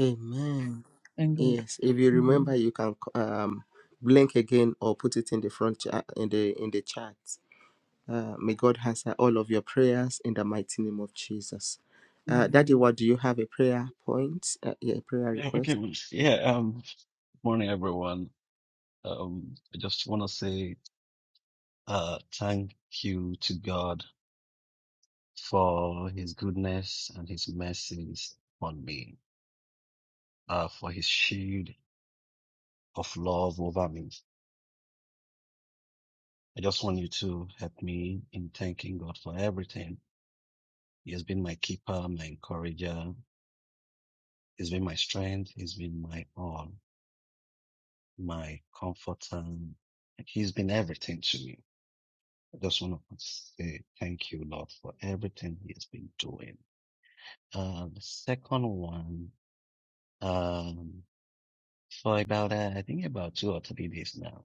Speaker 1: Amen.
Speaker 8: Thank God.
Speaker 1: Yes, if you remember,
Speaker 8: Mhm.
Speaker 1: you can c- um, blink again or put it in the front cha- in the in the chat. Uh, may God answer all of your prayers in the mighty name of Jesus. Uh, Daddy,
Speaker 8: Mhm.
Speaker 1: what do you have a prayer point? Uh, yeah, a prayer
Speaker 9: Yeah, okay.
Speaker 1: request.
Speaker 9: well, Yeah, um, morning everyone. Um, I just want to say, uh, thank you to God for his goodness and his mercies on me, uh, for his shield of love over me. I just want you to help me in thanking God for everything. He has been my keeper, my encourager. He's been my strength. He's been my all, my comforter. He's been everything to me. I just want to say thank you, Lord, for everything He has been doing. Uh, the second one, um, for about, uh, I think about two or three days now.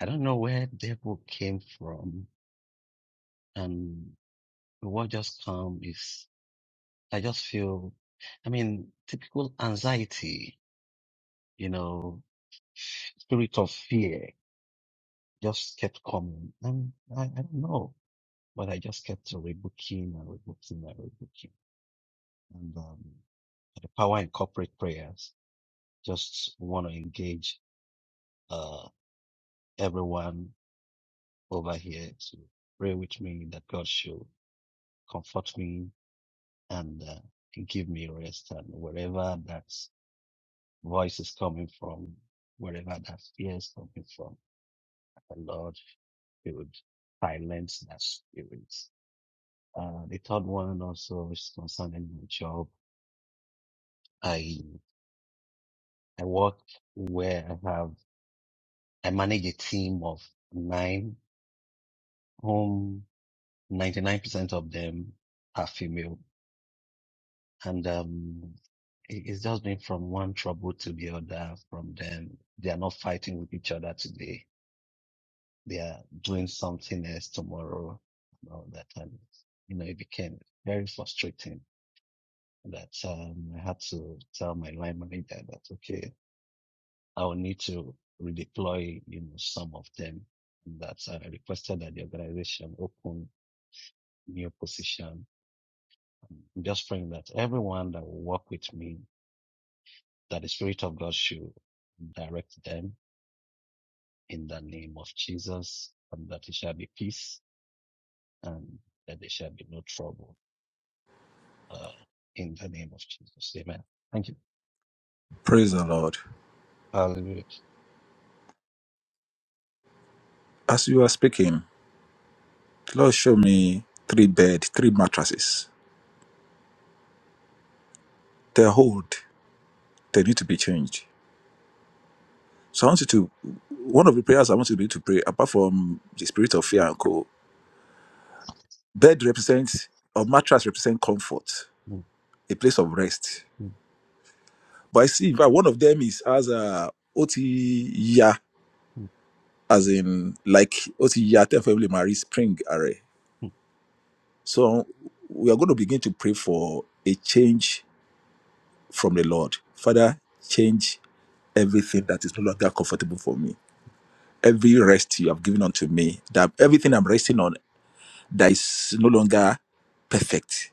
Speaker 9: I don't know where devil came from and what just come is, I just feel, I mean, typical anxiety, you know, spirit of fear just kept coming. And I, I don't know, but I just kept rebuking and rebuking and rebuking. and um, the power in corporate prayers. Just want to engage uh, everyone over here to pray with me that God should comfort me and uh, give me rest. And wherever that voice is coming from, wherever that fear is coming from, the Lord should silence that spirit. Uh, the third one also is concerning my job. I I work where I have. I manage a team of nine, whom 99% of them are female. And um, it- it's just been from one trouble to the other from them. They are not fighting with each other today. They are doing something else tomorrow and all that. And, you know, it became very frustrating that um, I had to tell my line manager that, okay, I will need to redeploy, you know, some of them. And That uh, I requested that the organization open new position. I'm just praying that everyone that will work with me, that the Spirit of God should direct them in the name of Jesus, and that there shall be peace and that there shall be no trouble uh, in the name of Jesus. Amen. Thank you.
Speaker 3: Praise the Lord.
Speaker 9: Hallelujah.
Speaker 3: As you are speaking. Lord, show me three bed, three mattresses. They're old. They need to be changed. So I want you to, one of the prayers I want you to be able to pray, apart from the spirit of fear and co, bed represents, or mattress represents comfort,
Speaker 9: Mm,
Speaker 3: a place of rest.
Speaker 9: mm,
Speaker 3: But I see, in fact, one of them is as a otiya,
Speaker 9: mm,
Speaker 3: as in like otiya, ten family marry spring array.
Speaker 9: mm.
Speaker 3: So we are going to begin to pray for a change from the Lord. Father, change everything that is no longer comfortable for me every rest you have given unto me, that everything I'm resting on that is no longer perfect.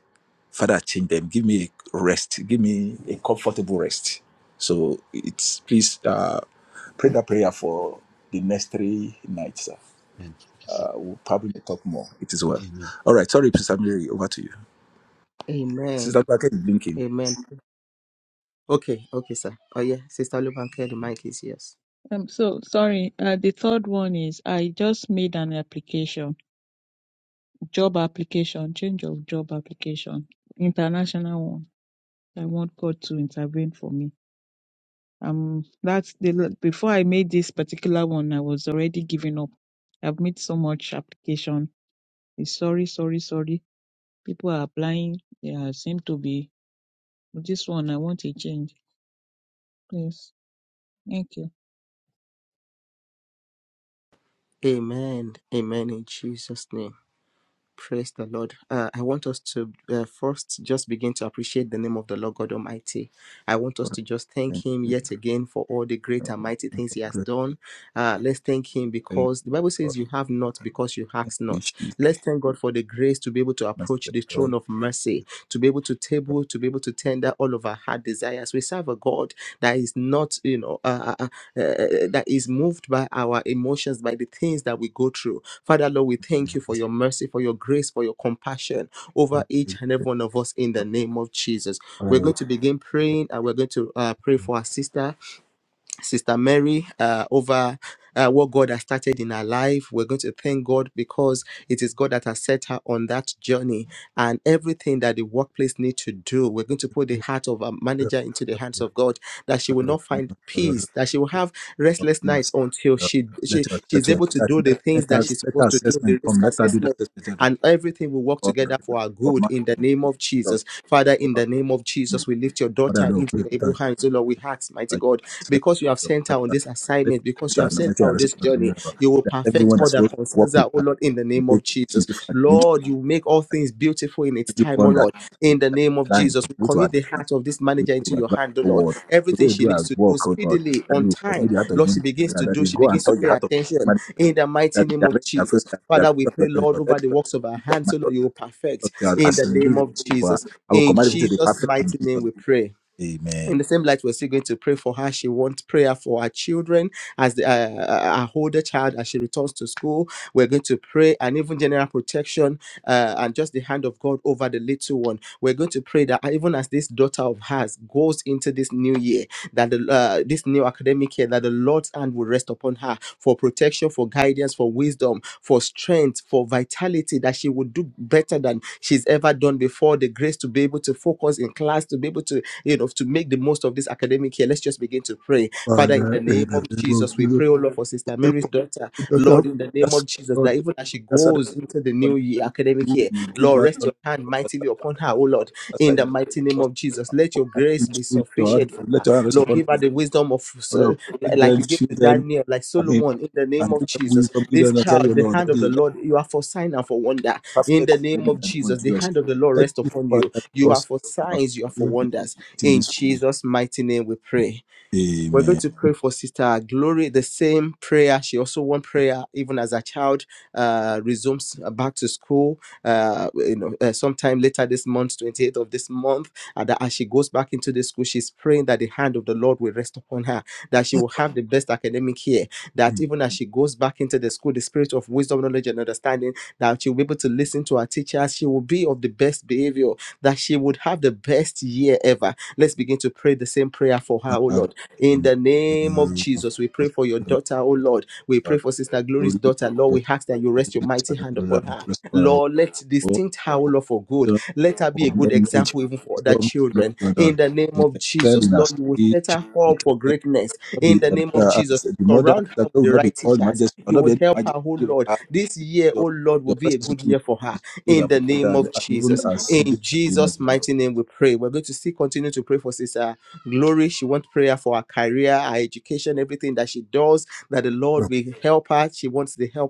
Speaker 3: Father, change them. Give me a rest. Give me a comfortable rest. So it's please uh, pray that prayer for the next three nights. sir.
Speaker 9: And thank you, sir.
Speaker 3: Uh, we'll probably talk more. It is well.
Speaker 9: Amen.
Speaker 3: All right. Sorry, Sister Mary. Over to you. Sister
Speaker 1: Amen.
Speaker 3: Baker is blinking.
Speaker 1: Amen. Okay, okay, sir. Oh yeah, Sister Lubanke, the mic is yours.
Speaker 8: Um, so sorry. Uh, the third one is I just made an application, job application, change of job application, international one. I want God to intervene for me. Um, that's the l- before I made this particular one, I was already giving up. I've made so much application. It's sorry, sorry, sorry. People are applying. They are, seem to be. This one I want a change. Please. Okay.
Speaker 1: Amen. Amen. In Jesus' name. Praise the Lord. Uh, I want us to uh, first just begin to appreciate the name of the Lord. I want
Speaker 3: God,
Speaker 1: us
Speaker 3: Thank
Speaker 1: to again for all the. it has
Speaker 3: you.
Speaker 1: done uh,
Speaker 3: Thank God. If she's my sister,
Speaker 1: to God that is not uh, uh, uh, uh, that is moved by our emotions, by the things that we go through. Father Lord, we thank you for your mercy, for your grace, for your compassion over each
Speaker 3: God,
Speaker 1: and every one of us in the name of Jesus. We're going to begin praying and we're going to uh, pray for our sister. Sister Mary uh, over uh, what God has started in her life. We're going to thank God because it is God that has set her on that journey and everything that the workplace needs to do. We're going to put the heart of a manager into the hands of God that she will not find
Speaker 3: I know.
Speaker 1: peace, that she will have
Speaker 3: of
Speaker 1: restless nights
Speaker 3: Jesus.
Speaker 1: until
Speaker 3: Uh,
Speaker 1: she, she
Speaker 3: Let us
Speaker 1: she's
Speaker 3: settle.
Speaker 1: able to
Speaker 3: Let,
Speaker 1: do the
Speaker 3: let,
Speaker 1: things
Speaker 3: let
Speaker 1: that
Speaker 3: us
Speaker 1: she's
Speaker 3: let our
Speaker 1: supposed to do,
Speaker 3: assessment
Speaker 1: the
Speaker 3: come.
Speaker 1: risk
Speaker 3: Let us do that
Speaker 1: assessment.
Speaker 3: assessment that
Speaker 1: And everything will work
Speaker 3: come
Speaker 1: together
Speaker 3: right now.
Speaker 1: for our good
Speaker 3: Command
Speaker 1: in the
Speaker 3: them.
Speaker 1: name of Jesus. Father, in the name of Jesus, we lift your
Speaker 3: Father,
Speaker 1: daughter
Speaker 3: Lord,
Speaker 1: into
Speaker 3: pray
Speaker 1: your
Speaker 3: for
Speaker 1: able
Speaker 3: us.
Speaker 1: hands, O Lord. We ask, mighty
Speaker 3: Like,
Speaker 1: God, because you have sent her on this assignment, because you have sent her on this journey. You will
Speaker 3: That
Speaker 1: perfect
Speaker 3: everyone
Speaker 1: all
Speaker 3: that's
Speaker 1: that
Speaker 3: supposed to
Speaker 1: concerns
Speaker 3: work with
Speaker 1: her, oh
Speaker 3: us,
Speaker 1: Lord, in the
Speaker 3: will
Speaker 1: name
Speaker 3: be
Speaker 1: of Jesus.
Speaker 3: easy for the
Speaker 1: Lord, you make all things beautiful in its time, oh
Speaker 3: everyone that
Speaker 1: Lord,
Speaker 3: is
Speaker 1: in the
Speaker 3: like,
Speaker 1: name of
Speaker 3: lying
Speaker 1: Jesus.
Speaker 3: to go
Speaker 1: We
Speaker 3: to
Speaker 1: commit the
Speaker 3: advance,
Speaker 1: heart of this
Speaker 3: to go
Speaker 1: manager into
Speaker 3: to
Speaker 1: your
Speaker 3: advance
Speaker 1: hand, oh
Speaker 3: the
Speaker 1: Lord.
Speaker 3: world, to go
Speaker 1: Everything
Speaker 3: to
Speaker 1: she
Speaker 3: do our
Speaker 1: needs to do
Speaker 3: work, oh Lord,
Speaker 1: speedily,
Speaker 3: that
Speaker 1: on
Speaker 3: we commit
Speaker 1: time,
Speaker 3: the heart of
Speaker 1: Lord, she
Speaker 3: men,
Speaker 1: begins to
Speaker 3: that
Speaker 1: do,
Speaker 3: we
Speaker 1: she
Speaker 3: go and
Speaker 1: begins to
Speaker 3: touch the
Speaker 1: pay
Speaker 3: heart of
Speaker 1: attention
Speaker 3: man,
Speaker 1: in the mighty
Speaker 3: that
Speaker 1: name of
Speaker 3: direct their friend,
Speaker 1: Jesus.
Speaker 3: that they are
Speaker 1: Father, we
Speaker 3: people of the
Speaker 1: pray,
Speaker 3: church,
Speaker 1: Lord,
Speaker 3: Lord. Let them
Speaker 1: over the works of our
Speaker 3: peace of
Speaker 1: hands, so
Speaker 3: mind.
Speaker 1: Lord, you will perfect
Speaker 3: God, I
Speaker 1: in the
Speaker 3: salute
Speaker 1: name
Speaker 3: you.
Speaker 1: of
Speaker 3: for-
Speaker 1: Jesus.
Speaker 3: I will
Speaker 1: In
Speaker 3: command it to be
Speaker 1: Jesus'
Speaker 3: perfect in
Speaker 1: mighty name,
Speaker 3: Jesus.
Speaker 1: we pray
Speaker 3: name. Amen.
Speaker 1: in the same light, we're still going to pray for her. She wants prayer for her children as the, uh, uh, her older child as she returns to school. We're going to pray and even general protection uh, and just the hand of God over the little one. We're going to pray that even as this daughter of hers goes into this new year, that the, uh, this new academic year that the Lord's hand will rest upon her for protection, for guidance, for wisdom, for strength, for vitality, that she would do better than she's ever done before. The grace to be able to focus in class, to be able to, you know, to make the most of this academic year. Let's just begin to pray. Father, in
Speaker 3: Father,
Speaker 1: the
Speaker 3: in
Speaker 1: name
Speaker 3: the
Speaker 1: of
Speaker 3: name of
Speaker 1: Jesus, we
Speaker 3: Jesus,
Speaker 1: pray, oh Lord, for Sister Mary's daughter.
Speaker 3: that's how,
Speaker 1: Lord, in the name
Speaker 3: that's
Speaker 1: of Jesus,
Speaker 3: how God,
Speaker 1: that even as she
Speaker 3: that's how the
Speaker 1: goes into the new
Speaker 3: Lord
Speaker 1: year, academic
Speaker 3: do.
Speaker 1: year.
Speaker 3: You give
Speaker 1: Lord,
Speaker 3: us
Speaker 1: rest your
Speaker 3: knowledge
Speaker 1: hand
Speaker 3: to
Speaker 1: mightily
Speaker 3: understand.
Speaker 1: upon her, oh
Speaker 3: That's
Speaker 1: Lord, in
Speaker 3: how
Speaker 1: the
Speaker 3: the
Speaker 1: mighty name
Speaker 3: Lord
Speaker 1: of Jesus. Let your grace
Speaker 3: does.
Speaker 1: be
Speaker 3: Let your hand,
Speaker 1: sufficient for her.
Speaker 3: let your hand rest
Speaker 1: Lord,
Speaker 3: upon
Speaker 1: give
Speaker 3: them.
Speaker 1: her the wisdom of, uh,
Speaker 3: Lord, protect
Speaker 1: like
Speaker 3: them,
Speaker 1: you gave
Speaker 3: shield
Speaker 1: to
Speaker 3: them.
Speaker 1: Daniel, like
Speaker 3: I mean,
Speaker 1: Solomon, in the name
Speaker 3: and
Speaker 1: of
Speaker 3: give them
Speaker 1: Jesus.
Speaker 3: wisdom, give
Speaker 1: This
Speaker 3: them answer,
Speaker 1: child,
Speaker 3: your
Speaker 1: the
Speaker 3: Lord.
Speaker 1: hand
Speaker 3: That
Speaker 1: of the
Speaker 3: is, let the
Speaker 1: Lord, you are for sign and for wonder. In
Speaker 3: perfect
Speaker 1: the
Speaker 3: of them
Speaker 1: name
Speaker 3: in
Speaker 1: of
Speaker 3: the name of
Speaker 1: Jesus, the
Speaker 3: Jesus.
Speaker 1: hand of the Lord
Speaker 3: Thank
Speaker 1: rest
Speaker 3: you,
Speaker 1: upon you.
Speaker 3: Father,
Speaker 1: You are
Speaker 3: because
Speaker 1: for
Speaker 3: you have
Speaker 1: signs, you are for
Speaker 3: healed it
Speaker 1: wonders.
Speaker 3: in
Speaker 1: In
Speaker 3: this
Speaker 1: Jesus' mighty name, we pray.
Speaker 3: way.
Speaker 1: We're going
Speaker 3: Amen.
Speaker 1: to pray for Sister Glory, the same prayer. She also won prayer even as a child uh, resumes back to school, uh, you know, uh, sometime later this month, 28th of this month. And that as she goes back into the school, she's praying that the hand of the Lord will rest upon her, that she will have the best academic year, that even as she goes back into the school, the spirit of wisdom, knowledge, and understanding, that she'll be able to listen to her teachers, she will be of the best behavior, that she would have the best year ever. Let's begin to pray the same prayer for her, oh
Speaker 3: Father,
Speaker 1: Lord in
Speaker 3: in
Speaker 1: the
Speaker 3: the
Speaker 1: name of
Speaker 3: name of
Speaker 1: Jesus, we pray
Speaker 3: Jesus,
Speaker 1: for your daughter, oh Lord. We pray
Speaker 3: Father,
Speaker 1: for Sister Glory's
Speaker 3: glory
Speaker 1: daughter, Lord.
Speaker 3: that
Speaker 1: We ask that you rest
Speaker 3: you
Speaker 1: your mighty
Speaker 3: let
Speaker 1: hand
Speaker 3: your
Speaker 1: upon
Speaker 3: Lord
Speaker 1: her,
Speaker 3: prosper our
Speaker 1: Lord. Let
Speaker 3: vision for knowledge, for wisdom, for knowledge, O Lord. She will excel in her study, she will be protected, not be uh, as the mother, that God will not be called majesty, there will not be any majesty over her. Your, your presence will be filled and protected, and, and even as she did in the name of Jesus.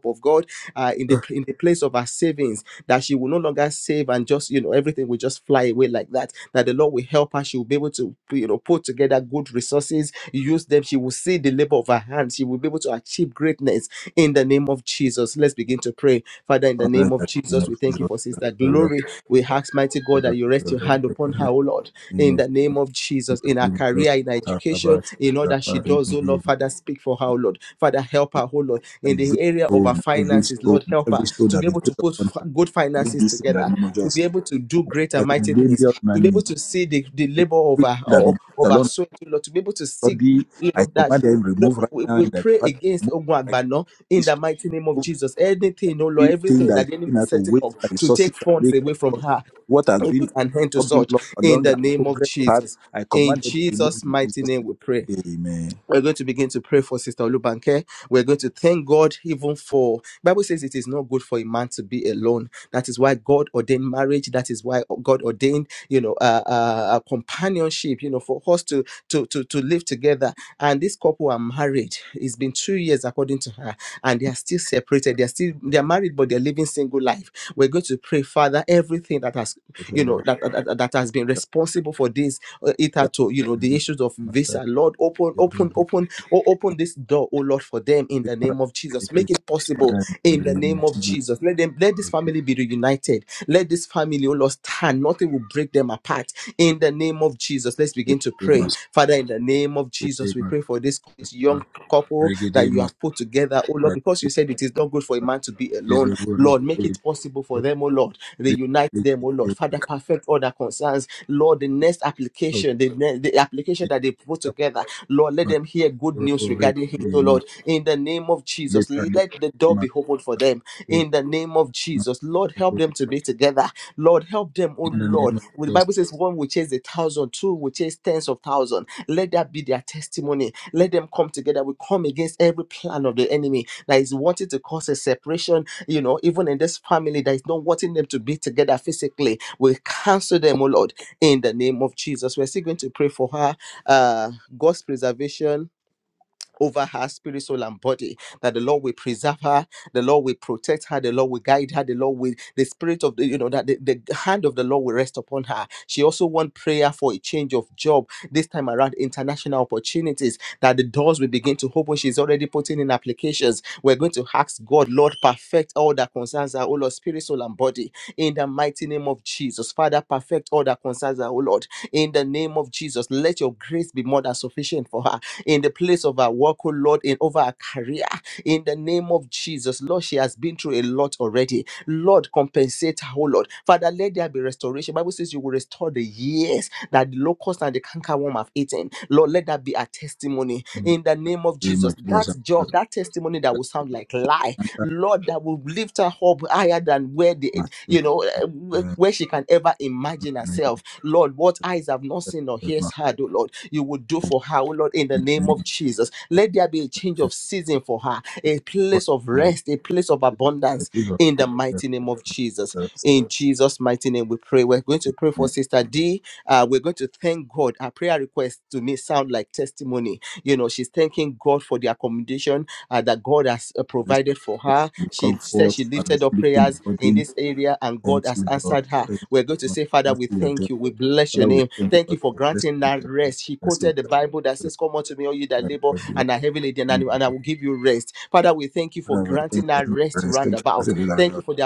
Speaker 1: of God, uh, in the of her savings, that she will no longer save and just, you know, everything will just fly away like that. That the Lord will help her. She will be able to, you know, put together good resources, use them. She will see the labor of her hands. She will be able to achieve greatness in the name of Jesus. Let's begin to pray. Father, in the
Speaker 3: Father,
Speaker 1: name
Speaker 3: in
Speaker 1: of
Speaker 3: the name
Speaker 1: Jesus, we
Speaker 3: of
Speaker 1: thank
Speaker 3: Jesus,
Speaker 1: you
Speaker 3: Father,
Speaker 1: for Sister
Speaker 3: Father,
Speaker 1: Glory. We ask, mighty God, that
Speaker 3: Father,
Speaker 1: you rest
Speaker 3: Father,
Speaker 1: your hand
Speaker 3: Father,
Speaker 1: upon
Speaker 3: Father,
Speaker 1: her, oh Lord,
Speaker 3: name
Speaker 1: in the name
Speaker 3: of
Speaker 1: of Jesus,
Speaker 3: Jesus.
Speaker 1: in
Speaker 3: In the
Speaker 1: her
Speaker 3: name of Jesus.
Speaker 1: career, in her education,
Speaker 3: Kalabash,
Speaker 1: in all that she
Speaker 3: Rabari,
Speaker 1: does, oh Lord.
Speaker 3: Nidima.
Speaker 1: Father, speak for her, oh Lord. Father, help her, oh Lord in
Speaker 3: Every
Speaker 1: the area of our
Speaker 3: stone, every
Speaker 1: finances.
Speaker 3: stone,
Speaker 1: Lord, help her
Speaker 3: every stone
Speaker 1: to be
Speaker 3: that been
Speaker 1: able to
Speaker 3: placed
Speaker 1: put
Speaker 3: upon her,
Speaker 1: f- good
Speaker 3: make
Speaker 1: finances
Speaker 3: this in the
Speaker 1: together,
Speaker 3: name of
Speaker 1: to
Speaker 3: Jesus.
Speaker 1: be able to do great and
Speaker 3: I think
Speaker 1: mighty things,
Speaker 3: million
Speaker 1: to be able
Speaker 3: money.
Speaker 1: to see the, the labor of
Speaker 3: Every
Speaker 1: our
Speaker 3: stone that
Speaker 1: of
Speaker 3: been placed
Speaker 1: of our
Speaker 3: along
Speaker 1: soul, to Lord, to be able to
Speaker 3: her
Speaker 1: see,
Speaker 3: body,
Speaker 1: you
Speaker 3: I
Speaker 1: know, that
Speaker 3: command them
Speaker 1: no,
Speaker 3: remove right
Speaker 1: we,
Speaker 3: now
Speaker 1: we
Speaker 3: in the
Speaker 1: pray
Speaker 3: Father,
Speaker 1: against
Speaker 3: move like
Speaker 1: Ogwagbano in
Speaker 3: this
Speaker 1: the
Speaker 3: to
Speaker 1: mighty name of
Speaker 3: move
Speaker 1: Jesus. Anything, oh Lord,
Speaker 3: everything
Speaker 1: everything
Speaker 3: that's
Speaker 1: that the enemy
Speaker 3: making her
Speaker 1: is
Speaker 3: to
Speaker 1: setting up
Speaker 3: waste her
Speaker 1: to
Speaker 3: resources
Speaker 1: take
Speaker 3: and
Speaker 1: funds
Speaker 3: make
Speaker 1: away from
Speaker 3: effort.
Speaker 1: her,
Speaker 3: What has
Speaker 1: we
Speaker 3: been like
Speaker 1: put an end to
Speaker 3: stumbling
Speaker 1: such
Speaker 3: block
Speaker 1: in
Speaker 3: along
Speaker 1: the
Speaker 3: her
Speaker 1: name of
Speaker 3: progress path,
Speaker 1: Jesus.
Speaker 3: I
Speaker 1: In
Speaker 3: command them to remove
Speaker 1: Jesus'
Speaker 3: in
Speaker 1: mighty
Speaker 3: Jesus'
Speaker 1: name, we pray.
Speaker 3: name. Amen.
Speaker 1: We're going to begin to pray for Sister Olubanke. We're going to thank God even for Bible says it is not good for a man to be alone. That is why God ordained marriage. That is why God ordained, you know, uh, uh, a companionship. You know, for us to to to to live together. And this couple are married. It's been two years according to her, and they are still separated. They are still they are married, but they're living single life. We're going to pray, Father, everything that has
Speaker 3: Thank
Speaker 1: you know
Speaker 3: you,
Speaker 1: that that, that has been responsible for this uh, it had to you know the issues of
Speaker 3: Lord.
Speaker 1: visa lord open
Speaker 3: the
Speaker 1: open
Speaker 3: double
Speaker 1: open oh, open this door oh lord for them in the
Speaker 3: multiplier.
Speaker 1: name of jesus
Speaker 3: It is
Speaker 1: make it possible
Speaker 3: Father in the
Speaker 1: in the
Speaker 3: name
Speaker 1: name
Speaker 3: of
Speaker 1: of
Speaker 3: Jesus.
Speaker 1: jesus let them let this family be reunited let this family oh lord stand nothing will break them apart in the name of jesus let's begin to pray
Speaker 3: Regedemas,
Speaker 1: father in the name of jesus Jesus, we
Speaker 3: regedemas,
Speaker 1: pray for this young couple that you
Speaker 3: regedemas,
Speaker 1: have put together, oh Lord, because you said it is not good for a man to be alone.
Speaker 3: regedemas, regedemas,
Speaker 1: Lord, make it possible for them, oh Lord. Reunite them, oh Lord. Father, perfect all their concerns. Lord, the next application, the, ne- the application that they put together, Lord, let them hear good news regarding him, oh Lord. In the name of Jesus, let the door be opened for them them in the name of Jesus. Lord, help them to be together. Lord, help them, oh
Speaker 3: in the
Speaker 1: Lord.
Speaker 3: name of
Speaker 1: Well, the
Speaker 3: Jesus,
Speaker 1: Bible says one will chase a thousand, two will chase tens of thousands. Let that be their testimony. Let them come together. We come against every plan of the enemy that is wanting to cause a separation, you know, even in this family that is not wanting them to be together physically. We cancel them, oh Lord, in the name of Jesus. We're still going to pray for her, uh, God's preservation over her spirit, soul, and body. That the Lord will preserve her, the Lord will protect her, the Lord will guide her, the Lord will, the spirit of the, you know, that the, the hand of the Lord will rest upon her. She also wants prayer for a change of job, this time around international opportunities, that the doors will begin to open. She's already putting in applications. We're going to ask God, Lord, perfect all that concerns her, oh Lord, spirit, soul, and body. In the mighty name of Jesus, Father, perfect all that concerns her, oh Lord. In the name of Jesus, let your grace be more than sufficient for her in the place of our work, oh Lord, and over our career. In the name of Jesus, Lord, she has been through a lot already. Lord, compensate her, oh Lord. Father, let there be restoration. Bible says you will restore the years that the locust and the cankerworm have eaten. Lord, let that be a testimony
Speaker 3: in
Speaker 1: in the name of
Speaker 3: the name
Speaker 1: Jesus.
Speaker 3: of Jesus,
Speaker 1: That
Speaker 3: I'm
Speaker 1: job,
Speaker 3: the
Speaker 1: that testimony that will sound like lie,
Speaker 3: I'm sorry.
Speaker 1: Lord, that will lift her up higher than where the
Speaker 3: I'm
Speaker 1: you know eh, wh- where she can ever imagine
Speaker 3: sorry.
Speaker 1: herself. Lord, what eyes have not seen or
Speaker 3: I'm
Speaker 1: ears heard, oh Lord, you will do for her, oh Lord, in the name
Speaker 3: sorry.
Speaker 1: of Jesus. Let there be a change of season for her, a
Speaker 3: I'm
Speaker 1: place of
Speaker 3: sorry.
Speaker 1: rest, a place of
Speaker 3: The
Speaker 1: abundance
Speaker 3: grace of
Speaker 1: in the
Speaker 3: God rest
Speaker 1: mighty name of
Speaker 3: upon
Speaker 1: Jesus.
Speaker 3: Jesus
Speaker 1: In Jesus' mighty name, we pray. We're going to pray for
Speaker 3: and
Speaker 1: Sister D. Uh, we're going to thank God. Her prayer request to me sound like testimony. You know, she's thanking God for the accommodation uh, that God has uh,
Speaker 3: grace of
Speaker 1: provided for
Speaker 3: God
Speaker 1: her.
Speaker 3: will
Speaker 1: She said
Speaker 3: comfort
Speaker 1: she
Speaker 3: and
Speaker 1: lifted up
Speaker 3: lifting the
Speaker 1: prayers in
Speaker 3: burden.
Speaker 1: this area and God
Speaker 3: Thank
Speaker 1: has
Speaker 3: you, Lord.
Speaker 1: answered her.
Speaker 3: Thank
Speaker 1: We're going
Speaker 3: you,
Speaker 1: to
Speaker 3: Lord.
Speaker 1: say, Father,
Speaker 3: Thank
Speaker 1: we
Speaker 3: you, your
Speaker 1: thank
Speaker 3: death.
Speaker 1: you. We bless your
Speaker 3: Father, we
Speaker 1: name.
Speaker 3: thank you
Speaker 1: Thank you
Speaker 3: for
Speaker 1: for
Speaker 3: your blessing.
Speaker 1: granting that rest. She
Speaker 3: Bless your
Speaker 1: quoted the
Speaker 3: death.
Speaker 1: Bible that
Speaker 3: bless
Speaker 1: says, Come unto me, all you that
Speaker 3: your death.
Speaker 1: labor
Speaker 3: bless your
Speaker 1: and are heavily laden, and and I
Speaker 3: death.
Speaker 1: will give you rest. Father, we thank you for
Speaker 3: Father, we thank you
Speaker 1: granting
Speaker 3: for
Speaker 1: that
Speaker 3: the
Speaker 1: rest
Speaker 3: rest. Thank you for
Speaker 1: roundabout.
Speaker 3: the
Speaker 1: Thank you
Speaker 3: life.
Speaker 1: for the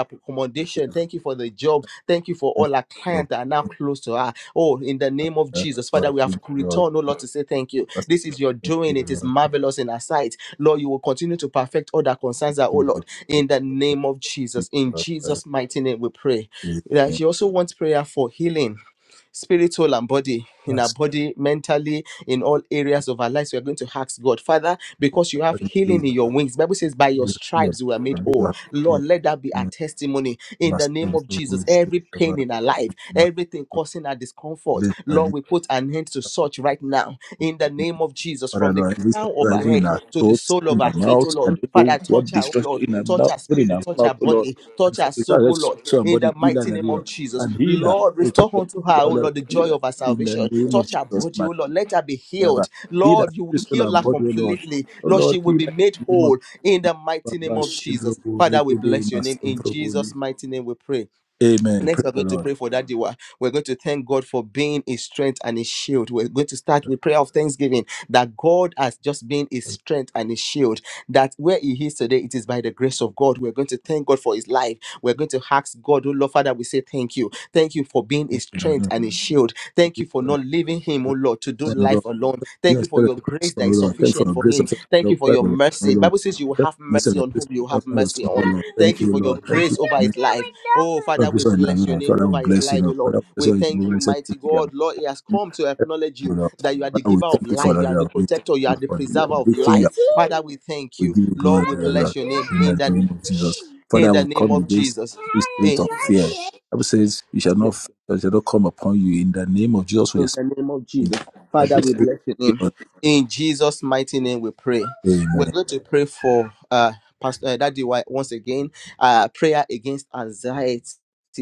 Speaker 3: Thank you
Speaker 1: accommodation.
Speaker 3: for
Speaker 1: Thank you for the job. Thank you for
Speaker 3: your
Speaker 1: all our
Speaker 3: Lord.
Speaker 1: clients that are now close to her. Oh, in the name of
Speaker 3: Thank you, for the thank you, Lord. Thank you, Lord. Thank
Speaker 1: Jesus,
Speaker 3: you,
Speaker 1: Father,
Speaker 3: Lord. Thank
Speaker 1: we have returned, oh Lord, to say thank you. This is your doing. It is marvelous in our sight. Lord, you will continue to perfect all that concerns her, oh
Speaker 3: you,
Speaker 1: Lord, in the
Speaker 3: Lord.
Speaker 1: name of
Speaker 3: Thank you,
Speaker 1: Jesus. In
Speaker 3: Father.
Speaker 1: Jesus' mighty name, we pray. That
Speaker 3: Amen.
Speaker 1: She also wants prayer for healing spirit, soul, and body, in our
Speaker 3: Yes.
Speaker 1: body, mentally, in all
Speaker 3: Thank
Speaker 1: areas of our lives. We are going to ask God, Father,
Speaker 3: you,
Speaker 1: because you have
Speaker 3: Lord. Thank
Speaker 1: healing in your wings. Bible says, by your
Speaker 3: you, Lord.
Speaker 1: stripes we are made
Speaker 3: Thank
Speaker 1: whole.
Speaker 3: you, Lord.
Speaker 1: Lord, let that be our testimony in the name
Speaker 3: Masum
Speaker 1: of Jesus. Every pain in our life, everything causing our discomfort, Lord,
Speaker 3: Literally,
Speaker 1: we put an end to such right now in the name of Jesus
Speaker 3: Father
Speaker 1: from the
Speaker 3: Lord, every
Speaker 1: crown of
Speaker 3: surprise,
Speaker 1: our
Speaker 3: even in
Speaker 1: head
Speaker 3: our
Speaker 1: to to the
Speaker 3: thoughts,
Speaker 1: soul
Speaker 3: even
Speaker 1: of
Speaker 3: in our
Speaker 1: her feet,
Speaker 3: mouth,
Speaker 1: oh
Speaker 3: I
Speaker 1: Lord.
Speaker 3: don't know
Speaker 1: Father,
Speaker 3: what
Speaker 1: touch her, oh
Speaker 3: destruction
Speaker 1: Lord.
Speaker 3: in our
Speaker 1: Touch
Speaker 3: mouth,
Speaker 1: her
Speaker 3: even in
Speaker 1: spirit,
Speaker 3: our
Speaker 1: touch
Speaker 3: mouth,
Speaker 1: her
Speaker 3: oh Lord.
Speaker 1: body,
Speaker 3: And
Speaker 1: touch
Speaker 3: for
Speaker 1: her
Speaker 3: the God,
Speaker 1: soul, oh
Speaker 3: let's
Speaker 1: Lord. In the
Speaker 3: somebody heal
Speaker 1: mighty
Speaker 3: and
Speaker 1: name of
Speaker 3: heal
Speaker 1: Jesus.
Speaker 3: and heal our
Speaker 1: Lord,
Speaker 3: thoughts, oh
Speaker 1: restore
Speaker 3: Lord.
Speaker 1: unto
Speaker 3: Heal
Speaker 1: her,
Speaker 3: our
Speaker 1: oh
Speaker 3: Lord,
Speaker 1: Lord, the
Speaker 3: heal
Speaker 1: joy
Speaker 3: us
Speaker 1: of her
Speaker 3: in the
Speaker 1: salvation.
Speaker 3: name of
Speaker 1: Touch her
Speaker 3: Jesus,
Speaker 1: body,
Speaker 3: my
Speaker 1: oh Lord. Let her be
Speaker 3: Father.
Speaker 1: healed.
Speaker 3: Heal us,
Speaker 1: Lord, you will
Speaker 3: crystal
Speaker 1: heal
Speaker 3: and
Speaker 1: her
Speaker 3: body, oh Lord.
Speaker 1: completely.
Speaker 3: Oh
Speaker 1: Lord,
Speaker 3: Lord,
Speaker 1: she will
Speaker 3: heal
Speaker 1: be
Speaker 3: us
Speaker 1: made
Speaker 3: in the name of
Speaker 1: whole in
Speaker 3: my
Speaker 1: the mighty name
Speaker 3: Father,
Speaker 1: of Jesus.
Speaker 3: Shendrobo,
Speaker 1: Father, we
Speaker 3: Regebe,
Speaker 1: bless your name. In Jesus'
Speaker 3: Masondrobo.
Speaker 1: mighty name, we pray.
Speaker 3: Amen.
Speaker 1: Next,
Speaker 3: Praise
Speaker 1: we're
Speaker 3: the
Speaker 1: going to
Speaker 3: Lord.
Speaker 1: pray for that Diwa. We're going to thank God for being his strength and his shield. We're going to start with prayer of thanksgiving that God has just been his strength and his shield. That where he is today, it is by the grace of God. We're going to thank God for his life. We're going to ask God, oh Lord Father, we say thank you. Thank you for being his strength
Speaker 3: Thank
Speaker 1: and his shield. Thank you for not
Speaker 3: you,
Speaker 1: leaving him, oh Lord, to do
Speaker 3: Lord.
Speaker 1: life alone. Thank you
Speaker 3: Yes,
Speaker 1: for
Speaker 3: that
Speaker 1: your
Speaker 3: is
Speaker 1: grace
Speaker 3: so
Speaker 1: that is
Speaker 3: Lord. Thank you for
Speaker 1: sufficient
Speaker 3: the
Speaker 1: for
Speaker 3: grace
Speaker 1: him.
Speaker 3: of
Speaker 1: Thank
Speaker 3: your
Speaker 1: you for your
Speaker 3: Bible, so
Speaker 1: mercy.
Speaker 3: Lord.
Speaker 1: Bible says you will
Speaker 3: Thank you for the
Speaker 1: have
Speaker 3: mercy of
Speaker 1: mercy
Speaker 3: the
Speaker 1: on
Speaker 3: grace
Speaker 1: whom
Speaker 3: of
Speaker 1: you
Speaker 3: your
Speaker 1: have
Speaker 3: Bible,
Speaker 1: mercy
Speaker 3: so
Speaker 1: on.
Speaker 3: Lord.
Speaker 1: Thank
Speaker 3: Thank
Speaker 1: you
Speaker 3: you,
Speaker 1: for your
Speaker 3: Lord. Thank you
Speaker 1: grace
Speaker 3: for
Speaker 1: over
Speaker 3: the
Speaker 1: his
Speaker 3: mercy
Speaker 1: life. Oh,
Speaker 3: of
Speaker 1: Father,
Speaker 3: the
Speaker 1: we
Speaker 3: grace of your Lord.
Speaker 1: bless your
Speaker 3: Lord.
Speaker 1: name
Speaker 3: Father, we
Speaker 1: over his
Speaker 3: bless you,
Speaker 1: life, oh
Speaker 3: Lord.
Speaker 1: Lord.
Speaker 3: Father, we bless
Speaker 1: We
Speaker 3: you, Lord. Father,
Speaker 1: thank you,
Speaker 3: we bless
Speaker 1: mighty
Speaker 3: you,
Speaker 1: God. Lord, he has
Speaker 3: have
Speaker 1: come to acknowledge
Speaker 3: done, Lord.
Speaker 1: you
Speaker 3: Lord.
Speaker 1: that you are the
Speaker 3: Father, we
Speaker 1: giver of
Speaker 3: thank you for
Speaker 1: life,
Speaker 3: the
Speaker 1: you are the
Speaker 3: Lord. We thank
Speaker 1: protector,
Speaker 3: you
Speaker 1: you are
Speaker 3: Lord,
Speaker 1: the
Speaker 3: for
Speaker 1: preserver
Speaker 3: the
Speaker 1: of
Speaker 3: everything you
Speaker 1: life.
Speaker 3: have.
Speaker 1: Father, we thank
Speaker 3: We
Speaker 1: you.
Speaker 3: give you
Speaker 1: Lord,
Speaker 3: glory,
Speaker 1: we
Speaker 3: Lord.
Speaker 1: bless
Speaker 3: Lord.
Speaker 1: your name
Speaker 3: In
Speaker 1: in
Speaker 3: the
Speaker 1: the
Speaker 3: name of Jesus.
Speaker 1: in
Speaker 3: Father,
Speaker 1: the
Speaker 3: we
Speaker 1: name
Speaker 3: come
Speaker 1: of
Speaker 3: against
Speaker 1: Jesus.
Speaker 3: this spirit
Speaker 1: Eh,
Speaker 3: of fear. Bible says, you shall
Speaker 1: yeah.
Speaker 3: not, fear, shall not come upon you. In the name of Jesus, we
Speaker 1: In
Speaker 3: expect
Speaker 1: the name of
Speaker 3: him.
Speaker 1: Jesus. Father,
Speaker 3: Every
Speaker 1: we
Speaker 3: spirit
Speaker 1: bless your name.
Speaker 3: of
Speaker 1: In Jesus' mighty name, we pray.
Speaker 3: fear,
Speaker 1: We're
Speaker 3: amen,
Speaker 1: going to pray for uh, Pastor uh, Daddy White once again. Uh, prayer against anxiety.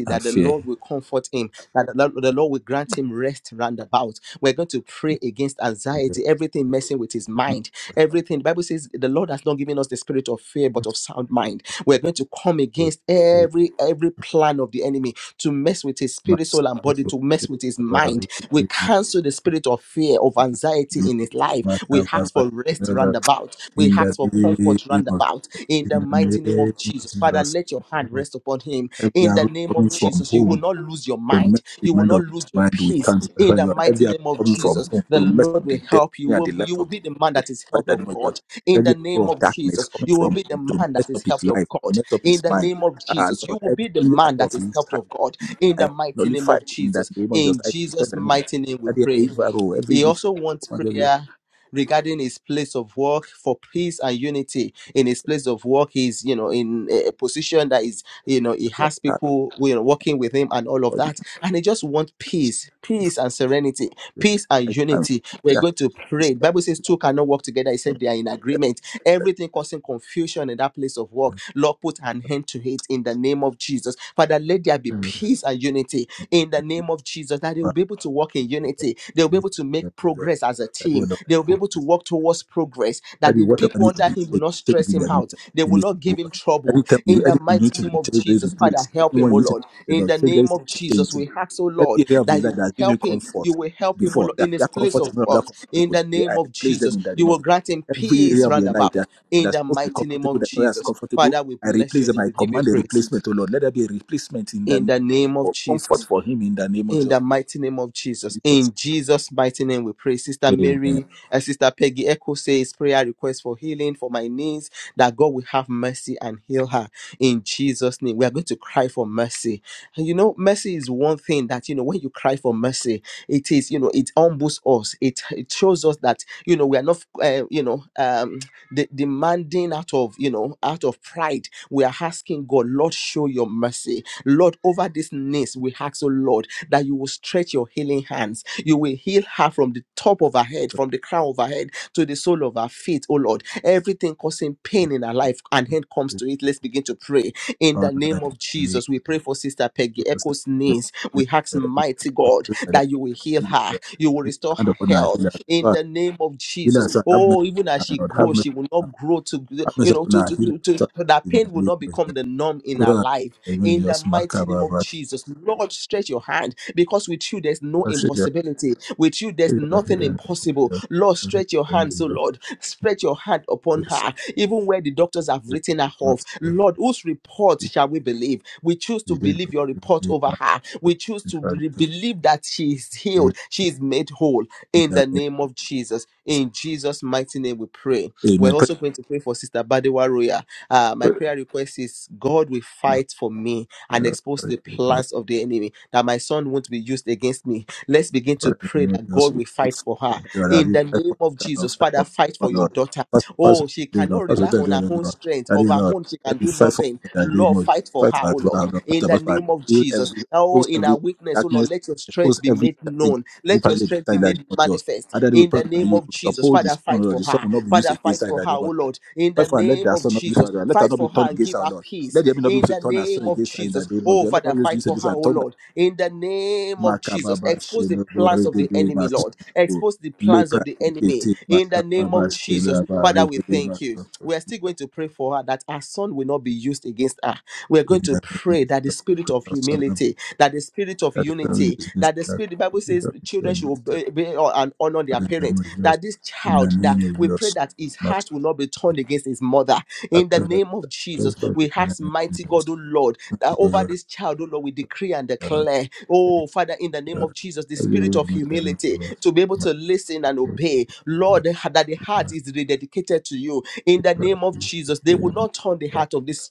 Speaker 3: and
Speaker 1: That the
Speaker 3: fear.
Speaker 1: Lord will comfort him, that the Lord, the Lord will grant him rest round about. We're going to pray against anxiety, everything messing with his mind, everything. The Bible says the Lord has not given us the spirit of fear, but of sound mind. We're going to come
Speaker 3: In
Speaker 1: against
Speaker 3: the
Speaker 1: every every plan of the enemy to mess with his
Speaker 3: name of
Speaker 1: spirit, soul,
Speaker 3: Jesus,
Speaker 1: and body,
Speaker 3: in
Speaker 1: to mess with his
Speaker 3: the name
Speaker 1: mind.
Speaker 3: of
Speaker 1: We
Speaker 3: Jesus,
Speaker 1: cancel the spirit of fear, of anxiety in his life. We ask for rest roundabout. We
Speaker 3: in
Speaker 1: ask for comfort roundabout. In the
Speaker 3: the
Speaker 1: mighty name of
Speaker 3: name of
Speaker 1: Jesus, Father,
Speaker 3: Jesus,
Speaker 1: let your hand rest upon him.
Speaker 3: every
Speaker 1: In the
Speaker 3: arrow
Speaker 1: name
Speaker 3: coming
Speaker 1: of
Speaker 3: from
Speaker 1: Jesus, you
Speaker 3: home.
Speaker 1: will not lose your
Speaker 3: to
Speaker 1: mind.
Speaker 3: mess with
Speaker 1: You
Speaker 3: the
Speaker 1: will
Speaker 3: mind
Speaker 1: not
Speaker 3: of
Speaker 1: lose
Speaker 3: this
Speaker 1: your
Speaker 3: mind, we
Speaker 1: peace.
Speaker 3: can't.
Speaker 1: In the
Speaker 3: You are
Speaker 1: mighty
Speaker 3: heavy
Speaker 1: name
Speaker 3: arrow
Speaker 1: of
Speaker 3: coming from
Speaker 1: Jesus,
Speaker 3: home
Speaker 1: the
Speaker 3: to mess
Speaker 1: Lord
Speaker 3: with the
Speaker 1: will help you. You
Speaker 3: destiny and the
Speaker 1: will you
Speaker 3: life
Speaker 1: will
Speaker 3: of
Speaker 1: be
Speaker 3: this
Speaker 1: the man
Speaker 3: with
Speaker 1: that is
Speaker 3: fight
Speaker 1: helped
Speaker 3: that
Speaker 1: of
Speaker 3: not
Speaker 1: God.
Speaker 3: just
Speaker 1: In the
Speaker 3: every arrow
Speaker 1: name
Speaker 3: of
Speaker 1: of
Speaker 3: darkness
Speaker 1: Jesus,
Speaker 3: coming
Speaker 1: you will
Speaker 3: from
Speaker 1: be the
Speaker 3: home to
Speaker 1: man
Speaker 3: mess
Speaker 1: that is
Speaker 3: up his
Speaker 1: helped of
Speaker 3: life,
Speaker 1: God.
Speaker 3: mess up
Speaker 1: In
Speaker 3: his
Speaker 1: the
Speaker 3: mind.
Speaker 1: name of
Speaker 3: Ah,
Speaker 1: Jesus, you
Speaker 3: Lord,
Speaker 1: will be the
Speaker 3: every
Speaker 1: man
Speaker 3: arrow
Speaker 1: that
Speaker 3: of
Speaker 1: is
Speaker 3: his
Speaker 1: helped
Speaker 3: side,
Speaker 1: of God. In the
Speaker 3: I
Speaker 1: mighty name
Speaker 3: nullify
Speaker 1: of
Speaker 3: in that
Speaker 1: Jesus.
Speaker 3: name of
Speaker 1: In
Speaker 3: just I destroy
Speaker 1: Jesus'
Speaker 3: that name of just
Speaker 1: mighty name, we
Speaker 3: that
Speaker 1: pray.
Speaker 3: every arrow, every
Speaker 1: He
Speaker 3: vision,
Speaker 1: also wants
Speaker 3: command of your
Speaker 1: prayer regarding his place of work for peace and unity in his place of work he's you know in a a position that is you know he
Speaker 3: every
Speaker 1: has
Speaker 3: attack,
Speaker 1: people you know working with him and all of
Speaker 3: all the
Speaker 1: that and he just wants
Speaker 3: shame
Speaker 1: peace peace
Speaker 3: from
Speaker 1: and serenity
Speaker 3: you.
Speaker 1: peace
Speaker 3: I
Speaker 1: and
Speaker 3: cancel
Speaker 1: unity.
Speaker 3: the
Speaker 1: We're going
Speaker 3: attack.
Speaker 1: to
Speaker 3: It's
Speaker 1: pray. The
Speaker 3: like,
Speaker 1: Bible says two cannot work together. It
Speaker 3: Lord,
Speaker 1: said they are in
Speaker 3: set
Speaker 1: agreement.
Speaker 3: me back.
Speaker 1: Everything causing confusion in that place of work. Lord, put an end to it in the name of Jesus. Father, let there be
Speaker 3: Mm.
Speaker 1: peace and unity in the name of Jesus. That they will
Speaker 3: Father,
Speaker 1: be able to work in
Speaker 3: in the
Speaker 1: unity. They will be
Speaker 3: name
Speaker 1: able to make
Speaker 3: of Jesus,
Speaker 1: progress as a
Speaker 3: that you,
Speaker 1: team. They will be
Speaker 3: Lord,
Speaker 1: able to work towards progress. That
Speaker 3: That is
Speaker 1: the
Speaker 3: whatever
Speaker 1: People
Speaker 3: needs to
Speaker 1: under
Speaker 3: be
Speaker 1: him will
Speaker 3: changed,
Speaker 1: not
Speaker 3: change
Speaker 1: stress
Speaker 3: in
Speaker 1: him
Speaker 3: that
Speaker 1: out. They
Speaker 3: in
Speaker 1: will
Speaker 3: this
Speaker 1: not give him
Speaker 3: world.
Speaker 1: trouble.
Speaker 3: Anytime you,
Speaker 1: In the
Speaker 3: anyone you need
Speaker 1: mighty
Speaker 3: to
Speaker 1: name of
Speaker 3: retain, re-
Speaker 1: Jesus, Father,
Speaker 3: replace,
Speaker 1: help
Speaker 3: anyone
Speaker 1: him, O
Speaker 3: you need to
Speaker 1: Lord.
Speaker 3: you
Speaker 1: In
Speaker 3: know,
Speaker 1: the
Speaker 3: change,
Speaker 1: name
Speaker 3: anything
Speaker 1: of
Speaker 3: to
Speaker 1: Jesus,
Speaker 3: change.
Speaker 1: we ask, O Lord,
Speaker 3: Every area of
Speaker 1: that
Speaker 3: his
Speaker 1: you
Speaker 3: life that
Speaker 1: will
Speaker 3: has given
Speaker 1: help him.
Speaker 3: comfort
Speaker 1: You will help him, O
Speaker 3: before,
Speaker 1: Lord,
Speaker 3: that
Speaker 1: in his
Speaker 3: that
Speaker 1: place
Speaker 3: comfort is
Speaker 1: of
Speaker 3: no longer
Speaker 1: work. In
Speaker 3: comfortable.
Speaker 1: the
Speaker 3: that
Speaker 1: name
Speaker 3: I
Speaker 1: of
Speaker 3: replace
Speaker 1: Jesus,
Speaker 3: them in that
Speaker 1: you
Speaker 3: name of
Speaker 1: will
Speaker 3: Jesus.
Speaker 1: grant him
Speaker 3: Every
Speaker 1: peace
Speaker 3: area of
Speaker 1: round
Speaker 3: your life
Speaker 1: about.
Speaker 3: that
Speaker 1: In
Speaker 3: that's
Speaker 1: the
Speaker 3: supposed to be
Speaker 1: mighty name
Speaker 3: comfortable,
Speaker 1: of
Speaker 3: that not as
Speaker 1: Jesus,
Speaker 3: comfortable,
Speaker 1: Father, we
Speaker 3: I
Speaker 1: bless
Speaker 3: replace
Speaker 1: your
Speaker 3: them.
Speaker 1: name.
Speaker 3: I
Speaker 1: We give you
Speaker 3: command a
Speaker 1: praise.
Speaker 3: replacement, oh Lord. Let there be a replacement in the
Speaker 1: In
Speaker 3: name
Speaker 1: the
Speaker 3: of-
Speaker 1: name of
Speaker 3: for comfort
Speaker 1: Jesus.
Speaker 3: for him in the name of
Speaker 1: In the mighty name of Jesus.
Speaker 3: Jesus.
Speaker 1: In Jesus' mighty name, we pray. Sister
Speaker 3: Amen.
Speaker 1: Mary, uh, Sister Peggy Echo says, prayer request for healing for my niece, that God will have mercy and heal her. In Jesus' name, we are going to cry for mercy. And you know, mercy is one thing that, you know, when you cry for mercy, it is, you know, it humbles us. It, it shows us that, you know, we are not, uh, you know, um, de- demanding out of, you know, out of pride. We are asking God, Lord, show your mercy Lord, over this niece, we ask, oh Lord, that you will stretch your healing hands. You will heal her from the top of her head, from the crown of her head to the sole of her feet, oh Lord. Everything causing pain in her life, and hand comes to it. Let's begin to pray. In the
Speaker 3: Father,
Speaker 1: name of
Speaker 3: in the
Speaker 1: Jesus, we pray for Sister
Speaker 3: name
Speaker 1: Peggy Echo's
Speaker 3: of
Speaker 1: niece. We
Speaker 3: Jesus.
Speaker 1: ask, mighty
Speaker 3: I
Speaker 1: God,
Speaker 3: have
Speaker 1: that you will heal her, you will restore her
Speaker 3: not
Speaker 1: health in
Speaker 3: heard
Speaker 1: the name of Jesus.
Speaker 3: of
Speaker 1: Oh, even as she grows, she will not grow to you know to to to, to that pain will not become the norm in her life. In the mighty name of Jesus, Lord, stretch your hand because with you there's no impossibility. With you there's nothing impossible possible. Lord, stretch your hands, oh Lord. Stretch your hand upon her, even where the doctors have written her off. Lord, whose report shall we believe? We choose to believe your report over her. We choose to re- believe that she is healed, she is made whole in the name of Jesus. In Jesus' mighty name, we pray. We're also going to pray for Sister Badewa Roya. Uh, my prayer request is God will fight for me and expose the plans of the enemy, that my son won't be used against me. Let's begin to pray that God will
Speaker 3: him.
Speaker 1: fight for her
Speaker 3: Lord, have
Speaker 1: in
Speaker 3: you
Speaker 1: the
Speaker 3: fight
Speaker 1: name
Speaker 3: for
Speaker 1: of
Speaker 3: them, Lord,
Speaker 1: Jesus.
Speaker 3: fight
Speaker 1: Father,
Speaker 3: for
Speaker 1: fight
Speaker 3: them,
Speaker 1: for your
Speaker 3: Lord.
Speaker 1: daughter.
Speaker 3: First of all, fight
Speaker 1: Oh, she
Speaker 3: for them, Lord,
Speaker 1: cannot
Speaker 3: first of
Speaker 1: rely
Speaker 3: all, thank
Speaker 1: on
Speaker 3: you,
Speaker 1: her
Speaker 3: Lord,
Speaker 1: own
Speaker 3: Lord.
Speaker 1: strength.
Speaker 3: Daddy,
Speaker 1: Of her
Speaker 3: Lord,
Speaker 1: own, she can
Speaker 3: let me
Speaker 1: do
Speaker 3: fight for
Speaker 1: nothing.
Speaker 3: them, Daddy,
Speaker 1: Lord,
Speaker 3: Lord.
Speaker 1: fight for
Speaker 3: Fight
Speaker 1: her,
Speaker 3: for
Speaker 1: oh
Speaker 3: them,
Speaker 1: Lord,
Speaker 3: Lord, fight
Speaker 1: in
Speaker 3: for
Speaker 1: the
Speaker 3: them, Lord.
Speaker 1: name of
Speaker 3: Heal
Speaker 1: Jesus.
Speaker 3: every,
Speaker 1: Oh,
Speaker 3: expose
Speaker 1: in
Speaker 3: every
Speaker 1: our weakness, oh Lord,
Speaker 3: darkness,
Speaker 1: let your strength
Speaker 3: expose
Speaker 1: be
Speaker 3: every
Speaker 1: made
Speaker 3: strategy,
Speaker 1: known.
Speaker 3: evil
Speaker 1: Let
Speaker 3: plan
Speaker 1: your
Speaker 3: against
Speaker 1: strength
Speaker 3: thy
Speaker 1: be
Speaker 3: daddy,
Speaker 1: made
Speaker 3: Lord, Jesus.
Speaker 1: manifest
Speaker 3: And that we
Speaker 1: in
Speaker 3: pray,
Speaker 1: the
Speaker 3: Lord,
Speaker 1: name
Speaker 3: you
Speaker 1: of
Speaker 3: will
Speaker 1: Jesus.
Speaker 3: uphold
Speaker 1: Father,
Speaker 3: this son,
Speaker 1: fight
Speaker 3: Lord,
Speaker 1: for
Speaker 3: the son
Speaker 1: her.
Speaker 3: will not be used
Speaker 1: Father,
Speaker 3: against
Speaker 1: fight
Speaker 3: thy
Speaker 1: for her,
Speaker 3: daddy,
Speaker 1: oh
Speaker 3: Lord, Jesus.
Speaker 1: Lord, in the
Speaker 3: Fight for her, let
Speaker 1: name
Speaker 3: their
Speaker 1: of
Speaker 3: son not be used,
Speaker 1: Jesus.
Speaker 3: Lord, let her
Speaker 1: Fight
Speaker 3: not be
Speaker 1: for her
Speaker 3: turned
Speaker 1: and
Speaker 3: against
Speaker 1: give
Speaker 3: our
Speaker 1: her
Speaker 3: Lord. Let
Speaker 1: peace
Speaker 3: the enemy not be
Speaker 1: in
Speaker 3: able to
Speaker 1: the
Speaker 3: turn our
Speaker 1: name
Speaker 3: son
Speaker 1: of
Speaker 3: against her in
Speaker 1: Jesus.
Speaker 3: that name of
Speaker 1: Oh,
Speaker 3: Jesus. Let her
Speaker 1: Father,
Speaker 3: not be
Speaker 1: fight
Speaker 3: used
Speaker 1: for
Speaker 3: against
Speaker 1: her,
Speaker 3: her
Speaker 1: oh
Speaker 3: and turn her.
Speaker 1: Lord, in the name of Jesus.
Speaker 3: Makababa
Speaker 1: Expose the
Speaker 3: Shela
Speaker 1: plans of the
Speaker 3: Boregede
Speaker 1: enemy, Lord.
Speaker 3: Masoto
Speaker 1: Expose the plans of
Speaker 3: Lepra
Speaker 1: the enemy
Speaker 3: Dikete
Speaker 1: in the name
Speaker 3: Makababa
Speaker 1: of Jesus.
Speaker 3: Shela
Speaker 1: Father, we
Speaker 3: Boregede
Speaker 1: thank you.
Speaker 3: Masoto
Speaker 1: We are still going to pray for her that her son will not be used against her. We are
Speaker 3: in
Speaker 1: going to
Speaker 3: the name
Speaker 1: pray
Speaker 3: of
Speaker 1: that the spirit
Speaker 3: the
Speaker 1: of
Speaker 3: Christ Son of God,
Speaker 1: humility, that the spirit of
Speaker 3: that fellow
Speaker 1: unity,
Speaker 3: business
Speaker 1: that the
Speaker 3: that
Speaker 1: spirit, the Bible
Speaker 3: you
Speaker 1: says,
Speaker 3: have
Speaker 1: children
Speaker 3: done
Speaker 1: should
Speaker 3: with the
Speaker 1: obey obey and honor their parents.
Speaker 3: name of yours
Speaker 1: That this
Speaker 3: in the
Speaker 1: child, that
Speaker 3: name of
Speaker 1: we pray
Speaker 3: yours
Speaker 1: that his
Speaker 3: must
Speaker 1: heart will not be turned against his mother.
Speaker 3: I
Speaker 1: In the
Speaker 3: pray that
Speaker 1: name of Jesus,
Speaker 3: those who are in the Lord
Speaker 1: we
Speaker 3: is my
Speaker 1: ask,
Speaker 3: name of
Speaker 1: mighty God,
Speaker 3: yours
Speaker 1: oh Lord, that
Speaker 3: must go
Speaker 1: over
Speaker 3: Lord
Speaker 1: this child, oh Lord, we decree and
Speaker 3: uh
Speaker 1: declare, oh Father, in the name
Speaker 3: uh
Speaker 1: of Jesus, the spirit
Speaker 3: everywhere
Speaker 1: of
Speaker 3: my name
Speaker 1: humility
Speaker 3: of must
Speaker 1: to be able to listen and obey. Lord,
Speaker 3: go
Speaker 1: that the heart
Speaker 3: must
Speaker 1: is rededicated to you. In the name of Jesus, they will
Speaker 3: be
Speaker 1: not turn the
Speaker 3: glad
Speaker 1: heart of this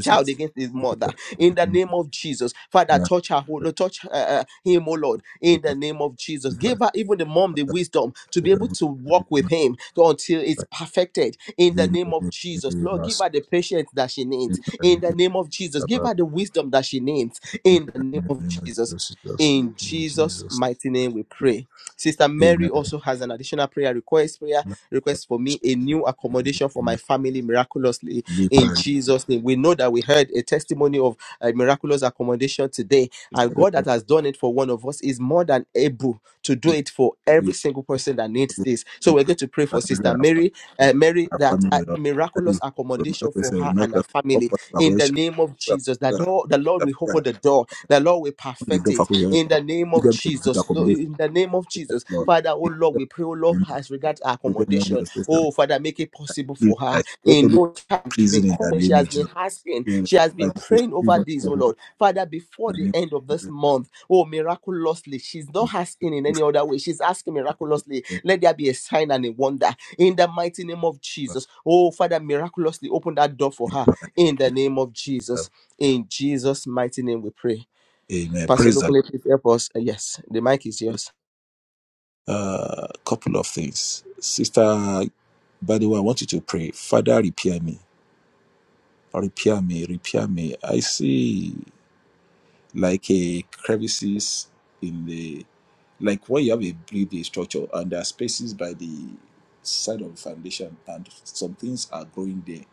Speaker 1: child against his mother
Speaker 3: katika
Speaker 1: in the name of jesus father
Speaker 3: na
Speaker 1: touch her oh Lord, touch uh, uh, him oh lord in the name of jesus give her even the mom the wisdom to be able to walk with him to- until it's perfected in the name of jesus lord give her the patience that she needs in the name of jesus give her the wisdom that she needs in the name of jesus in
Speaker 3: in
Speaker 1: jesus
Speaker 3: Jesus
Speaker 1: mighty name we pray Sister Mary also has an additional prayer request. Prayer request for me a new accommodation for my family miraculously
Speaker 3: name,
Speaker 1: in Jesus' name. We know that we heard a testimony of a miraculous accommodation today, and God that has done it for one of us is more than able to do it for every single person that needs this. So we're going to pray for Sister Mary, uh, Mary that uh, miraculous accommodation for her and her family in the name of Jesus. That door, the Lord will open the door. The Lord will perfect it in the name name of Jesus,
Speaker 3: amen
Speaker 1: in the name of Jesus,
Speaker 3: Lord.
Speaker 1: Father, oh Lord, we pray, oh Lord, as regards our
Speaker 3: Even when
Speaker 1: accommodation,
Speaker 3: your system,
Speaker 1: oh Father, make it
Speaker 3: like,
Speaker 1: possible for
Speaker 3: please,
Speaker 1: her.
Speaker 3: like, not
Speaker 1: In
Speaker 3: only
Speaker 1: no time, has been
Speaker 3: pleasing in the
Speaker 1: calling, she
Speaker 3: name
Speaker 1: has
Speaker 3: of
Speaker 1: been
Speaker 3: Jesus.
Speaker 1: asking,
Speaker 3: You know,
Speaker 1: she has been
Speaker 3: like, because
Speaker 1: praying
Speaker 3: you
Speaker 1: over
Speaker 3: don't
Speaker 1: this,
Speaker 3: know
Speaker 1: oh
Speaker 3: who
Speaker 1: Lord, Father, before
Speaker 3: the
Speaker 1: the
Speaker 3: name
Speaker 1: end of this
Speaker 3: of
Speaker 1: month, oh miraculously, she's not
Speaker 3: Jesus.
Speaker 1: asking in
Speaker 3: We
Speaker 1: any other way, she's asking miraculously,
Speaker 3: pray for
Speaker 1: let there be a sign and a wonder in the mighty name of
Speaker 3: God.
Speaker 1: Jesus, oh Father, miraculously open that door for
Speaker 3: In
Speaker 1: her
Speaker 3: the
Speaker 1: in the name of
Speaker 3: Lord is.
Speaker 1: Jesus. In Jesus' mighty name, we pray.
Speaker 3: Amen.
Speaker 1: Pastor
Speaker 3: Praise the Lord.
Speaker 1: locally, please help us. Uh, yes, the mic is yours.
Speaker 3: Uh, couple of things. Sister by the way, I want you to pray. Father, repair me, repair me, repair me. I see. like a crevices in the like when you have a building structure and there are spaces by the side of the foundation and some things are growing there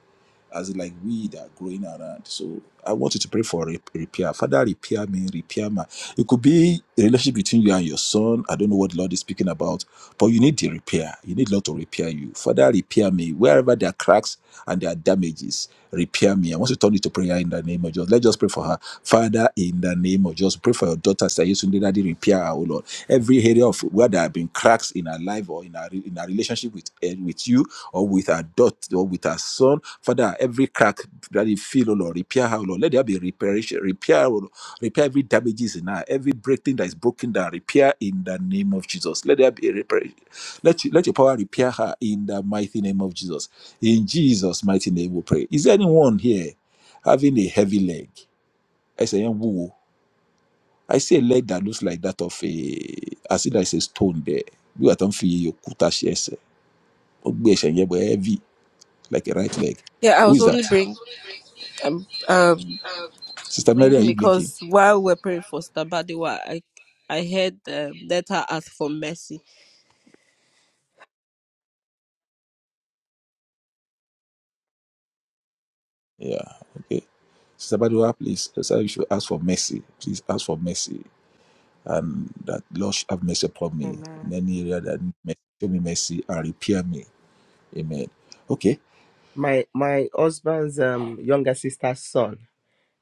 Speaker 3: as in like weed are growing around. So I want you to pray for rep- repair. Father, repair me, repair my. It could be a relationship between you and your son. I don't know what the Lord is speaking about, but you need the repair. You need Lord to repair you. Father, repair me wherever there are cracks and there are damages. Repair me. I want to turn it to prayer in the name of Jesus. Let's just pray for her. Father, in the name of Jesus, pray for your daughter, Sayesunde, Daddy, repair her, oh Lord. Every area of where there have been cracks in her life or in her, re- in her relationship with, eh, with you, or with our daughter or with our son. Father, every crack that you feel, oh Lord, repair her, oh Lord. Let there be reparation, repair, oh Lord. repair every damages in her, every breakthing that is broken down, repair in the name of Jesus. Let there be a reparation. Let, you, let your power repair her in the mighty name of Jesus. In Jesus' mighty name we pray. Is there anyone here having a heavy leg? I say, woo. I see a leg that looks like that of a, I see that it's a stone there. Bí wàá tán fi òkúta ṣe ẹsẹ̀, ó gbé ẹsẹ̀ yẹn bọ̀ heavy like a right leg.
Speaker 5: Yeah, I
Speaker 3: Who
Speaker 5: was
Speaker 3: is
Speaker 5: only
Speaker 3: that?
Speaker 5: bring um um
Speaker 3: Sister Mary, are
Speaker 5: bringing
Speaker 3: you blinking?
Speaker 5: because while we're praying for Stabadiwa, I I heard um, let her ask for mercy.
Speaker 3: Yeah, okay. Sister Badua, please, sir, you should ask for mercy. Please ask for mercy. And that Lord should have mercy upon me
Speaker 10: Amen.
Speaker 3: in any area that need mercy. Show me mercy and repair me. Amen. Okay.
Speaker 1: My my husband's um younger sister's son.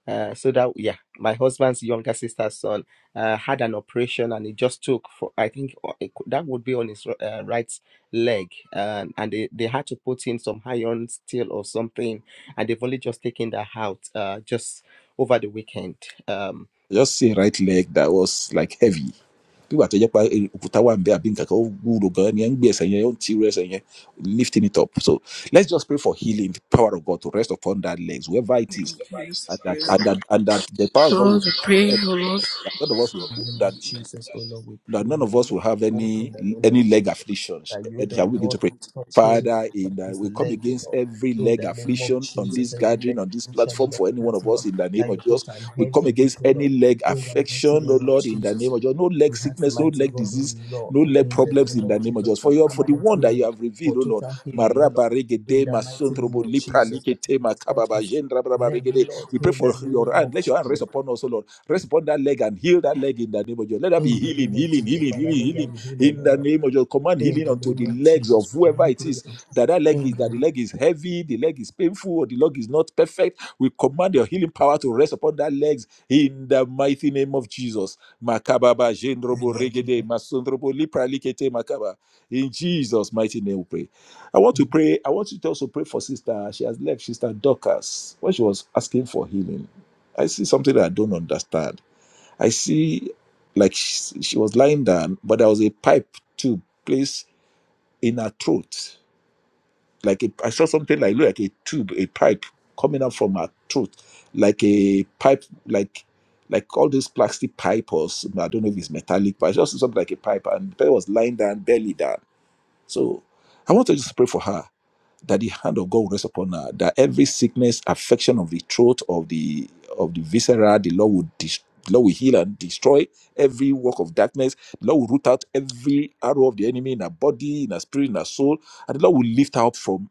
Speaker 1: Uh, so that yeah, my husband's younger sister's son uh, had an operation and it just took for I think uh, it could- that would be on his uh, right leg um, and they, they had to put in some iron steel or something and they've only just taken that out uh, just over the weekend. Um,
Speaker 3: Just see right leg that was like heavy. Nígbà tó jẹ́ pé òkúta wà ń bẹ́ àbí nǹkan kan ó wúwo gan-an ni ẹ̀ ń gbé ẹsẹ̀ yẹn ó ń ti rú ẹsẹ̀ yẹn lifting it up. So let's just pray for healing, the power of God to rest upon that legs, wherever it is.
Speaker 5: Yes,
Speaker 3: and that
Speaker 5: pray, O
Speaker 3: and that
Speaker 5: Lord.
Speaker 3: and that the power of God
Speaker 5: Lord,
Speaker 3: will
Speaker 5: we
Speaker 3: rest on
Speaker 5: pray,
Speaker 3: earth.
Speaker 5: O
Speaker 3: None of
Speaker 5: Lord.
Speaker 3: us that none of us will, that that none of us will have any any leg afflictions. And shall we begin to pray? Father, in the, we come against every leg affliction on this gathering, on this platform for any one of us in the name of Jesus. We come against any leg affection, oh Lord, in the name of Jesus. No leg sickness, no leg disease, no leg problems in the name of Jesus. For your for the one that you have revealed, oh Lord, Maraba regede, masontrobo, lipra likete, makababa, jendrabraba regede. we pray for your hand. Let your hand rest upon us, O Lord. Rest upon that leg and heal that leg in the name of Jesus. Let there be healing, healing, healing, healing, healing in the name of Jesus. Command healing unto the legs of whoever it is that that leg is, that the leg is heavy, the leg is painful, or the leg is not perfect. We command your healing power to rest upon that legs in the mighty name of Jesus. Makababa, jendrobo, regede, masondrobo, lipra, likete, makaba. In Jesus' mighty name we pray. I want to pray. I want you to also pray for sister. She has left, sister Dorcas, when she was asking for healing. I see something that I don't understand. I see like she, she was lying down, but there was a pipe tube placed in her throat. Like a, I saw something like look like a tube, a pipe coming out from her throat, like a pipe, like like all these plastic pipe or s- I don't know if it's metallic, but I just saw something like a pipe, and the person was lying down, belly down. So I want to just pray for her that the hand of God will rest upon her, that every sickness, affection of the throat, of the of the viscera, the Lord will dis- Lord will heal and destroy every work of darkness. The Lord will root out every arrow of the enemy in her body, in her spirit, in her soul, and the Lord will lift her up from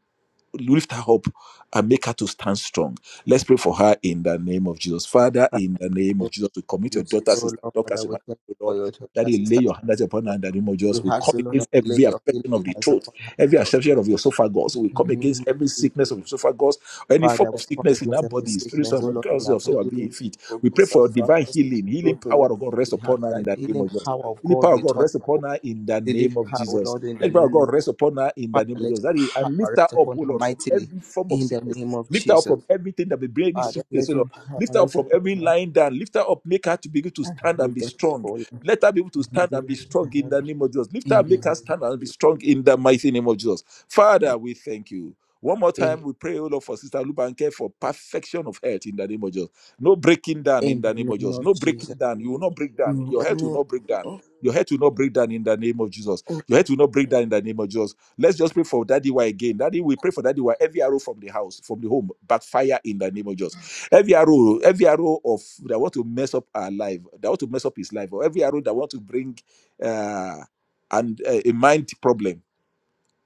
Speaker 3: lift her up and make her to stand strong. Let's pray for her in the name of Jesus. Father, in the name of Jesus, we commit
Speaker 1: We
Speaker 3: your
Speaker 1: thank
Speaker 3: daughter,
Speaker 1: you, O Lord,
Speaker 3: sister, doctor,
Speaker 1: Father,
Speaker 3: to
Speaker 1: we
Speaker 3: my
Speaker 1: thank you for
Speaker 3: Lord.
Speaker 1: your
Speaker 3: That
Speaker 1: daughter,
Speaker 3: you lay
Speaker 1: sister.
Speaker 3: your hands upon her in the name of
Speaker 1: We
Speaker 3: Jesus. We
Speaker 1: ask
Speaker 3: come
Speaker 1: you, Lord,
Speaker 3: against
Speaker 1: that you lay
Speaker 3: every
Speaker 1: your healing
Speaker 3: affection of the
Speaker 1: hands
Speaker 3: throat,
Speaker 1: upon
Speaker 3: every
Speaker 1: her,
Speaker 3: affection of your esophagus. We come
Speaker 1: Lord.
Speaker 3: against every sickness of your esophagus, any form
Speaker 1: Father, we
Speaker 3: of
Speaker 1: come
Speaker 3: sickness in
Speaker 1: against
Speaker 3: our
Speaker 1: every
Speaker 3: body,
Speaker 1: sickness,
Speaker 3: spiritual
Speaker 1: oh
Speaker 3: body,
Speaker 1: Lord, in
Speaker 3: also
Speaker 1: our
Speaker 3: of
Speaker 1: body,
Speaker 3: soul,
Speaker 1: in
Speaker 3: being fit.
Speaker 1: our
Speaker 3: We pray
Speaker 1: focus,
Speaker 3: for divine
Speaker 1: and
Speaker 3: healing, healing
Speaker 1: throat, oh Lord.
Speaker 3: power of God rest
Speaker 1: We have
Speaker 3: upon her in the name of Jesus. Healing power of God rest upon her in the name of Jesus. Let the power of God rest upon her in the name of Jesus. That is, and lift her up, O Lord, from every form of sickness. Lift her up from everything that will bring any sickness, O Lord. Lift her up from every lying down. Lift her up, make her to be able to stand and be strong. Let her be able to stand and be strong in the name of Jesus. Lift her, make her stand and be strong in the mighty name of Jesus. Father, we thank you. One more time, we pray, O Lord, for Sister Lubanke for perfection of health in the name of Jesus. No breaking down in the name of Jesus. No breaking down. You will not break down. Your health will not break down. Your health will not break down in the name of Jesus. Your head will not break down in the name of Jesus. Let's just pray for Daddy Y again. Daddy, we pray for Daddy Y. Every arrow from the house, from the home, backfire in the name of Jesus. Every arrow, every arrow of that want to mess up our life, that want to mess up his life, or every arrow that want to bring uh, and uh, a mind problem,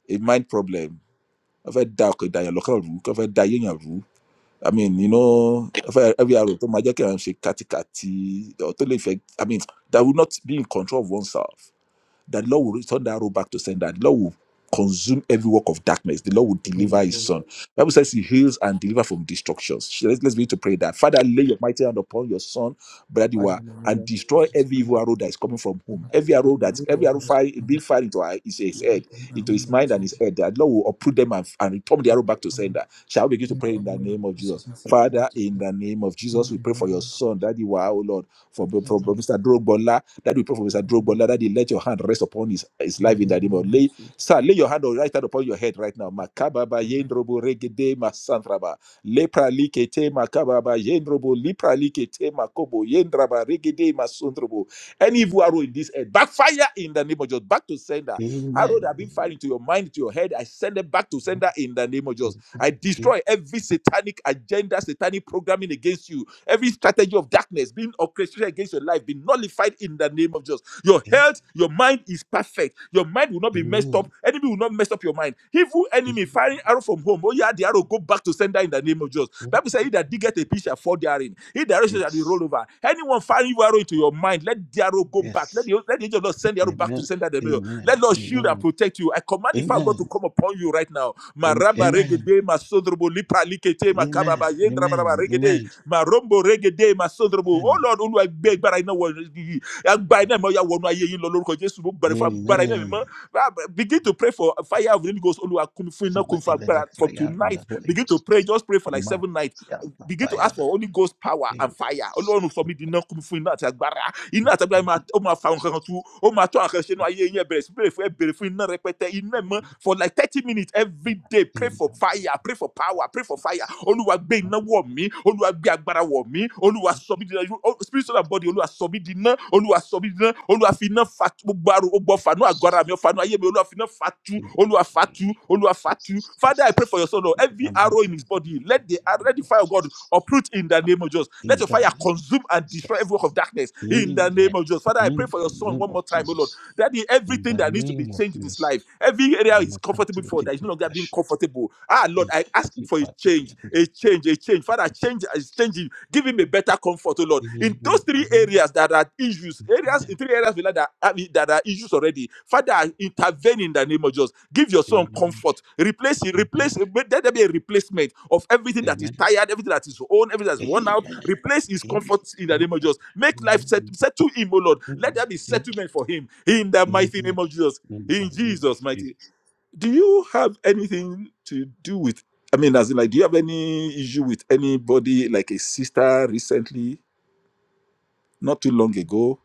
Speaker 3: a mind problem. Every dark, that your local rule, every that your rule. I mean, you know, every every arrow to magic and shake kati kati, or to the effect- I mean, that will not be in control of oneself that the Lord will return that robe back to sender. The Lord will consume every work of darkness. The Lord will deliver his son. Bible says he heals and deliver from destructions. So Let's, let's begin to pray that. Father, lay your mighty hand upon your son, Bradiwa, and destroy every evil arrow that is coming from whom. Every arrow that every arrow fire being fired into our- his, his head, into his mind and his head. That Lord will uproot them and, and return the arrow back to sender. Shall we begin to pray in the name of Jesus? Father, in the name of Jesus, we pray for your son, Daddy Wa, oh Lord, for, for, for Mr. Drogba that we pray for Mr. Drogba. that He let your hand rest upon his, his life in the name of lay, sir, lay your hand on right hand upon your head right now. Makababa yendrobo regede masantraba. Lepra likete makababa yendrobo lipra likete makobo yendraba regede masundrobo. Any evil arrow in this head, backfire in the name of Jesus. Back to sender. Arrow that have been fired
Speaker 9: Amen.
Speaker 3: into your mind, to your head, I send them back to sender in the name of Jesus. I
Speaker 9: Amen.
Speaker 3: destroy every satanic agenda, satanic programming against you Every strategy of darkness being orchestrated against your life be nullified in the name of Jesus. Your health, your mind is perfect. Your mind will not be messed up.
Speaker 9: Amen.
Speaker 3: Enemy will not mess up your mind. Evil enemy firing arrow from home. Oh yeah, the arrow go back to sender in the name of Jesus. Bible says, "He that diggeth a pitch shall fall therein. He that rushes shall be rolled
Speaker 9: Yes.
Speaker 3: over." Anyone firing evil arrow into your mind, let the arrow go back. Let
Speaker 9: Yes.
Speaker 3: the let the angel of the Lord send the arrow back to the
Speaker 9: Amen.
Speaker 3: sender in the middle. Let
Speaker 9: Amen.
Speaker 3: Lord shield and
Speaker 9: Amen.
Speaker 3: protect you. I command the fire of God to
Speaker 9: Amen.
Speaker 3: come upon you right now.
Speaker 9: Am-
Speaker 3: Maraba
Speaker 9: Amen.
Speaker 3: regede masodrobo lipa
Speaker 9: Amen.
Speaker 3: likete
Speaker 9: Amen.
Speaker 3: makababa yendrabaraba
Speaker 9: Amen.
Speaker 3: regede
Speaker 9: Amen.
Speaker 3: marombo regede masondrobo oh lord olúwa gbé agbára iná wọ yìí agbára iná mi ó yá wọnú ayé yín lọ lórúkọ jésù mo bẹ̀rẹ̀ fún agbára iná mi
Speaker 9: Amen.
Speaker 3: mọ́ Ah, begin to pray for fire of the holy ghost olúwa kún mi fún iná
Speaker 9: Father,
Speaker 3: kún mi fún
Speaker 9: in the
Speaker 3: from
Speaker 9: fire of
Speaker 3: tonight
Speaker 9: the Holy
Speaker 3: begin to
Speaker 9: Ghost,
Speaker 3: pray just pray for like
Speaker 9: my
Speaker 3: seven nights
Speaker 9: fire, my
Speaker 3: begin to
Speaker 9: fire,
Speaker 3: ask for
Speaker 9: that
Speaker 3: holy ghost power and fire
Speaker 9: is
Speaker 3: ọlọ́run sọ
Speaker 9: in
Speaker 3: mí di
Speaker 9: the-
Speaker 3: iná kún mi fún iná àti agbára iná
Speaker 9: in
Speaker 3: àtàgbà yìí
Speaker 9: the-
Speaker 3: máa ó máa fa nǹkan kan tu ó máa tó àkànṣe inú ayé yín ẹ bẹ̀rẹ̀ sí bèrè fún ẹ bèrè fún iná rẹpẹtẹ iná mọ́ for like thirty minutes every day pray
Speaker 9: in
Speaker 3: for
Speaker 9: the-
Speaker 3: fire pray for power pray for fire
Speaker 9: Jesus,
Speaker 3: olúwa gbé
Speaker 9: my-
Speaker 3: iná wọ̀ mí olúwa gbé agbára wọ̀ mí olúwa sọ mí di iná o- spirit soul and body olúwa sọ mí di iná olúwa sọ mí di iná olúwa fi iná fa gbogbo àrùn gbogbo fanu àgọ́ ara mi fanu ayé mi olúwa fi iná fa tu
Speaker 9: in the
Speaker 3: olúwa fa tu
Speaker 9: name of
Speaker 3: olúwa fa tu
Speaker 9: Jesus
Speaker 3: father i
Speaker 9: Christ.
Speaker 3: pray for your son o
Speaker 9: In
Speaker 3: every
Speaker 9: the
Speaker 3: arrow
Speaker 9: mighty
Speaker 3: in his body let the
Speaker 9: name
Speaker 3: let the
Speaker 9: of
Speaker 3: fire of God
Speaker 9: Jesus.
Speaker 3: uproot in the name of Jesus. Let
Speaker 9: In
Speaker 3: your
Speaker 9: the
Speaker 3: fire
Speaker 9: name of
Speaker 3: consume and
Speaker 9: Jesus
Speaker 3: destroy
Speaker 9: Christ.
Speaker 3: every work of darkness in the
Speaker 9: Amen.
Speaker 3: name of Jesus. Father, I pray
Speaker 9: In
Speaker 3: for
Speaker 9: the
Speaker 3: your son
Speaker 9: name
Speaker 3: one
Speaker 9: of
Speaker 3: more time, O Lord.
Speaker 9: Jesus.
Speaker 3: That is
Speaker 9: In
Speaker 3: everything
Speaker 9: the
Speaker 3: that needs to be
Speaker 9: name of
Speaker 3: changed in his
Speaker 9: Jesus.
Speaker 3: life. Every
Speaker 9: I'm
Speaker 3: area
Speaker 9: going
Speaker 3: he's
Speaker 9: to come
Speaker 3: comfortable
Speaker 9: to
Speaker 3: for
Speaker 9: take
Speaker 3: that is
Speaker 9: my
Speaker 3: no longer being
Speaker 9: passion.
Speaker 3: comfortable. Ah, Lord,
Speaker 9: Take
Speaker 3: I ask for a
Speaker 9: part to the
Speaker 3: change,
Speaker 9: end of
Speaker 3: a change, a change. Father, change is
Speaker 9: Jesus.
Speaker 3: changing. Give him a better comfort, oh Lord.
Speaker 9: Amen.
Speaker 3: In those three
Speaker 9: Amen.
Speaker 3: areas that are issues, areas
Speaker 9: Amen.
Speaker 3: in three areas we know that have- it- that are issues already. Father, intervene in the name of Jesus. Give your son
Speaker 9: Amen.
Speaker 3: comfort. Replace it.
Speaker 9: Amen. Amen.
Speaker 3: Replace. it. Let there be a replacement of everything that is
Speaker 9: Amen.
Speaker 3: tired, everything that is worn, everything that's worn out,
Speaker 9: Amen.
Speaker 3: Replace his
Speaker 9: Amen.
Speaker 3: comfort in the name of
Speaker 9: Amen.
Speaker 3: Jesus. Make life set,
Speaker 9: Amen.
Speaker 3: settle him, O Lord. Let
Speaker 9: Amen.
Speaker 3: there be settlement for him in the mighty name
Speaker 9: Amen.
Speaker 3: of Jesus.
Speaker 9: In the
Speaker 3: In
Speaker 9: name of
Speaker 3: Jesus' mighty.
Speaker 9: Jesus.
Speaker 3: Do you have anything to do with? I mean, as in, like, do you have any issue with anybody, like a sister recently, not too long ago?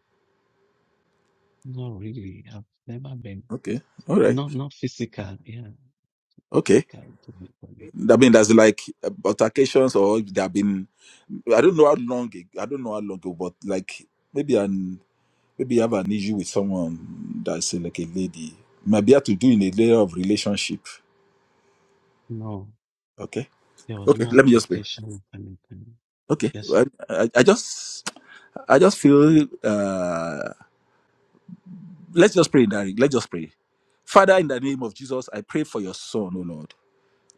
Speaker 9: Not really. I've never been.
Speaker 3: Okay, all right,
Speaker 9: Not not physical, yeah,
Speaker 3: okay.
Speaker 9: physical to me. for
Speaker 3: I mean, there's like altercations, or there have been. I don't know how long. ag- I don't know how long ago, but like maybe an Maybe you have an issue with someone that's uh, like a lady. Maybe have to do in a layer of relationship.
Speaker 9: No,
Speaker 3: Okay.
Speaker 9: there was
Speaker 3: Okay.
Speaker 9: no
Speaker 3: Let me just pray.
Speaker 9: attraction of anything.
Speaker 3: Okay.
Speaker 9: Yes,
Speaker 3: I, I, I just I just feel uh let's just pray in that let's just pray. Father, in the name of Jesus, I pray for your son, oh Lord.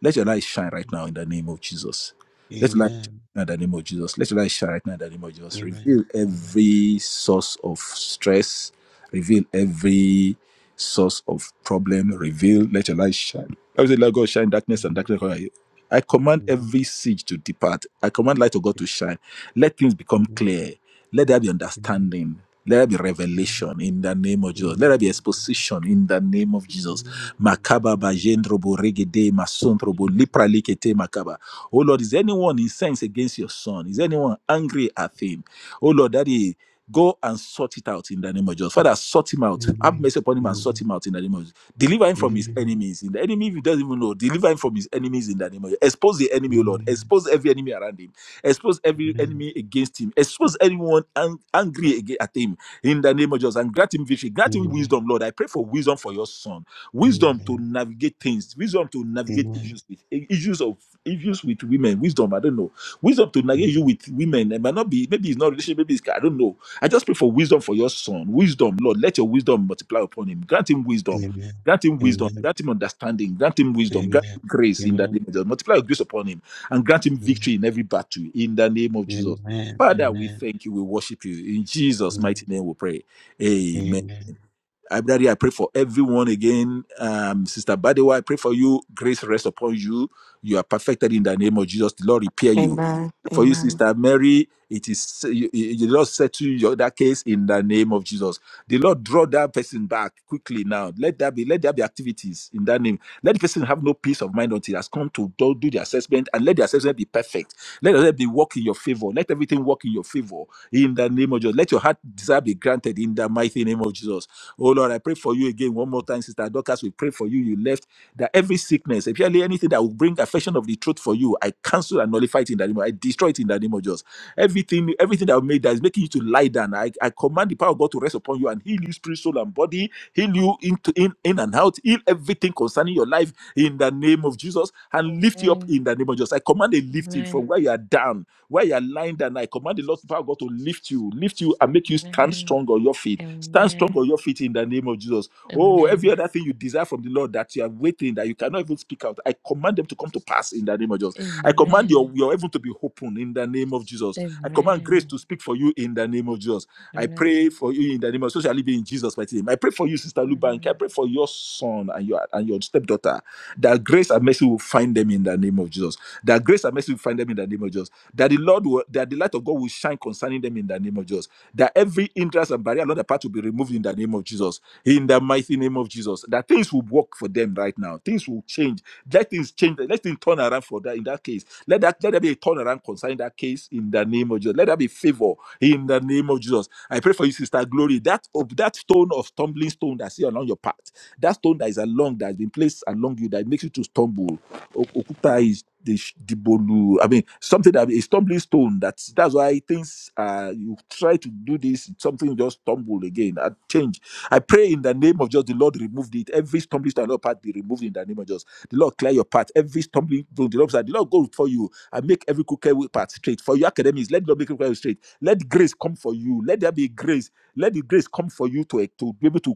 Speaker 3: Let your light shine right now in the name of Jesus. Let your light shine
Speaker 9: Amen,
Speaker 3: right now in the name of Jesus. Let your light shine right now in the name of Jesus.
Speaker 9: Amen,
Speaker 3: Reveal
Speaker 9: Amen,
Speaker 3: every source of stress. Reveal every source of problem. Reveal. Let your light shine. I say, let God shine darkness and darkness. cover you." I
Speaker 9: Amen,
Speaker 3: command
Speaker 9: Amen,
Speaker 3: every siege to depart. I command light of God to shine. Let things become
Speaker 9: Amen, Amen,
Speaker 3: clear. Let there be
Speaker 9: Amen,
Speaker 3: understanding. Let there be revelation in the name of
Speaker 9: Amen,
Speaker 3: Jesus. Let
Speaker 9: Amen,
Speaker 3: there be
Speaker 9: Amen,
Speaker 3: exposition in the name of
Speaker 9: Amen, Amen,
Speaker 3: Jesus.
Speaker 9: Amen,
Speaker 3: Makaba ba jendrobo regede masondrobo lipra likete makaba. Oh Lord, is anyone incensed against your son? Is anyone angry at him? Oh Lord, Daddy, go and sort it out in the name of Jesus. Father, sort him out.
Speaker 9: Amen,
Speaker 3: Have mercy upon him and sort him out in the name of Jesus. Deliver him from his enemies. In the enemy, if he doesn't even know, deliver him from his enemies in the name of Jesus. Expose the enemy, oh Lord. Expose every enemy around him. Expose every enemy against him. Expose anyone ang- angry aga- at him in the name of Jesus. And grant him victory. Grant him
Speaker 9: Amen,
Speaker 3: wisdom, Lord. I pray for wisdom for your son wisdom to navigate things, wisdom to navigate issues with issues of issues with women, wisdom, I don't know. Wisdom to navigate you
Speaker 9: Amen,
Speaker 3: with women. It might not be maybe it's not relationship, maybe it's I don't know. I just pray for wisdom for your son. Wisdom, Lord, let your wisdom multiply upon him. Grant him
Speaker 9: Amen, Amen, Amen,
Speaker 3: wisdom.
Speaker 9: Amen,
Speaker 3: Grant him wisdom,
Speaker 9: Amen,
Speaker 3: grant him understanding, grant him wisdom, grant him grace in the name of Jesus. Multiply your grace upon him and grant him
Speaker 9: Amen,
Speaker 3: victory in every battle in the name of
Speaker 9: Amen,
Speaker 3: Jesus.
Speaker 9: Amen,
Speaker 3: Father, we
Speaker 9: Amen.
Speaker 3: thank you, we worship you. In Jesus'
Speaker 9: Amen.
Speaker 3: mighty name we pray. Amen.
Speaker 9: Amen.
Speaker 3: I, Daddy, I pray for everyone again. Um, Sister Badewa, I pray for you. Grace rest upon you. You are perfected in the name of Jesus. The Lord repair you.
Speaker 10: Amen.
Speaker 3: For you,
Speaker 10: Amen.
Speaker 3: Sister Mary, it is you- you- the Lord settle your that case in the name of Jesus. The Lord draw that person back quickly now. Let that be let there be activities in that name. Let the person have no peace of mind until it has come to do, do the assessment and let the assessment be perfect. Let it be work in your favor. Let everything work in your favor in the name of Jesus. Let your heart desire be granted in the mighty name of Jesus. Oh Lord, I pray for you again one more time, Sister Dorcas. We pray for you. You left that every sickness, especially anything that will bring affection of the truth for you, I cancel and nullify it in the name. of- I destroy it in the name of Jesus. Everything, everything that will make that is making you to lie down. I, I command the power of God to rest upon you and heal you, spirit, soul, and body. Heal you into in, in and out. Heal everything concerning your life in the name of Jesus and lift you up
Speaker 6: Amen.
Speaker 3: in the name of Jesus. I command a lifting
Speaker 6: Amen.
Speaker 3: from where you are down, where you are lying down. I command the Lord, the power of God, to lift you, lift you and make you stand
Speaker 6: Amen.
Speaker 3: strong on your feet Stand strong on
Speaker 6: Amen.
Speaker 3: your feet in the name of Jesus. Oh, every
Speaker 6: Amen.
Speaker 3: other thing you desire from the Lord that you are waiting, that you cannot even speak out, I command them to come to pass in the name of Jesus. I command your,
Speaker 6: Amen.
Speaker 3: your heaven to be open in the name of Jesus. I command grace
Speaker 6: Amen.
Speaker 3: to speak for you in the name of Jesus. I
Speaker 6: Amen.
Speaker 3: pray for you in the name of so shall it be in Jesus' mighty name. I pray for you, Sister Lubank.
Speaker 6: Amen.
Speaker 3: I pray for your son and your and your stepdaughter that grace and mercy will find them in the name of Jesus. That grace and mercy will find them in the name of Jesus. That the Lord will, that the light of God will shine concerning them in the name of Jesus that every interest and barrier, another part will be removed in the name of Jesus, in the mighty name of Jesus. That things will work for them right now. Things will change. Let things change. Let things turn around for that in that case. Let that let there be a turnaround concerning that case in the name of Jesus. Let there be favor in the name of Jesus. I pray for you, sister Glory. That of that stone of stumbling stone that's here along your path, that stone that is along that has been placed along you that makes you to stumble. O- Okuta is the sh- the bolu. I mean, something that a stumbling stone. That's that's why things. Uh, you try to do this, something just stumble again and change. I pray in the name of just the Lord removed it. Every stumbling stone, on your path be removed in the name of Jesus. The Lord clear your path. Every stumbling stone, the Lord said, the Lord go for you and make every crooked way path straight. For your academics, let the Lord make every crooked way straight. Let grace come for you. Let there be grace. Let the grace come for you to to be able to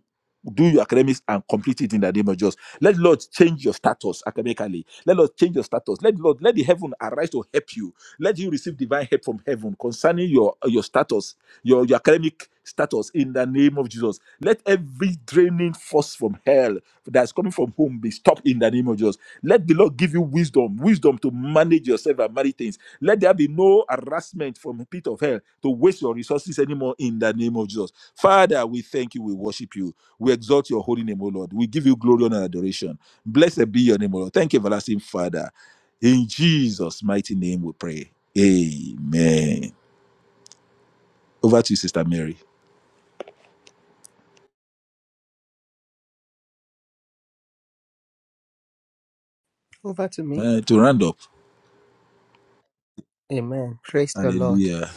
Speaker 3: do your academics and complete it in the name of Jesus. Let Lord change your status academically let us change your status. Let Lord, let the heaven arise to help you. Let you receive divine help from heaven concerning your your status, your, your academic status in the name of Jesus. Let every draining force from hell that's coming from home be stopped in the name of Jesus. Let the Lord give you wisdom, wisdom to manage yourself and manage things. Let there be no harassment from the pit of hell to waste your resources anymore in the name of Jesus. Father, we thank you, we worship you, we exalt your holy name, O Lord. We give you glory honor, and adoration. Blessed be your name, O Lord. Thank you, everlasting Father. In Jesus' mighty name we pray. Amen. Over to you, Sister Mary.
Speaker 1: over to me.
Speaker 3: Uh, to round up,
Speaker 1: Amen. Praise the Lord.
Speaker 3: hallelujah.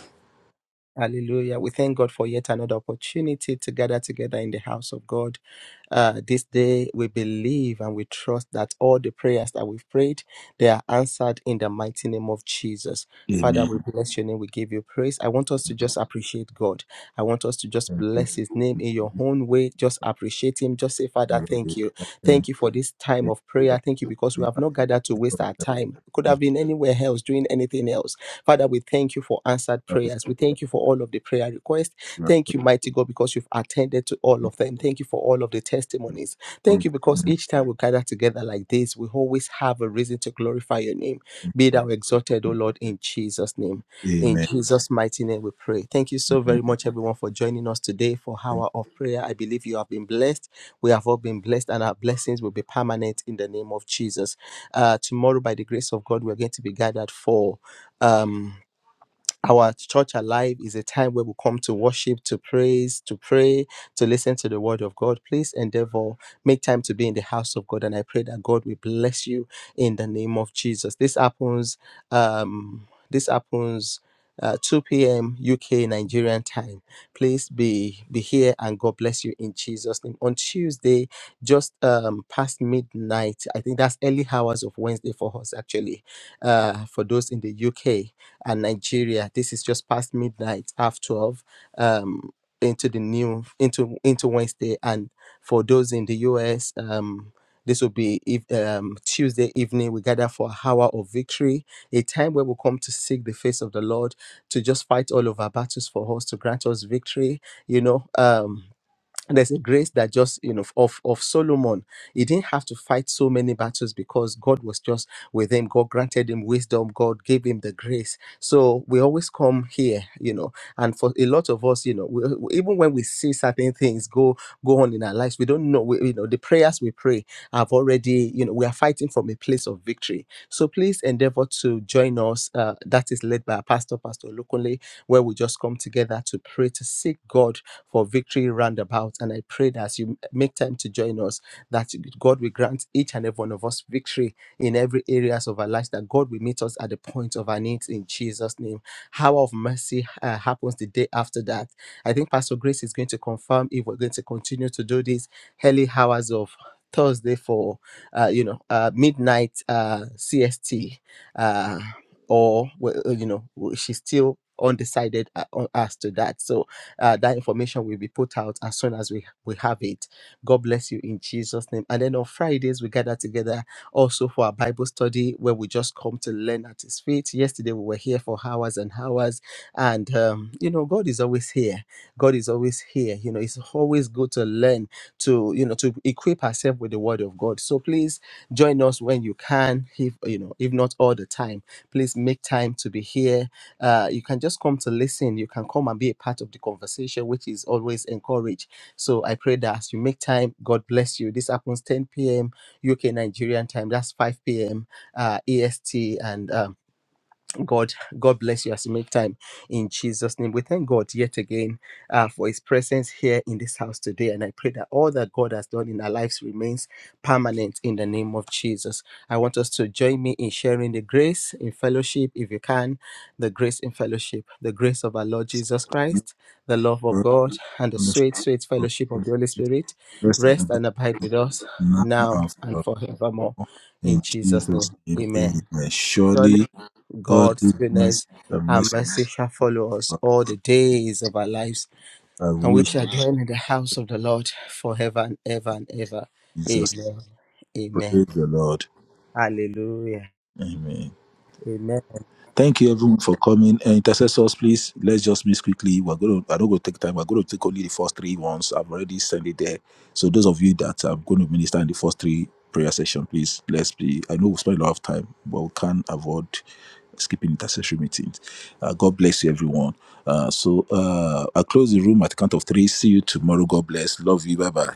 Speaker 1: Hallelujah. We thank God for yet another opportunity to gather together in the house of God. Uh, this day, we believe and we trust that all the prayers that we've prayed, they are answered in the mighty name of Jesus. Father,
Speaker 3: Amen.
Speaker 1: we bless your name. We give you praise. I want us to just appreciate God. I want us to just bless his name in your own way. Just appreciate him. Just say, Father, thank you. Thank
Speaker 3: Amen.
Speaker 1: you for this time
Speaker 3: Thank
Speaker 1: of prayer. Thank you because we have not gathered to waste our time. Could have been anywhere else doing anything else. Father, we thank you for answered prayers. We thank Thank you for all of the prayer requests. Thank you, mighty God, because you've attended to all of them. Thank you for all of the testimonies. Thank you because each time we gather together like this, we always have a reason to glorify your name. Be thou exalted, O Lord, in Jesus' name. In Jesus' mighty name, we pray. Thank you so very much, everyone, for joining us today for Hour of Prayer. I believe you have been blessed. We have all been blessed, and our blessings will be permanent in the name of Jesus. Uh, tomorrow, by the grace of God, we're going to be gathered for. Um, our church alive is a time where we come to worship, to praise, to pray, to listen to the word of God. Please endeavor, make time to be in the house of God. And I pray that God will bless you in the name of Jesus. This happens, um, this happens. Uh, 2 p.m. UK Nigerian time. Please be be here and God bless you in Jesus' name. On Tuesday, just um past midnight, I think that's early hours of Wednesday for us actually. Uh, for those in the UK, and Nigeria. This is just past midnight, half twelve, um, into the new into into Wednesday, and for those in the US, um, this will be if, um, Tuesday evening. We gather for hour of victory, a time where we come to seek the face of the Lord, to just fight all of our battles for us, to grant us victory. You know, um, there's a grace that just you know of of solomon he didn't have to fight so many battles because god was just with him god granted him wisdom god gave him the grace so we always come here you know and for a lot of us you know we, we- even when we see certain things go go on in our lives we don't know we, you know the prayers we pray have already you know we are fighting from a place of victory so please endeavor to join us uh, that is led by our pastor pastor Olukunle where we just come together to pray, to seek God for victory roundabout. And I pray that as you make time to join us, that God will grant each and every one of us victory in every areas of our lives, that God will meet us at the point of our needs in Jesus' name. Hour of mercy uh, happens the day after that. I think Pastor Grace is going to confirm if we're going to continue to do these early hours of Thursday for uh, you know uh, midnight uh, CST uh, or well, uh, you know w- she's still undecided uh, on- as to that. So uh, that information will be put out as soon as we, we have it. God bless you in Jesus' name. And then on Fridays, we gather together also for our Bible study where we just come to learn at His feet. Yesterday, we were here for hours and hours. And, um, you know, God is always here. God is always here. You know, it's always good to learn to you know to equip herself with the word of god so please join us when you can if you know if not all the time please make time to be here uh, you can just come to listen you can come and be a part of the conversation which is always encouraged so i pray that as you make time god bless you this happens 10 p.m uk nigerian time that's 5 p.m uh, est and um, God, God bless you as you make time in Jesus' name. We thank God yet again uh, for His presence here in this house today, and I pray that all that God has done in our lives remains permanent in the name of Jesus. I want us to join me in sharing the grace in fellowship, if you can, the grace in fellowship, the grace of our Lord Jesus Christ, the love
Speaker 3: you
Speaker 1: of
Speaker 3: for
Speaker 1: God, and the
Speaker 3: permission
Speaker 1: sweet, sweet
Speaker 3: of
Speaker 1: fellowship of
Speaker 3: Holy
Speaker 1: the Holy
Speaker 3: Spirit,
Speaker 1: Spirit
Speaker 3: rest and
Speaker 1: rest
Speaker 3: abide
Speaker 1: and abide
Speaker 3: with us
Speaker 1: with us
Speaker 3: now
Speaker 1: now
Speaker 3: and
Speaker 1: and forevermore.
Speaker 3: forevermore.
Speaker 1: In
Speaker 3: In
Speaker 1: Jesus'
Speaker 3: Jesus'
Speaker 1: name,
Speaker 3: name,
Speaker 1: Amen.
Speaker 3: amen. Surely
Speaker 1: Surely
Speaker 3: God
Speaker 1: God's
Speaker 3: goodness
Speaker 1: goodness
Speaker 3: and
Speaker 1: and
Speaker 3: mercy
Speaker 1: mercy shall follow us all the days of our lives, and we shall dwell in the house of the Lord forever and ever and ever.
Speaker 3: Jesus.
Speaker 1: Amen. Amen.
Speaker 3: Praise the Lord.
Speaker 1: Hallelujah.
Speaker 3: Amen.
Speaker 1: Amen.
Speaker 3: Thank you everyone for coming. Uh, intercessors, please let's just meet quickly. We're gonna I don't go take time. We're gonna take only the first three ones. I've already sent it there. So those of you that are going to minister in the first three prayer session, please let's be I know we spend a lot of time, but we can't avoid skipping intercessory meetings. Uh, God bless you everyone. Uh, so uh, I'll close the room at the count of three. See you tomorrow. God bless. Love you. Bye bye.